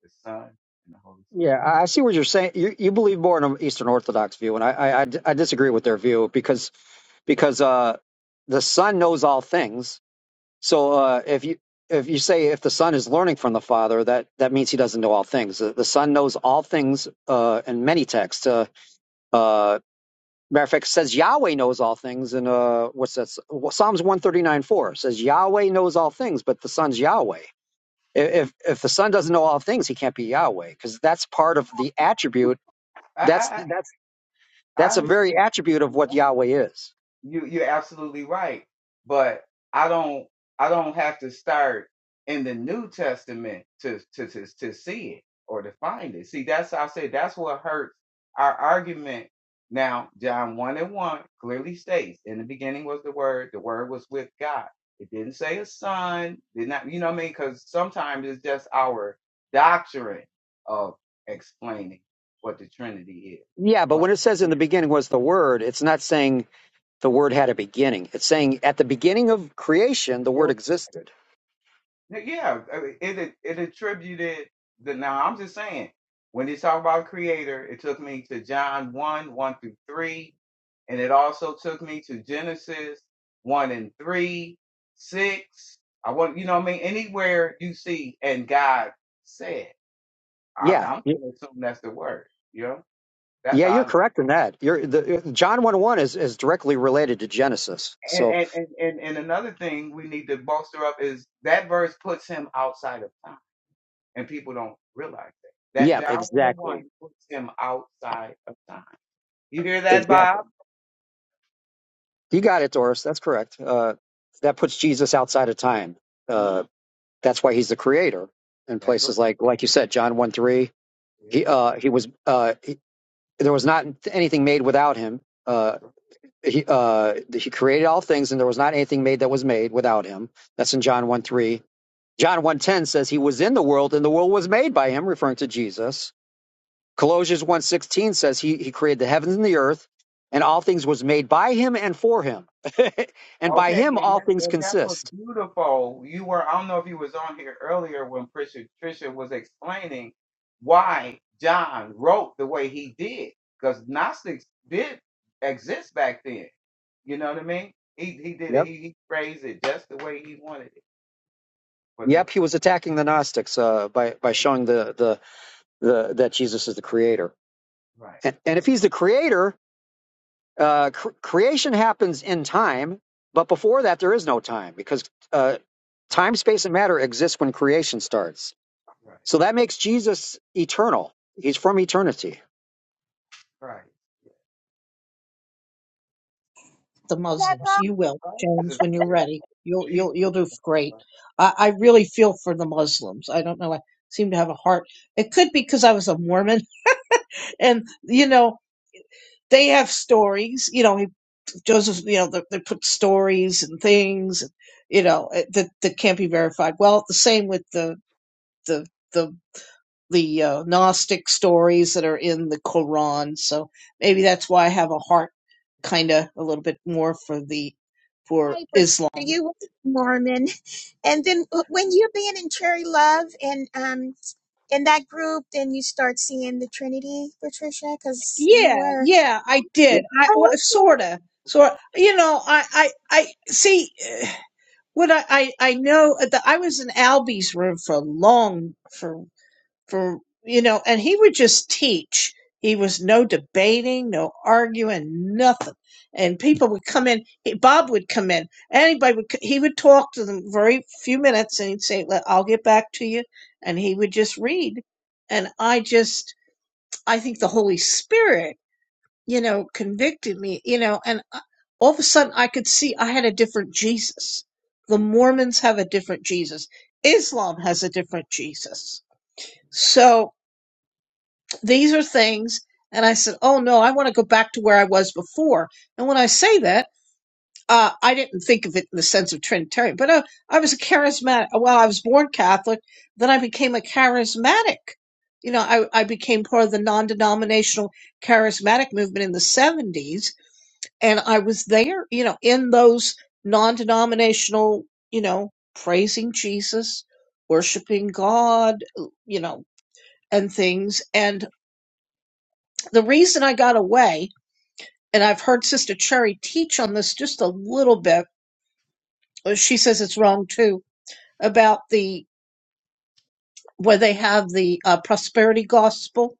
[SPEAKER 4] the Son, and the Holy
[SPEAKER 7] yeah,
[SPEAKER 4] Spirit.
[SPEAKER 7] I I see what you're saying. You you believe more in an Eastern Orthodox view, and I I, I d- I disagree with their view because because uh the Son knows all things. So uh, if you if you say if the Son is learning from the Father, that that means he doesn't know all things. The, the Son knows all things uh, in many texts. Uh, uh, Matter of fact, says Yahweh knows all things, and uh, what's that? Psalms one thirty nine four says Yahweh knows all things, but the Son's Yahweh. If if the Son doesn't know all things, he can't be Yahweh because that's part of the attribute.
[SPEAKER 4] I
[SPEAKER 7] That's
[SPEAKER 4] I
[SPEAKER 7] that's
[SPEAKER 4] I, I
[SPEAKER 7] that's a very
[SPEAKER 4] understand.
[SPEAKER 7] attribute of
[SPEAKER 4] You're
[SPEAKER 7] what Yahweh is.
[SPEAKER 4] you you're absolutely right but i don't i don't have to start in the new testament to to to, to see it or to find it see that's i say that's what hurts our argument now john 1 and 1 clearly states in the beginning was the word the word was with god it didn't say a son did not you know what i mean because sometimes it's just our doctrine of explaining what the trinity is
[SPEAKER 7] Yeah, but
[SPEAKER 4] but
[SPEAKER 7] when it says in
[SPEAKER 4] it
[SPEAKER 7] the beginning was the Word, it's not saying the Word had a beginning. It's saying at the beginning of creation, the
[SPEAKER 4] it
[SPEAKER 7] Word
[SPEAKER 4] was.
[SPEAKER 7] existed.
[SPEAKER 4] Yeah, I mean, it it attributed the. Now I'm just saying, when they talk about creator, it took me to John one one through three, and it also took me to Genesis one and three, six. I want you know what I mean. Anywhere you see and God said, I,
[SPEAKER 7] Yeah,
[SPEAKER 4] I'm going to assume that's the word. You know, that's
[SPEAKER 7] yeah,
[SPEAKER 4] how I
[SPEAKER 7] you're
[SPEAKER 4] look.
[SPEAKER 7] correct in that. You're the John one one is is directly related to Genesis.
[SPEAKER 4] And
[SPEAKER 7] So
[SPEAKER 4] and and and and another thing we need to bolster up is that verse puts him outside of time. and people don't realize that. That
[SPEAKER 7] yeah,
[SPEAKER 4] John 1 and 1
[SPEAKER 7] exactly.
[SPEAKER 4] puts him outside of time. You hear that,
[SPEAKER 7] Exactly.
[SPEAKER 4] Bob?
[SPEAKER 7] You got it, Doris. That's correct. Uh, that puts Jesus outside of time.
[SPEAKER 4] hmm
[SPEAKER 7] Uh, that's why he's the creator. In
[SPEAKER 4] That's right.
[SPEAKER 7] places like, like you said, John one three,
[SPEAKER 4] Yeah,
[SPEAKER 7] he uh, he was uh, he, there was not anything made without him. Uh,
[SPEAKER 4] that's right.
[SPEAKER 7] he uh, he created all things, and there was not anything made that was made without him. That's in John one three. John one ten says he was in the world, and the world was made by him, referring to Jesus Colossians one sixteen says he, he created the heavens and the earth, and all things was made by him and for him. (laughs) and by
[SPEAKER 4] Okay,
[SPEAKER 7] him
[SPEAKER 4] and
[SPEAKER 7] all
[SPEAKER 4] that,
[SPEAKER 7] things
[SPEAKER 4] that, that was
[SPEAKER 7] consist.
[SPEAKER 4] beautiful. You were, I don't know if you was on here earlier when Trisha, Trisha was explaining why John wrote the way he did, because Gnostics did exist back then. You know what I mean? He he did it.
[SPEAKER 7] Yep.
[SPEAKER 4] He, he phrased it just the way he wanted it for them.
[SPEAKER 7] Yep, he was attacking the Gnostics uh, by by showing the, the the that Jesus is the creator.
[SPEAKER 4] Right,
[SPEAKER 7] And, and if he's the creator, uh, cr- creation happens in time, but before that there is no time because uh,
[SPEAKER 4] right,
[SPEAKER 7] time, space, and matter exist when creation starts.
[SPEAKER 4] right,
[SPEAKER 7] So that makes Jesus eternal. He's from eternity.
[SPEAKER 4] right.
[SPEAKER 5] the
[SPEAKER 2] that
[SPEAKER 5] Muslims.
[SPEAKER 2] God
[SPEAKER 5] You will,
[SPEAKER 4] prices
[SPEAKER 5] James,
[SPEAKER 4] of
[SPEAKER 5] when you're
[SPEAKER 4] beer.
[SPEAKER 5] ready. You'll,
[SPEAKER 4] These.
[SPEAKER 5] you'll, you'll do great. I, I really feel for the Muslims. I don't know. I seem to have a heart. It could be because I was a Mormon (laughs) and, you know, they have stories. You know, he, Joseph. You know, they, they put stories and things. You know, eh, that that can't be verified. Well, the same with the the the the uh, Gnostic stories that are in the Quran. So maybe that's why I have a heart, kind of a little bit more for the for
[SPEAKER 2] pray for to
[SPEAKER 5] Islam.
[SPEAKER 2] you, Norman. And then when you're being in Cherry Love and um in that group, then you start seeing the Trinity, Patricia, because you
[SPEAKER 5] Yeah,
[SPEAKER 2] were.
[SPEAKER 5] yeah, I did. I well,
[SPEAKER 2] Oh,
[SPEAKER 5] sort
[SPEAKER 2] okay.
[SPEAKER 5] of, sort. You know, I I I see. (sighs) What I, I, I know, that I was in Albie's room for a long, for for you know and he would just teach he was no debating no arguing nothing and people would come in he, bob would come in anybody would c- he would talk to them very few minutes and he'd say "Let- i'll get back to you and he would just read and i just i think the holy spirit you know convicted me you know and I- all of a sudden i could see i had a different jesus the mormons have a different jesus islam has a different jesus so these are things and i said oh no i want to go back to where i was before and when i say that uh, i didn't think of it in the sense of trinitarian but uh, i was a charismatic well i was born catholic then i became a charismatic you know I, I became part of the non-denominational charismatic movement in the 70s and i was there you know in those non-denominational you know praising jesus worshiping god you know and things and the reason I got away, and I've heard Sister Cherry teach on this just a little bit, uh, she says it's wrong too, about the where they have the uh, prosperity gospel.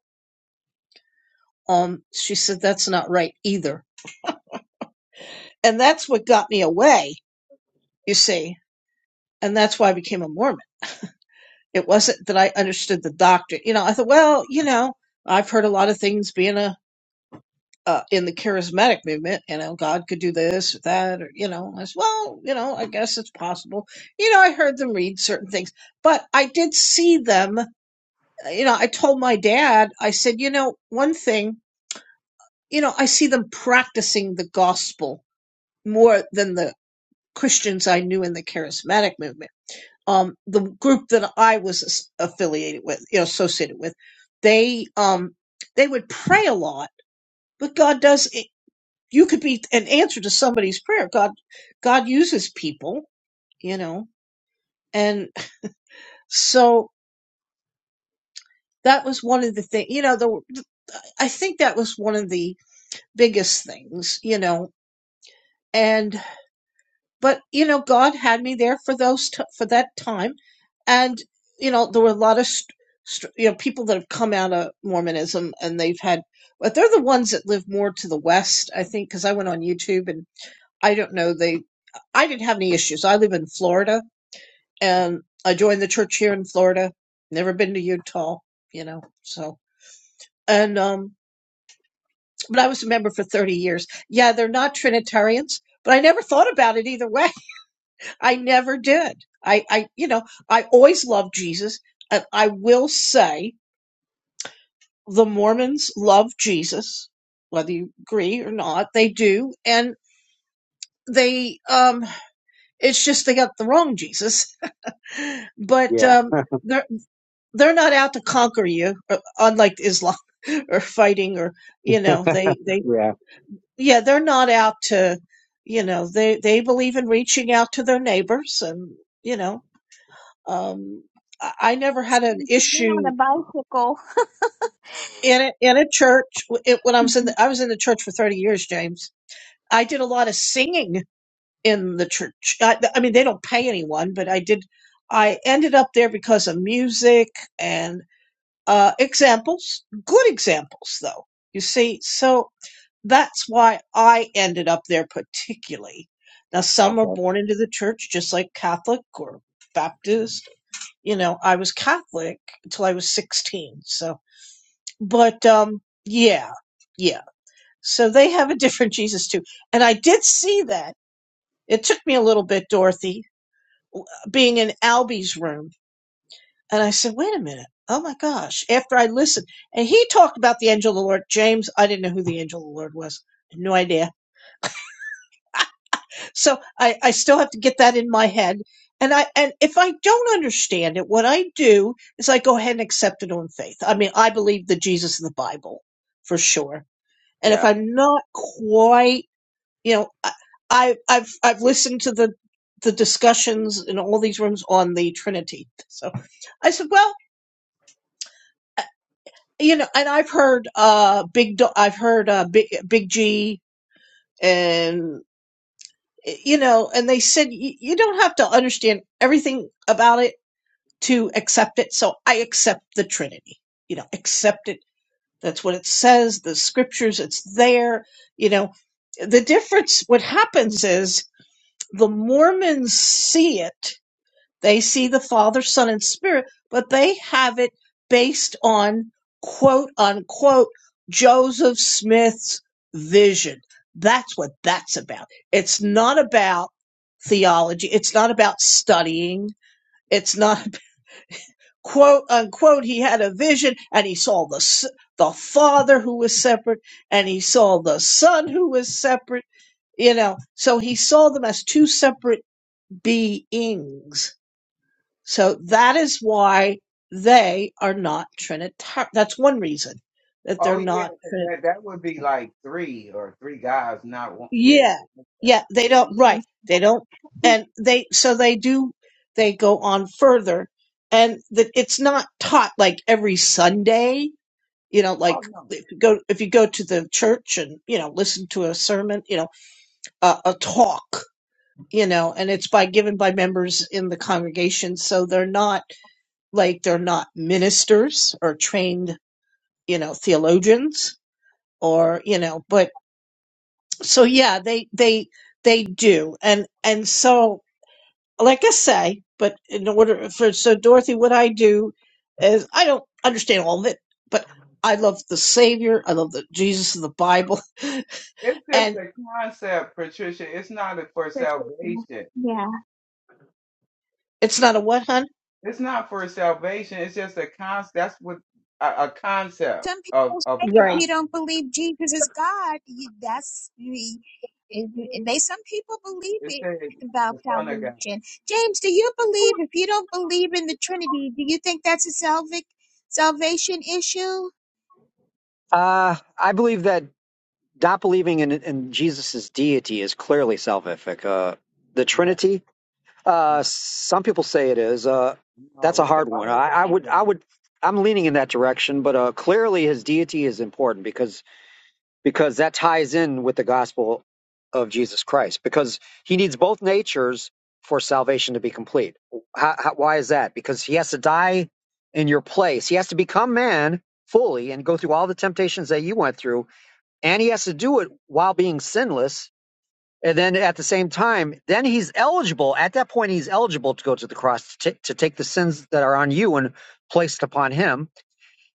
[SPEAKER 5] Um, she said that's not right either. And that's what got me away, you see. And that's why I became a Mormon. It wasn't that I understood the doctrine. You know, I thought, well, you know, I've heard a lot of things being a uh, in the charismatic movement, you know, God could do this or that, or, you know, as well, you know, I guess it's possible. You know, I heard them read certain things, but I did see them, you know, I told my dad, I said, you know, one thing, you know, I see them practicing the gospel more than the Christians I knew in the charismatic movement. Um, the group that I was as- affiliated with, you know, associated with, they, um, they would pray a lot, but God does. you could be an answer to somebody's prayer. God, God uses people, you know, and so that was one of the things, you know, the, I think that was one of the biggest things, you know, and, but, you know, God had me there for those, t- for that time. And, you know, there were a lot of, st- st- you know, people that have come out of Mormonism and they've had, but they're the ones that live more to the West, I think, because I went on YouTube and I don't know, they, I didn't have any issues. I live in Florida and I joined the church here in Florida. Never been to Utah, you know. So and um, but I was a member for thirty years. Yeah, they're not Trinitarians, but I never thought about it either way. (laughs) I never did. I, I, you know, I always loved Jesus, and I will say the Mormons love Jesus, whether you agree or not, they do, and they um, it's just they got the wrong Jesus, (laughs) but
[SPEAKER 7] Yeah.
[SPEAKER 5] um. they're they're not out to conquer you uh, unlike islam (laughs) or fighting or you know they they
[SPEAKER 7] Yeah.
[SPEAKER 5] yeah they're not out to you know they they believe in reaching out to their neighbors and you know um i, I never had an
[SPEAKER 2] You could be on a
[SPEAKER 5] issue
[SPEAKER 2] bicycle.
[SPEAKER 5] in a, in a church W- it, when i was in
[SPEAKER 2] Mhm.
[SPEAKER 5] the i was in the church for 30 years james i did a lot of singing in the church i, I mean they don't pay anyone but i did i ended up there because of music uh, examples, good examples though. You see, so that's why I ended up there particularly. Now, some are
[SPEAKER 7] Okay.
[SPEAKER 5] born into the church, just like Catholic or Baptist. You know, I was Catholic until I was 16. So, but, um, yeah, yeah. So they have a different (laughs) Jesus too. And I did see that. It took me a little bit, Dorothy, being in Albie's room And I said, wait a minute. Oh my gosh. After I listened, and he talked about the angel of the Lord. James, I didn't know who the angel of the Lord was. No idea. So I, I still have to get that in my head. And I, and if I don't understand it, what I do is I go ahead and accept it on faith. I mean, I believe the Jesus of the Bible for sure. And if
[SPEAKER 7] Yeah.
[SPEAKER 5] I'm not quite, you know, I, I I've, I've listened to the, the discussions in all these rooms on the Trinity. So I said, well, you know, and I've heard uh big Do- I've heard uh big big G and you know, and they said y- you don't have to understand everything about it to accept it. So I accept the Trinity. You know, accept it. That's what it says, the scriptures, it's there, you know. The difference what happens is the Mormons see it they see the Father, Son, and Spirit, but they have it based on quote unquote Joseph Smith's vision. That's what that's about. It's not about theology. It's not about studying. It's not (laughs) quote unquote. He had a vision and he saw the, s- the Father who was separate and he saw the Son who was separate, you know, so he saw them as two separate beings so that is why they are not trinitarian. That's one reason that they're
[SPEAKER 4] Oh yeah,
[SPEAKER 5] not
[SPEAKER 4] 'cause that
[SPEAKER 5] Trinitar.
[SPEAKER 4] that would be like three or three guys, not one. Yeah. you
[SPEAKER 5] Yeah.
[SPEAKER 4] think that's
[SPEAKER 5] Yeah. They don't,
[SPEAKER 4] three?
[SPEAKER 5] right.
[SPEAKER 2] Even
[SPEAKER 5] They don't,
[SPEAKER 2] (laughs)
[SPEAKER 5] and they, so they do, they go on further and that it's not taught like every Sunday, you know, like
[SPEAKER 4] Oh no,
[SPEAKER 5] if you go, if you go to the church and, you know, listen to a sermon, you know, a, a talk, you know, and it's by given by members in the congregation. So they're not like they're not ministers or trained, you know, theologians or, you know, but so yeah, they, they, they do. And, and so, like I say, but in order for, so Dorothy, what I do is I don't understand all of it, but I love the Savior. I love the Jesus of the Bible. (laughs)
[SPEAKER 4] it's just
[SPEAKER 5] And
[SPEAKER 4] a concept, Patricia. It's not a- for
[SPEAKER 2] for children.
[SPEAKER 4] salvation.
[SPEAKER 2] Yeah.
[SPEAKER 5] it's not a what, hun?
[SPEAKER 4] It's not for salvation. It's just a con. That's what a, a concept
[SPEAKER 2] Some
[SPEAKER 4] of
[SPEAKER 2] people say
[SPEAKER 4] of
[SPEAKER 2] if
[SPEAKER 4] God.
[SPEAKER 5] Right.
[SPEAKER 2] you don't believe Jesus is God, you, that's you- it- they. Some people believe
[SPEAKER 4] It
[SPEAKER 2] it
[SPEAKER 4] says
[SPEAKER 2] about
[SPEAKER 4] the Son of God.
[SPEAKER 2] salvation. James, do you believe? If you don't believe in the Trinity, do you think that's a salvic salvation issue?
[SPEAKER 7] Uh, I believe that not believing in, in Jesus' deity is clearly salvific. Uh, the
[SPEAKER 4] Yeah.
[SPEAKER 7] Trinity, uh,
[SPEAKER 4] No.
[SPEAKER 7] some people say it is. Uh,
[SPEAKER 4] No.
[SPEAKER 7] that's a
[SPEAKER 4] What the
[SPEAKER 7] hard one.
[SPEAKER 4] Bible
[SPEAKER 7] I, I
[SPEAKER 4] says.
[SPEAKER 7] would, I
[SPEAKER 4] James.
[SPEAKER 7] would, I'm leaning in that direction, but uh, clearly his deity is important because because that ties in with the gospel of Jesus Christ because he needs both natures for salvation to be complete. How, how, why is that? Because he has to die in your place. He has to become man fully and go through all the temptations that you went through and he has to do it while being sinless. And then at the same time, then he's eligible. At that point, he's eligible to go to the cross to, ta- to take the sins that are on you and placed upon him.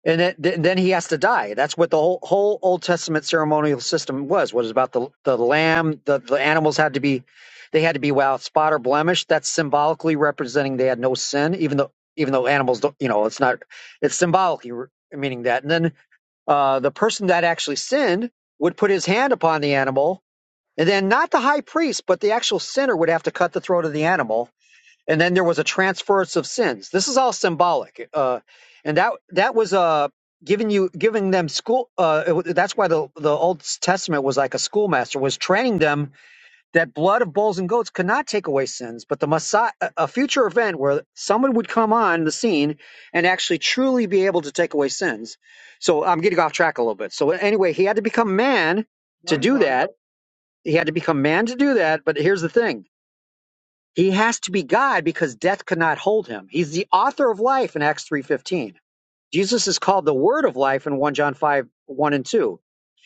[SPEAKER 7] And then, then then he has to die. That's what the whole, whole Old Testament ceremonial system was. Was about the the lamb. The, the animals had to be, they had to be without spot or blemish. That's symbolically representing they had no sin, even though even though animals don't. You know, it's not. It's symbolically re- meaning that. And then uh, the person that actually sinned would put his hand upon the animal, and then not the high priest, but the actual sinner would have to cut the throat of the animal, and then there was a transference of sins. This is all symbolic, uh, and that that was uh, giving you giving them school. Uh, it, that's why the the Old Testament was like a schoolmaster was training them that blood of bulls and goats could not take away sins, but the Messiah, a a future event where someone would come on the scene and actually truly be able to take away sins. So I'm getting off track a little bit. So anyway, he had to become man
[SPEAKER 4] No,
[SPEAKER 7] to
[SPEAKER 4] you
[SPEAKER 7] do
[SPEAKER 4] weren't.
[SPEAKER 7] that. He had to become man to do that. But here's the thing. He has to be God because death could not hold him. He's the author of life in Acts 3.15. Jesus is called the word of life in 1 John 5, 1 and 2.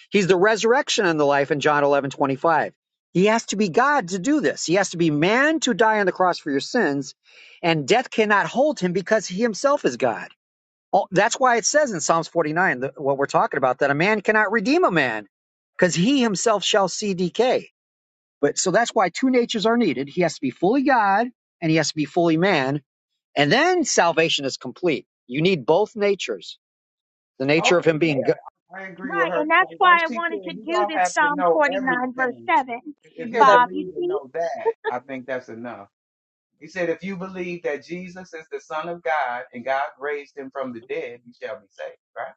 [SPEAKER 7] He's the resurrection and the life in John eleven twenty five. He has to be God to do this. He has to be man to die on the cross for your sins, and death cannot hold him because he himself is God. Oh, That's why it says in Psalms 49, that- what we're talking about, that a man cannot redeem a man because he himself shall see decay. But so that's why two natures are needed. He has to be fully God and he has to be fully man. And then salvation is complete. You need both natures the nature of
[SPEAKER 4] Okay.
[SPEAKER 7] him being God.
[SPEAKER 4] Yeah, I agree with
[SPEAKER 2] Right,
[SPEAKER 4] her.
[SPEAKER 2] and that's
[SPEAKER 4] Like, like
[SPEAKER 2] why I
[SPEAKER 4] she
[SPEAKER 2] wanted
[SPEAKER 4] said,
[SPEAKER 2] to
[SPEAKER 4] you
[SPEAKER 2] do
[SPEAKER 4] don't
[SPEAKER 2] this
[SPEAKER 4] have to
[SPEAKER 2] Psalm
[SPEAKER 4] know
[SPEAKER 2] forty nine verse
[SPEAKER 4] everything
[SPEAKER 2] seven.
[SPEAKER 5] You
[SPEAKER 4] If
[SPEAKER 5] hear
[SPEAKER 4] you
[SPEAKER 5] that
[SPEAKER 2] Bob, you
[SPEAKER 4] believe
[SPEAKER 5] from
[SPEAKER 2] see,
[SPEAKER 4] and know that, I think that's enough. He said, if you believe that Jesus is the Son of God and God raised him from the dead, you shall be saved, right?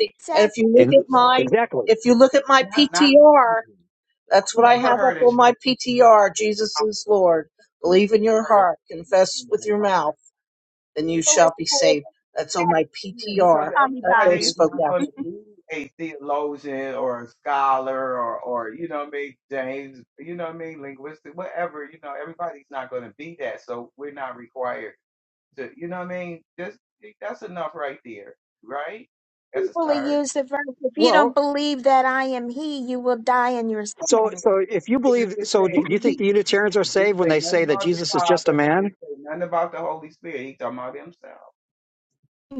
[SPEAKER 5] me.
[SPEAKER 2] it
[SPEAKER 5] And if
[SPEAKER 2] says
[SPEAKER 5] you look
[SPEAKER 7] And
[SPEAKER 5] at
[SPEAKER 4] So,
[SPEAKER 5] my,
[SPEAKER 7] exactly.
[SPEAKER 5] if you look at my
[SPEAKER 4] not not the
[SPEAKER 5] PTR,
[SPEAKER 4] Trinity. I've
[SPEAKER 5] That's what I
[SPEAKER 4] never
[SPEAKER 5] have up
[SPEAKER 4] heard a
[SPEAKER 5] on
[SPEAKER 4] Trinity.
[SPEAKER 5] my PTR. Jesus
[SPEAKER 4] I've
[SPEAKER 5] is Lord. Believe in your
[SPEAKER 4] never heard of
[SPEAKER 5] heart, confess
[SPEAKER 4] Trinity
[SPEAKER 5] with
[SPEAKER 4] in
[SPEAKER 5] your
[SPEAKER 4] my life.
[SPEAKER 5] mouth, and you
[SPEAKER 2] people are
[SPEAKER 5] shall be
[SPEAKER 2] saying
[SPEAKER 5] saved. That's on my
[SPEAKER 4] Yeah, because
[SPEAKER 5] PTR.
[SPEAKER 2] I'm
[SPEAKER 5] That really
[SPEAKER 4] everybody
[SPEAKER 2] sorry.
[SPEAKER 4] is
[SPEAKER 5] spoke
[SPEAKER 4] not
[SPEAKER 5] out
[SPEAKER 4] going
[SPEAKER 2] (laughs)
[SPEAKER 4] to
[SPEAKER 5] to me.
[SPEAKER 4] be a theologian or a scholar or, or, you know what I mean, James, you know what I mean, linguistic, whatever, you know, everybody's not going to be that. So we're not required to, you know what I mean? Just that's enough right there, right? That's a
[SPEAKER 2] People who
[SPEAKER 4] start.
[SPEAKER 2] use the verse, if you
[SPEAKER 7] Well,
[SPEAKER 2] don't believe that I am He, you will die in your
[SPEAKER 7] So,
[SPEAKER 2] sin.
[SPEAKER 7] so if you
[SPEAKER 4] Yeah, it
[SPEAKER 7] believe,
[SPEAKER 4] just
[SPEAKER 7] so do
[SPEAKER 4] say
[SPEAKER 7] you think
[SPEAKER 4] he.
[SPEAKER 7] the Unitarians are
[SPEAKER 4] It didn't
[SPEAKER 7] saved when
[SPEAKER 4] say
[SPEAKER 7] they
[SPEAKER 4] nothing
[SPEAKER 7] say that
[SPEAKER 4] about the
[SPEAKER 7] Jesus is just a
[SPEAKER 4] Father. It
[SPEAKER 7] man?
[SPEAKER 4] didn't say nothing about the Holy Spirit. He talking about himself.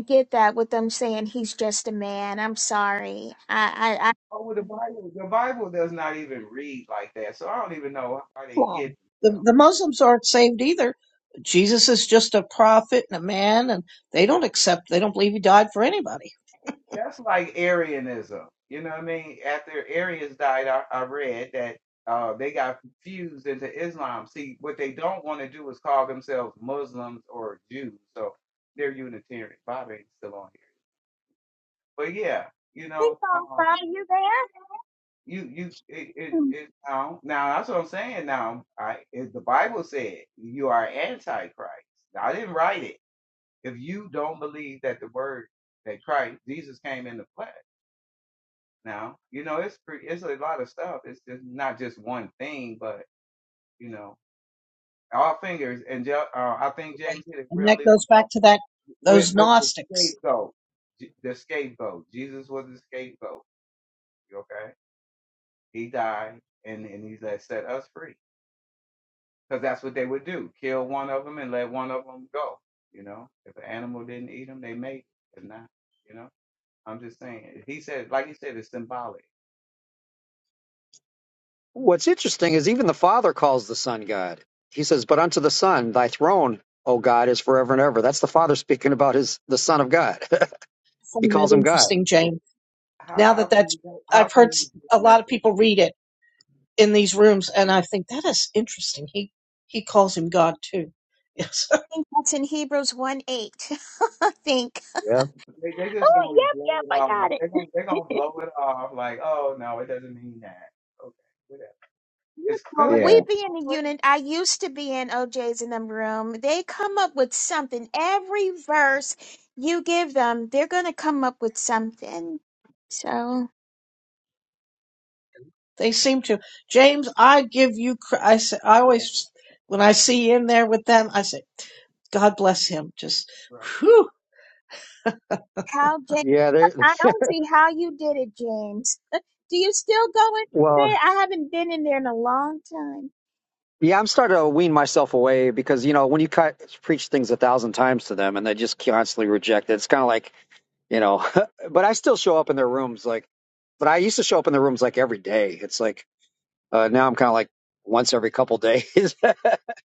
[SPEAKER 2] get that with them saying he's just a man. I'm sorry. I, I, I
[SPEAKER 4] Oh, well, the Bible, the Bible does not even read like that, so I don't even know why they kidding.
[SPEAKER 5] Islam. The, the Muslims aren't saved either. Jesus is just a prophet and a man, and they don't accept, they don't believe he died for anybody.
[SPEAKER 4] That's like Arianism. You know what I mean? After Arians died, I, I read that uh, they got fused into Islam. See, what they don't want to do is call themselves Muslims or Jews. So they're Unitarian. Bob ain't still on here. But yeah, you
[SPEAKER 2] think,
[SPEAKER 4] know,
[SPEAKER 2] um,
[SPEAKER 4] um,
[SPEAKER 2] Bobby, you there?
[SPEAKER 4] you, you, it, it,
[SPEAKER 2] Hmm.
[SPEAKER 4] it, now, now that's what I'm saying now. I, it, the Bible said you are Antichrist. I didn't write it. If you don't believe that the word that Christ, Jesus came in the flesh, now. You know, it's pretty, it's a lot of stuff. It's just not just one thing, but you know, all fingers. And Ja- uh, I think James
[SPEAKER 5] Really.
[SPEAKER 4] hit it
[SPEAKER 5] And that
[SPEAKER 4] really
[SPEAKER 5] goes back
[SPEAKER 4] well
[SPEAKER 5] to that
[SPEAKER 4] with
[SPEAKER 5] those
[SPEAKER 4] with the
[SPEAKER 5] Gnostics.
[SPEAKER 4] scapegoat. J- The scapegoat. Jesus was the scapegoat. Okay, he died, and and he let set us free because that's what they would do: kill one of them and let one of them go. You know, if an animal didn't eat them, they made it. If not, you know, I'm just saying. He said, like he said, it's symbolic.
[SPEAKER 7] What's interesting is even the Father calls the Son God. He says, "But unto the Son, thy throne, O God, is forever and ever." That's the Father speaking about his the Son of God. (laughs)
[SPEAKER 5] I
[SPEAKER 7] he
[SPEAKER 5] find that
[SPEAKER 7] calls him God.
[SPEAKER 5] interesting, Jane.
[SPEAKER 4] How
[SPEAKER 5] Now
[SPEAKER 4] how
[SPEAKER 5] that
[SPEAKER 4] can
[SPEAKER 5] that's,
[SPEAKER 4] you how
[SPEAKER 5] I've
[SPEAKER 4] can
[SPEAKER 5] heard s-
[SPEAKER 4] you
[SPEAKER 5] a lot
[SPEAKER 4] dismiss
[SPEAKER 5] of people read it in these rooms, and I think that is interesting. He he calls him God too. Yes, (laughs)
[SPEAKER 2] I think that's in Hebrews 1 8. (laughs) I think.
[SPEAKER 7] Yeah,
[SPEAKER 4] They, they just
[SPEAKER 2] Oh,
[SPEAKER 4] gonna
[SPEAKER 2] yep,
[SPEAKER 4] blow
[SPEAKER 2] yep,
[SPEAKER 4] it
[SPEAKER 2] I got
[SPEAKER 4] off. They gonna they
[SPEAKER 2] it.
[SPEAKER 4] gonna
[SPEAKER 2] (laughs)
[SPEAKER 4] blow it off like, oh no, it doesn't mean that. Okay, whatever.
[SPEAKER 2] You
[SPEAKER 4] It's
[SPEAKER 2] know,
[SPEAKER 7] yeah,
[SPEAKER 4] clear.
[SPEAKER 2] we be in
[SPEAKER 4] It's
[SPEAKER 2] the
[SPEAKER 4] clear.
[SPEAKER 2] unit. I used to be in OJ's in them room. They come up with something. Every verse you give them, they're gonna come up with something. So
[SPEAKER 5] they seem to. James, I give you. cr- I say, I
[SPEAKER 4] Yeah,
[SPEAKER 5] always when I see you in there with them, I say, God bless him. Just
[SPEAKER 4] right.
[SPEAKER 5] whew,
[SPEAKER 2] how James?
[SPEAKER 7] yeah. They're,
[SPEAKER 2] I
[SPEAKER 7] (laughs)
[SPEAKER 2] don't see how you did it, James. (laughs) Do you still go in
[SPEAKER 7] well,
[SPEAKER 2] there? I haven't been in there in a long time.
[SPEAKER 7] Yeah, I'm starting to wean myself away because you know when you cut, preach things a thousand times to them and they just constantly reject it, it's kind of like you know. (laughs) but I still show up in their rooms like, but I used to show up in their rooms like every day. It's like uh, now I'm kind of like once every couple days. (laughs)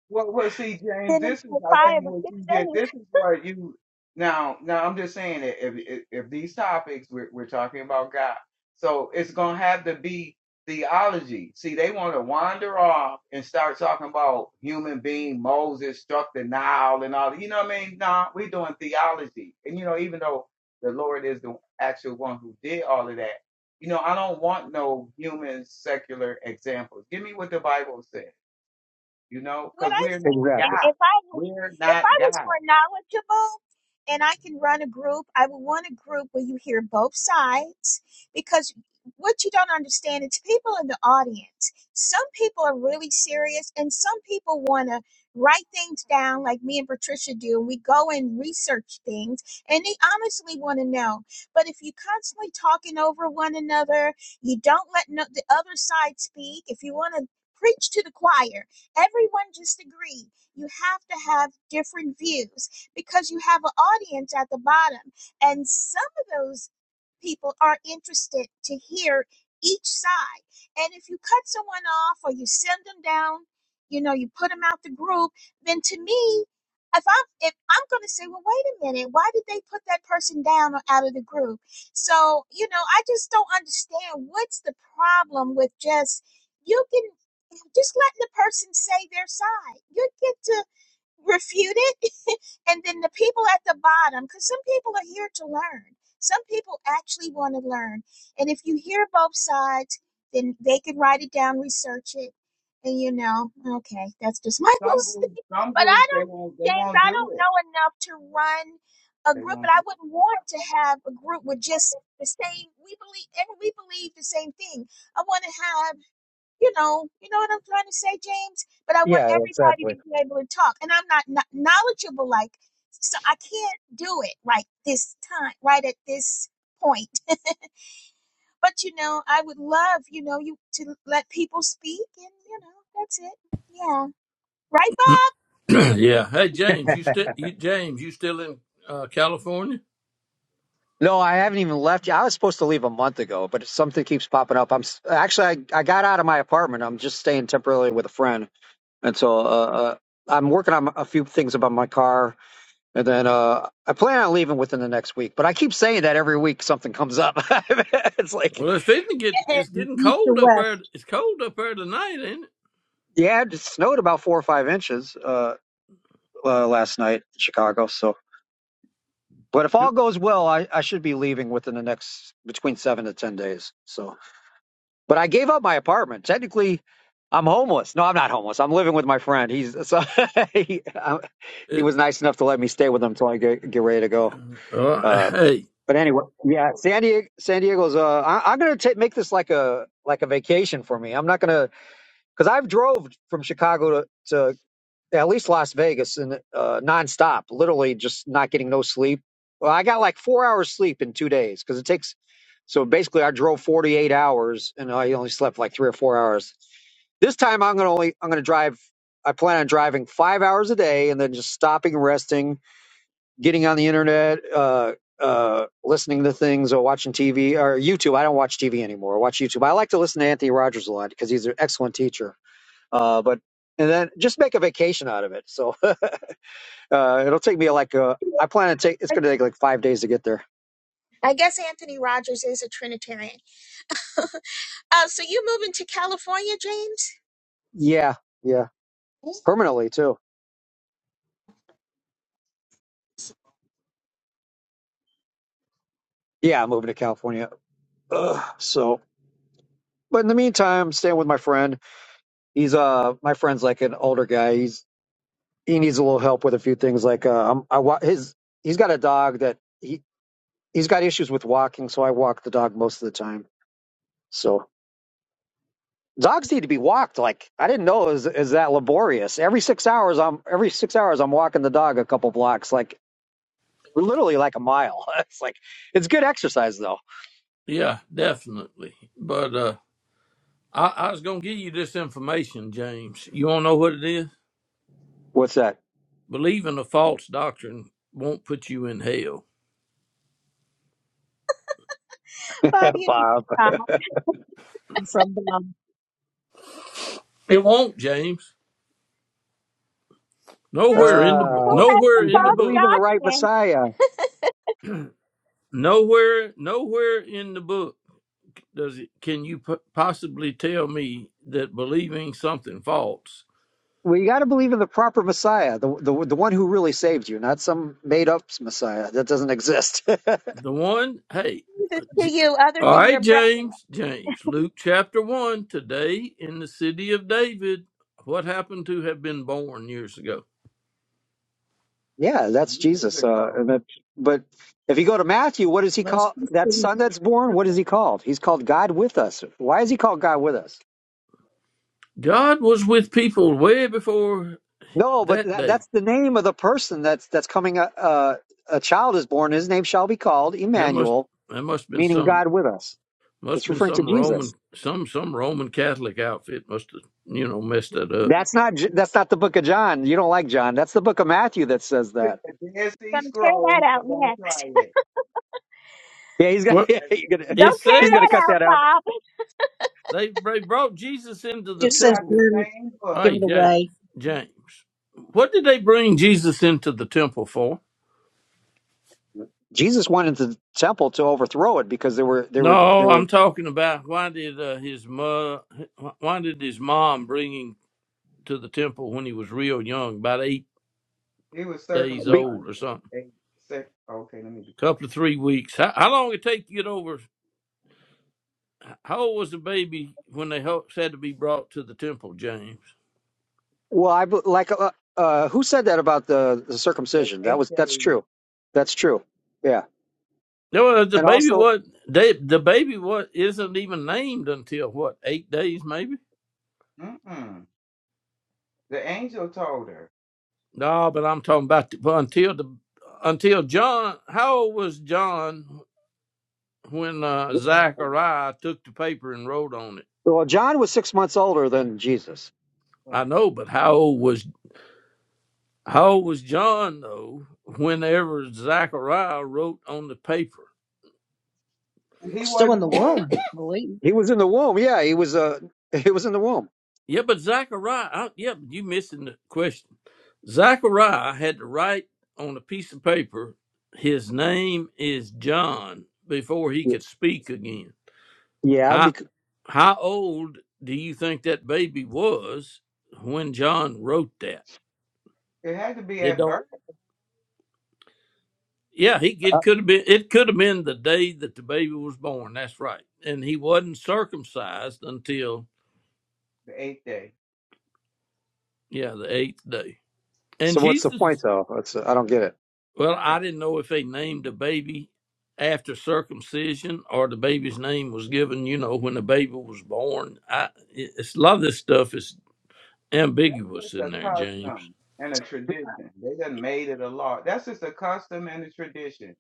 [SPEAKER 4] Well, well, see, James,
[SPEAKER 2] Been in
[SPEAKER 4] this is,
[SPEAKER 2] for
[SPEAKER 4] I think,
[SPEAKER 2] five or
[SPEAKER 4] what
[SPEAKER 2] six
[SPEAKER 4] you did.
[SPEAKER 2] days.
[SPEAKER 4] This is what you now. Now, I'm just saying that if if, if these topics we're, we're talking about God, so it's gonna have to be theology. See, they want to wander off and start talking about human being Moses struck the Nile and all. that. You know what I mean? Nah, we're doing theology, and you know, even though the Lord is the actual one who did all of that, you know, I don't want no human secular examples. Give me what the Bible says you know,
[SPEAKER 2] what
[SPEAKER 4] because
[SPEAKER 2] I
[SPEAKER 4] we're
[SPEAKER 2] say,
[SPEAKER 4] not God.
[SPEAKER 2] and
[SPEAKER 7] exactly.
[SPEAKER 2] if I was
[SPEAKER 4] We're
[SPEAKER 2] if
[SPEAKER 4] not
[SPEAKER 2] I was
[SPEAKER 4] God.
[SPEAKER 2] more knowledgeable and I can run a group, I would want a group where you hear both sides because what you don't understand it's people in the audience. Some people are really serious and some people want to write things down like me and Patricia do and we go and research things and they honestly want to know. But if you are constantly talking over one another, you don't let no, the other side speak, if you want to preach to the choir everyone just agreed you have to have different views because you have an audience at the bottom and some of those people are interested to hear each side and if you cut someone off or you send them down you know you put them out the group then to me if i'm if i'm going to say well wait a minute why did they put that person down or out of the group so you know i just don't understand what's the problem with just you can just let the person say their side. You get to refute it, (laughs) and then the people at the bottom, because some people are here to learn. Some people actually want to learn, and if you hear both sides, then they could write it down, research it, and you know, okay, that's just my (laughs) little
[SPEAKER 4] Some groups,
[SPEAKER 2] thing.
[SPEAKER 4] some
[SPEAKER 2] But I
[SPEAKER 4] groups, they
[SPEAKER 2] don't,
[SPEAKER 4] won't, they
[SPEAKER 2] James,
[SPEAKER 4] won't
[SPEAKER 2] I
[SPEAKER 4] do
[SPEAKER 2] don't
[SPEAKER 4] it.
[SPEAKER 2] know enough to run a
[SPEAKER 4] They
[SPEAKER 2] group, and
[SPEAKER 4] won't do
[SPEAKER 2] I
[SPEAKER 4] it.
[SPEAKER 2] wouldn't want to have a group with just the same. We believe, every- we believe the same thing. I want to have you know, you know what I'm trying to say, James. But I want
[SPEAKER 7] Yeah,
[SPEAKER 2] everybody
[SPEAKER 7] exactly.
[SPEAKER 2] to be able to talk, and I'm not kno- knowledgeable like, so I can't do it like this time, right at this point. (laughs) But you know, I would love, you know, you to let people speak, and you know, that's it. Yeah, right,
[SPEAKER 8] (clears throat) yeah. Hey, James, you still you James, you still in uh, California?
[SPEAKER 7] No, I haven't even left yet. I was supposed to leave a month ago, but something keeps popping up. I'm s- actually I, I got out of my apartment. I'm just staying temporarily with a friend, and so uh, uh, I'm working on a few things about my car And then uh, I plan on leaving within the next week, but I keep saying that every week something comes up. (laughs) it's like,
[SPEAKER 8] Well, it's fitting to get. It's
[SPEAKER 5] heading
[SPEAKER 8] getting
[SPEAKER 5] east to
[SPEAKER 8] cold up there.
[SPEAKER 5] west
[SPEAKER 8] It's cold up there tonight, ain't
[SPEAKER 7] yeah, it snowed about four or five inches uh, uh, last night in Chicago. So, but if all
[SPEAKER 8] it?
[SPEAKER 7] goes well, I, I should be leaving within the next between seven to ten days. So, but I gave up my apartment. Technically, I'm homeless. No, I'm not homeless. I'm living with my friend. He's so (laughs) he, I, he
[SPEAKER 8] it
[SPEAKER 7] was nice enough to let me stay with him until I get, get ready to go.
[SPEAKER 8] uh, (laughs)
[SPEAKER 7] Uh,
[SPEAKER 8] hey,
[SPEAKER 7] But anyway, yeah, San Diego, San Diego's. Uh, I, I'm gonna ta- make this like a like a vacation for me. I'm not gonna because I've drove from Chicago to, to at least Las Vegas and uh, nonstop, literally just not getting no sleep. Well, I got like four hours sleep in two days because it takes. So basically, I drove 48 hours and I only slept like three or four hours. This time, I'm gonna only I'm gonna drive. I plan on driving five hours a day and then just stopping and resting getting on the internet, uh, uh, listening to things or watching TV or YouTube. I don't watch TV anymore. I watch YouTube. I like to listen to Anthony Rogers a lot because he's an excellent teacher. Uh, but and then just make a vacation out of it. So (laughs) uh, it'll take me like uh, I plan to take. It's
[SPEAKER 2] Bob.
[SPEAKER 7] going to take like five days to get there.
[SPEAKER 2] I guess Anthony Rogers is a Trinitarian. Uh, so you moving to California, James?
[SPEAKER 7] Yeah, yeah,
[SPEAKER 2] Yeah,
[SPEAKER 7] permanently too. Yeah, I'm moving to California. Ugh, so, but in the meantime, I'm staying with my friend. He's uh, my friend's like an older guy. He's he needs a little help with a few things. Like uh, I'm, I wa- his he's got a dog that he he's got issues with walking, so I walk the dog most of the time. So dogs need to be walked. Like I didn't know it was, is that laborious. Every six hours, I'm every six hours I'm walking the dog a couple blocks, like literally like a mile. (laughs) It's like it's good exercise though.
[SPEAKER 8] yeah, definitely. But uh, I, I was gonna give you this information, James. You wanna know what it is?
[SPEAKER 7] What's that,
[SPEAKER 8] Believing a false doctrine won't put you in hell.
[SPEAKER 2] Bob, you need to
[SPEAKER 7] Bob?
[SPEAKER 2] come.
[SPEAKER 5] from them.
[SPEAKER 8] It won't, James.
[SPEAKER 2] That's-
[SPEAKER 8] Nowhere in the bu-
[SPEAKER 2] Who
[SPEAKER 7] Uh,
[SPEAKER 2] has
[SPEAKER 8] nowhere
[SPEAKER 2] the
[SPEAKER 7] you
[SPEAKER 8] in
[SPEAKER 7] got
[SPEAKER 8] the
[SPEAKER 7] to believe in
[SPEAKER 2] false
[SPEAKER 7] the
[SPEAKER 8] book.
[SPEAKER 7] right
[SPEAKER 2] doctrine?
[SPEAKER 7] Messiah.
[SPEAKER 8] Nowhere, nowhere in the book does it, can you p- possibly tell me that believing something false?
[SPEAKER 7] Well, you got to believe in the proper Messiah, the the the one who really saved you, not some made up Messiah that doesn't exist. (laughs)
[SPEAKER 8] The one, hey,
[SPEAKER 2] Jesus to
[SPEAKER 8] J-
[SPEAKER 2] you, other
[SPEAKER 8] all
[SPEAKER 2] than your
[SPEAKER 8] right,
[SPEAKER 2] brother?
[SPEAKER 8] James, James, Luke chapter one. Today in the city of David, what happened to have been born years ago?
[SPEAKER 7] Yeah, that's
[SPEAKER 4] Years
[SPEAKER 7] Jesus. Uh,
[SPEAKER 4] ago,
[SPEAKER 7] and that, but if you go to Matthew, what does he
[SPEAKER 5] Most
[SPEAKER 7] call that son
[SPEAKER 5] Christians
[SPEAKER 7] that's born? What is he called? He's called God with us. Why is he called God with us?
[SPEAKER 8] God was with people way before
[SPEAKER 7] No, but
[SPEAKER 8] that
[SPEAKER 7] that,
[SPEAKER 8] day.
[SPEAKER 7] that's the name of the person that's that's coming. A, a, a child is born. His name shall be called
[SPEAKER 8] That must
[SPEAKER 7] Emmanuel,
[SPEAKER 8] that must have been
[SPEAKER 7] meaning
[SPEAKER 8] some
[SPEAKER 7] God with us.
[SPEAKER 8] must
[SPEAKER 7] That's
[SPEAKER 8] have been
[SPEAKER 7] referring to
[SPEAKER 8] some
[SPEAKER 7] Jesus.
[SPEAKER 8] Roman some some Roman Catholic outfit must have you know messed that
[SPEAKER 4] this
[SPEAKER 8] up.
[SPEAKER 4] is
[SPEAKER 7] That's not J- that's not the book of John. You don't like John. That's the book of Matthew that says
[SPEAKER 4] in
[SPEAKER 7] that.
[SPEAKER 4] the Dead Sea
[SPEAKER 2] gonna tear that
[SPEAKER 4] Scrolls,
[SPEAKER 2] out
[SPEAKER 4] so don't
[SPEAKER 2] next.
[SPEAKER 4] try it.
[SPEAKER 7] Yeah, he's got
[SPEAKER 8] What
[SPEAKER 7] (laughs)
[SPEAKER 4] Yes,
[SPEAKER 7] he's
[SPEAKER 2] (laughs)
[SPEAKER 7] gonna
[SPEAKER 8] it
[SPEAKER 2] Don't tear
[SPEAKER 7] he's gonna
[SPEAKER 2] that
[SPEAKER 7] cut
[SPEAKER 8] says
[SPEAKER 2] out,
[SPEAKER 7] that out.
[SPEAKER 2] Bob.
[SPEAKER 8] they they brought Jesus into the
[SPEAKER 5] just
[SPEAKER 4] We
[SPEAKER 5] says,
[SPEAKER 4] got
[SPEAKER 8] temple
[SPEAKER 4] the
[SPEAKER 5] "Burn,
[SPEAKER 4] same book.
[SPEAKER 5] give
[SPEAKER 8] Hey,
[SPEAKER 5] it
[SPEAKER 8] James,
[SPEAKER 5] away."
[SPEAKER 8] James, what did they bring Jesus into the temple for?
[SPEAKER 7] Jesus went into the temple to overthrow it because there were there were
[SPEAKER 8] No,
[SPEAKER 7] there were
[SPEAKER 8] I'm talking about why did uh, his mother, why did his mom bring him to the temple when he was real young, about eight
[SPEAKER 4] He was
[SPEAKER 8] days
[SPEAKER 4] circumcised.
[SPEAKER 8] old or something,
[SPEAKER 4] Eight, six, okay, let me be quiet.
[SPEAKER 8] couple of three weeks? How, how long it take you get over? How old was the baby when they ho- had to be brought to the temple, James?
[SPEAKER 7] Well, I be- like uh, uh, who said that about the, the
[SPEAKER 4] Eight,
[SPEAKER 7] circumcision? That
[SPEAKER 4] eight
[SPEAKER 7] was that's
[SPEAKER 4] days.
[SPEAKER 7] true. That's true. Yeah,
[SPEAKER 8] No, uh, the
[SPEAKER 7] and
[SPEAKER 8] baby
[SPEAKER 7] also,
[SPEAKER 8] what? They, the baby what isn't even named until what eight days maybe.
[SPEAKER 4] Mm-mm. The angel told her.
[SPEAKER 8] No, but I'm talking about the, well, until the until John. How old was John when uh, Zachariah took the paper and wrote on it?
[SPEAKER 7] well, John was six months older than Jesus.
[SPEAKER 8] I
[SPEAKER 4] Right.
[SPEAKER 8] know, but how old was how old was John though? Whenever Zachariah wrote on the paper,
[SPEAKER 4] He
[SPEAKER 5] Still
[SPEAKER 4] wasn't
[SPEAKER 5] in the womb,
[SPEAKER 4] born.
[SPEAKER 5] I believe.
[SPEAKER 7] He was in the womb. Yeah, he was. Uh, (laughs) he was in the womb.
[SPEAKER 8] yeah, but Zachariah, I, yeah, but you missing the question. Zachariah had to write on a piece of paper. His name is John before he
[SPEAKER 7] Y-
[SPEAKER 8] could speak again.
[SPEAKER 7] Yeah.
[SPEAKER 8] How
[SPEAKER 7] Because,
[SPEAKER 8] how old do you think that baby was when John wrote that?
[SPEAKER 4] It had to be
[SPEAKER 8] They
[SPEAKER 4] at
[SPEAKER 8] don't.
[SPEAKER 4] birth,
[SPEAKER 8] Yeah, he
[SPEAKER 7] uh,
[SPEAKER 8] it could have been it could have been the day that the baby was born. That's right, and he wasn't circumcised until
[SPEAKER 4] the eighth day.
[SPEAKER 8] yeah the eighth day. And
[SPEAKER 7] so what's the point
[SPEAKER 8] Jesus,
[SPEAKER 7] though? It's, I don't
[SPEAKER 4] Right.
[SPEAKER 7] get it.
[SPEAKER 8] well,
[SPEAKER 4] Right.
[SPEAKER 8] I didn't know if they named the baby after circumcision or the baby's name was given. You know, when the baby was born. I it's a lot of this stuff is
[SPEAKER 4] That's
[SPEAKER 8] ambiguous
[SPEAKER 4] just
[SPEAKER 8] in
[SPEAKER 4] a
[SPEAKER 8] there, James.
[SPEAKER 4] custom and a tradition. They done made it a law. That's just a custom and a tradition.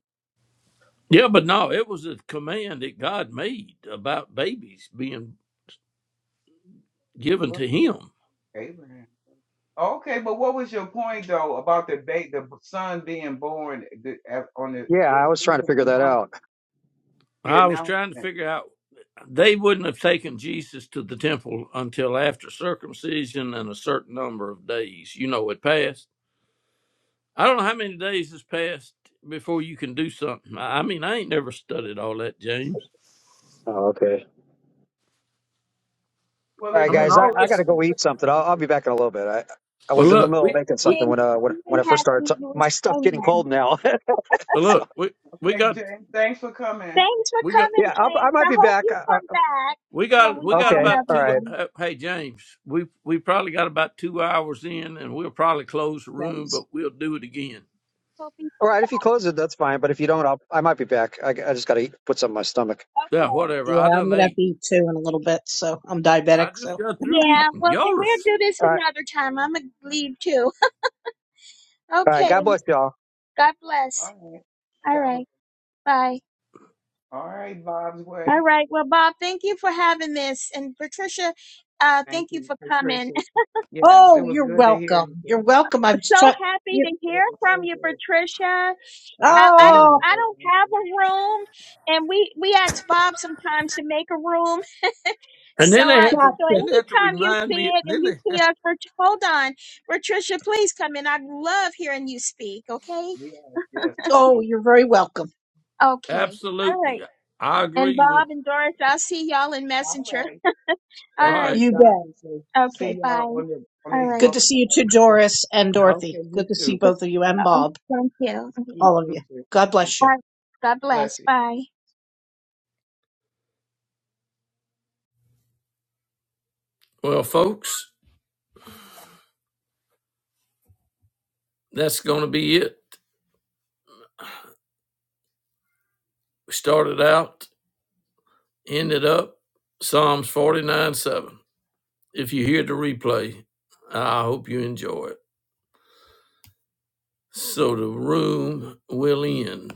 [SPEAKER 8] Yeah, but no, it was a command that God made about babies being given
[SPEAKER 4] What
[SPEAKER 8] to
[SPEAKER 4] was
[SPEAKER 8] him.
[SPEAKER 4] it? Abraham. Okay, but what was your point though about the ba- the son being born the, at- on the
[SPEAKER 7] Yeah, I
[SPEAKER 4] was
[SPEAKER 7] was trying to
[SPEAKER 4] even
[SPEAKER 7] figure that
[SPEAKER 4] announced
[SPEAKER 7] out.
[SPEAKER 4] the
[SPEAKER 8] I was trying to
[SPEAKER 4] announcement?
[SPEAKER 8] figure out they wouldn't have taken Jesus to the temple until after circumcision and a certain number of days. You know, it passed. I don't know how many days has passed before you can do something. I I mean, I ain't never studied all that, James.
[SPEAKER 7] Oh, okay.
[SPEAKER 4] Well,
[SPEAKER 7] All
[SPEAKER 4] it
[SPEAKER 7] right,
[SPEAKER 8] I mean,
[SPEAKER 7] guys,
[SPEAKER 4] doesn't
[SPEAKER 7] I,
[SPEAKER 8] all
[SPEAKER 7] I got
[SPEAKER 8] that's
[SPEAKER 7] to
[SPEAKER 4] matter.
[SPEAKER 7] go eat something.
[SPEAKER 4] That's
[SPEAKER 7] I'll, I'll
[SPEAKER 4] a-
[SPEAKER 7] be back in a little bit. I I
[SPEAKER 8] well.
[SPEAKER 7] was in the
[SPEAKER 8] Look,
[SPEAKER 7] middle of
[SPEAKER 8] we
[SPEAKER 7] making
[SPEAKER 8] we
[SPEAKER 7] something
[SPEAKER 2] And
[SPEAKER 7] when uh when, when
[SPEAKER 2] really
[SPEAKER 7] I first started.
[SPEAKER 2] happy you
[SPEAKER 7] t-
[SPEAKER 2] was
[SPEAKER 7] my stuff getting
[SPEAKER 2] coming.
[SPEAKER 7] cold now. (laughs)
[SPEAKER 8] well,
[SPEAKER 7] so
[SPEAKER 8] look we we
[SPEAKER 4] Okay,
[SPEAKER 8] got
[SPEAKER 4] James, thanks for coming.
[SPEAKER 2] Thanks for
[SPEAKER 8] we got.
[SPEAKER 2] coming,
[SPEAKER 7] yeah, I'll, I
[SPEAKER 2] James.
[SPEAKER 7] might
[SPEAKER 2] I
[SPEAKER 7] be
[SPEAKER 2] hope
[SPEAKER 7] back.
[SPEAKER 2] you
[SPEAKER 7] I,
[SPEAKER 2] come back
[SPEAKER 8] We
[SPEAKER 2] when
[SPEAKER 8] got
[SPEAKER 2] we
[SPEAKER 8] we
[SPEAKER 2] have
[SPEAKER 8] got
[SPEAKER 7] Okay.
[SPEAKER 8] about
[SPEAKER 7] All
[SPEAKER 2] another
[SPEAKER 8] two.
[SPEAKER 7] right.
[SPEAKER 2] one.
[SPEAKER 8] uh, Hey James, we we probably got about two hours in, and we'll probably close the room,
[SPEAKER 5] Thanks.
[SPEAKER 8] but we'll do it again.
[SPEAKER 2] Hope you
[SPEAKER 7] All right. If you close it, that's fine. But if you don't, I'll, I might be back. I, I just got to put something in my stomach.
[SPEAKER 8] Yeah,
[SPEAKER 2] okay.
[SPEAKER 8] whatever.
[SPEAKER 5] Yeah,
[SPEAKER 8] I
[SPEAKER 5] I'm
[SPEAKER 8] done
[SPEAKER 5] gonna have
[SPEAKER 8] ate.
[SPEAKER 5] to eat two in a little bit, so I'm diabetic,
[SPEAKER 8] I just
[SPEAKER 5] so
[SPEAKER 8] got through
[SPEAKER 2] Yeah,
[SPEAKER 8] eating.
[SPEAKER 2] well then
[SPEAKER 8] Y'all are.
[SPEAKER 2] we'll
[SPEAKER 8] s-
[SPEAKER 2] do this
[SPEAKER 7] All right.
[SPEAKER 2] another time. I'm gonna leave too. (laughs)
[SPEAKER 7] All right.
[SPEAKER 2] Okay.
[SPEAKER 7] God bless y'all.
[SPEAKER 2] God
[SPEAKER 4] All
[SPEAKER 2] bless.
[SPEAKER 4] right.
[SPEAKER 2] All
[SPEAKER 4] God bless.
[SPEAKER 2] right. Bye.
[SPEAKER 4] All right, Bob's way.
[SPEAKER 2] All right. Well, Bob, thank you for having this. And Patricia, uh,
[SPEAKER 4] Thank
[SPEAKER 2] thank you
[SPEAKER 4] you,
[SPEAKER 2] for coming.
[SPEAKER 4] Patricia.
[SPEAKER 2] (laughs)
[SPEAKER 4] Yes, it
[SPEAKER 5] Oh,
[SPEAKER 4] was
[SPEAKER 5] you're
[SPEAKER 4] good to hear you,
[SPEAKER 5] welcome. You're
[SPEAKER 4] girl.
[SPEAKER 5] welcome. I'm just
[SPEAKER 2] so
[SPEAKER 5] trying
[SPEAKER 2] happy to
[SPEAKER 5] you
[SPEAKER 4] It
[SPEAKER 2] hear
[SPEAKER 4] was
[SPEAKER 2] from
[SPEAKER 4] so
[SPEAKER 2] you,
[SPEAKER 4] good.
[SPEAKER 2] Patricia.
[SPEAKER 4] I
[SPEAKER 2] I, I
[SPEAKER 4] see
[SPEAKER 2] don't
[SPEAKER 4] you,
[SPEAKER 5] Oh,
[SPEAKER 4] but
[SPEAKER 2] I
[SPEAKER 4] I
[SPEAKER 2] don't
[SPEAKER 4] don't
[SPEAKER 2] have
[SPEAKER 4] see you.
[SPEAKER 2] a room and we we ask Bob sometimes to make a room.
[SPEAKER 8] And then
[SPEAKER 2] So
[SPEAKER 8] they
[SPEAKER 2] I
[SPEAKER 8] had to
[SPEAKER 2] so
[SPEAKER 5] gotcha.
[SPEAKER 8] then they had to
[SPEAKER 2] anytime you
[SPEAKER 8] remind
[SPEAKER 2] see
[SPEAKER 8] me.
[SPEAKER 2] it and
[SPEAKER 8] Then
[SPEAKER 2] you
[SPEAKER 8] they
[SPEAKER 2] see us Ret- hold on. Patricia, please come in. I love hearing you speak, okay?
[SPEAKER 4] Yes, yes,
[SPEAKER 5] Oh,
[SPEAKER 4] please.
[SPEAKER 5] you're very welcome.
[SPEAKER 2] Okay. All
[SPEAKER 8] absolutely.
[SPEAKER 2] right.
[SPEAKER 8] I
[SPEAKER 2] And
[SPEAKER 8] agree with.
[SPEAKER 2] Bob and Doris, I'll see y'all in
[SPEAKER 4] All
[SPEAKER 2] Messenger.
[SPEAKER 4] right.
[SPEAKER 8] All
[SPEAKER 4] As
[SPEAKER 2] All
[SPEAKER 4] as
[SPEAKER 2] right
[SPEAKER 8] right.
[SPEAKER 5] You
[SPEAKER 2] then.
[SPEAKER 5] bet.
[SPEAKER 4] Johnson says, see
[SPEAKER 2] Okay, bye.
[SPEAKER 4] y'all
[SPEAKER 2] All
[SPEAKER 4] on the on these
[SPEAKER 2] right.
[SPEAKER 5] Good to
[SPEAKER 4] bubble.
[SPEAKER 5] see you too, Doris and
[SPEAKER 4] Okay,
[SPEAKER 5] Dorothy. Good
[SPEAKER 4] you
[SPEAKER 5] to see
[SPEAKER 4] too.
[SPEAKER 5] both of you and
[SPEAKER 2] Oh,
[SPEAKER 5] Bob,
[SPEAKER 2] thank you.
[SPEAKER 4] You
[SPEAKER 2] Okay.
[SPEAKER 5] all of
[SPEAKER 4] too,
[SPEAKER 5] you.
[SPEAKER 4] too.
[SPEAKER 5] God
[SPEAKER 4] Bless
[SPEAKER 5] bless you.
[SPEAKER 4] you.
[SPEAKER 2] Bye. God bless.
[SPEAKER 4] Bless you.
[SPEAKER 2] Bye.
[SPEAKER 8] Well, folks, that's going to be it. We started out, ended up Psalms forty nine seven. If you hear the replay, I hope you enjoy it. So the room will end.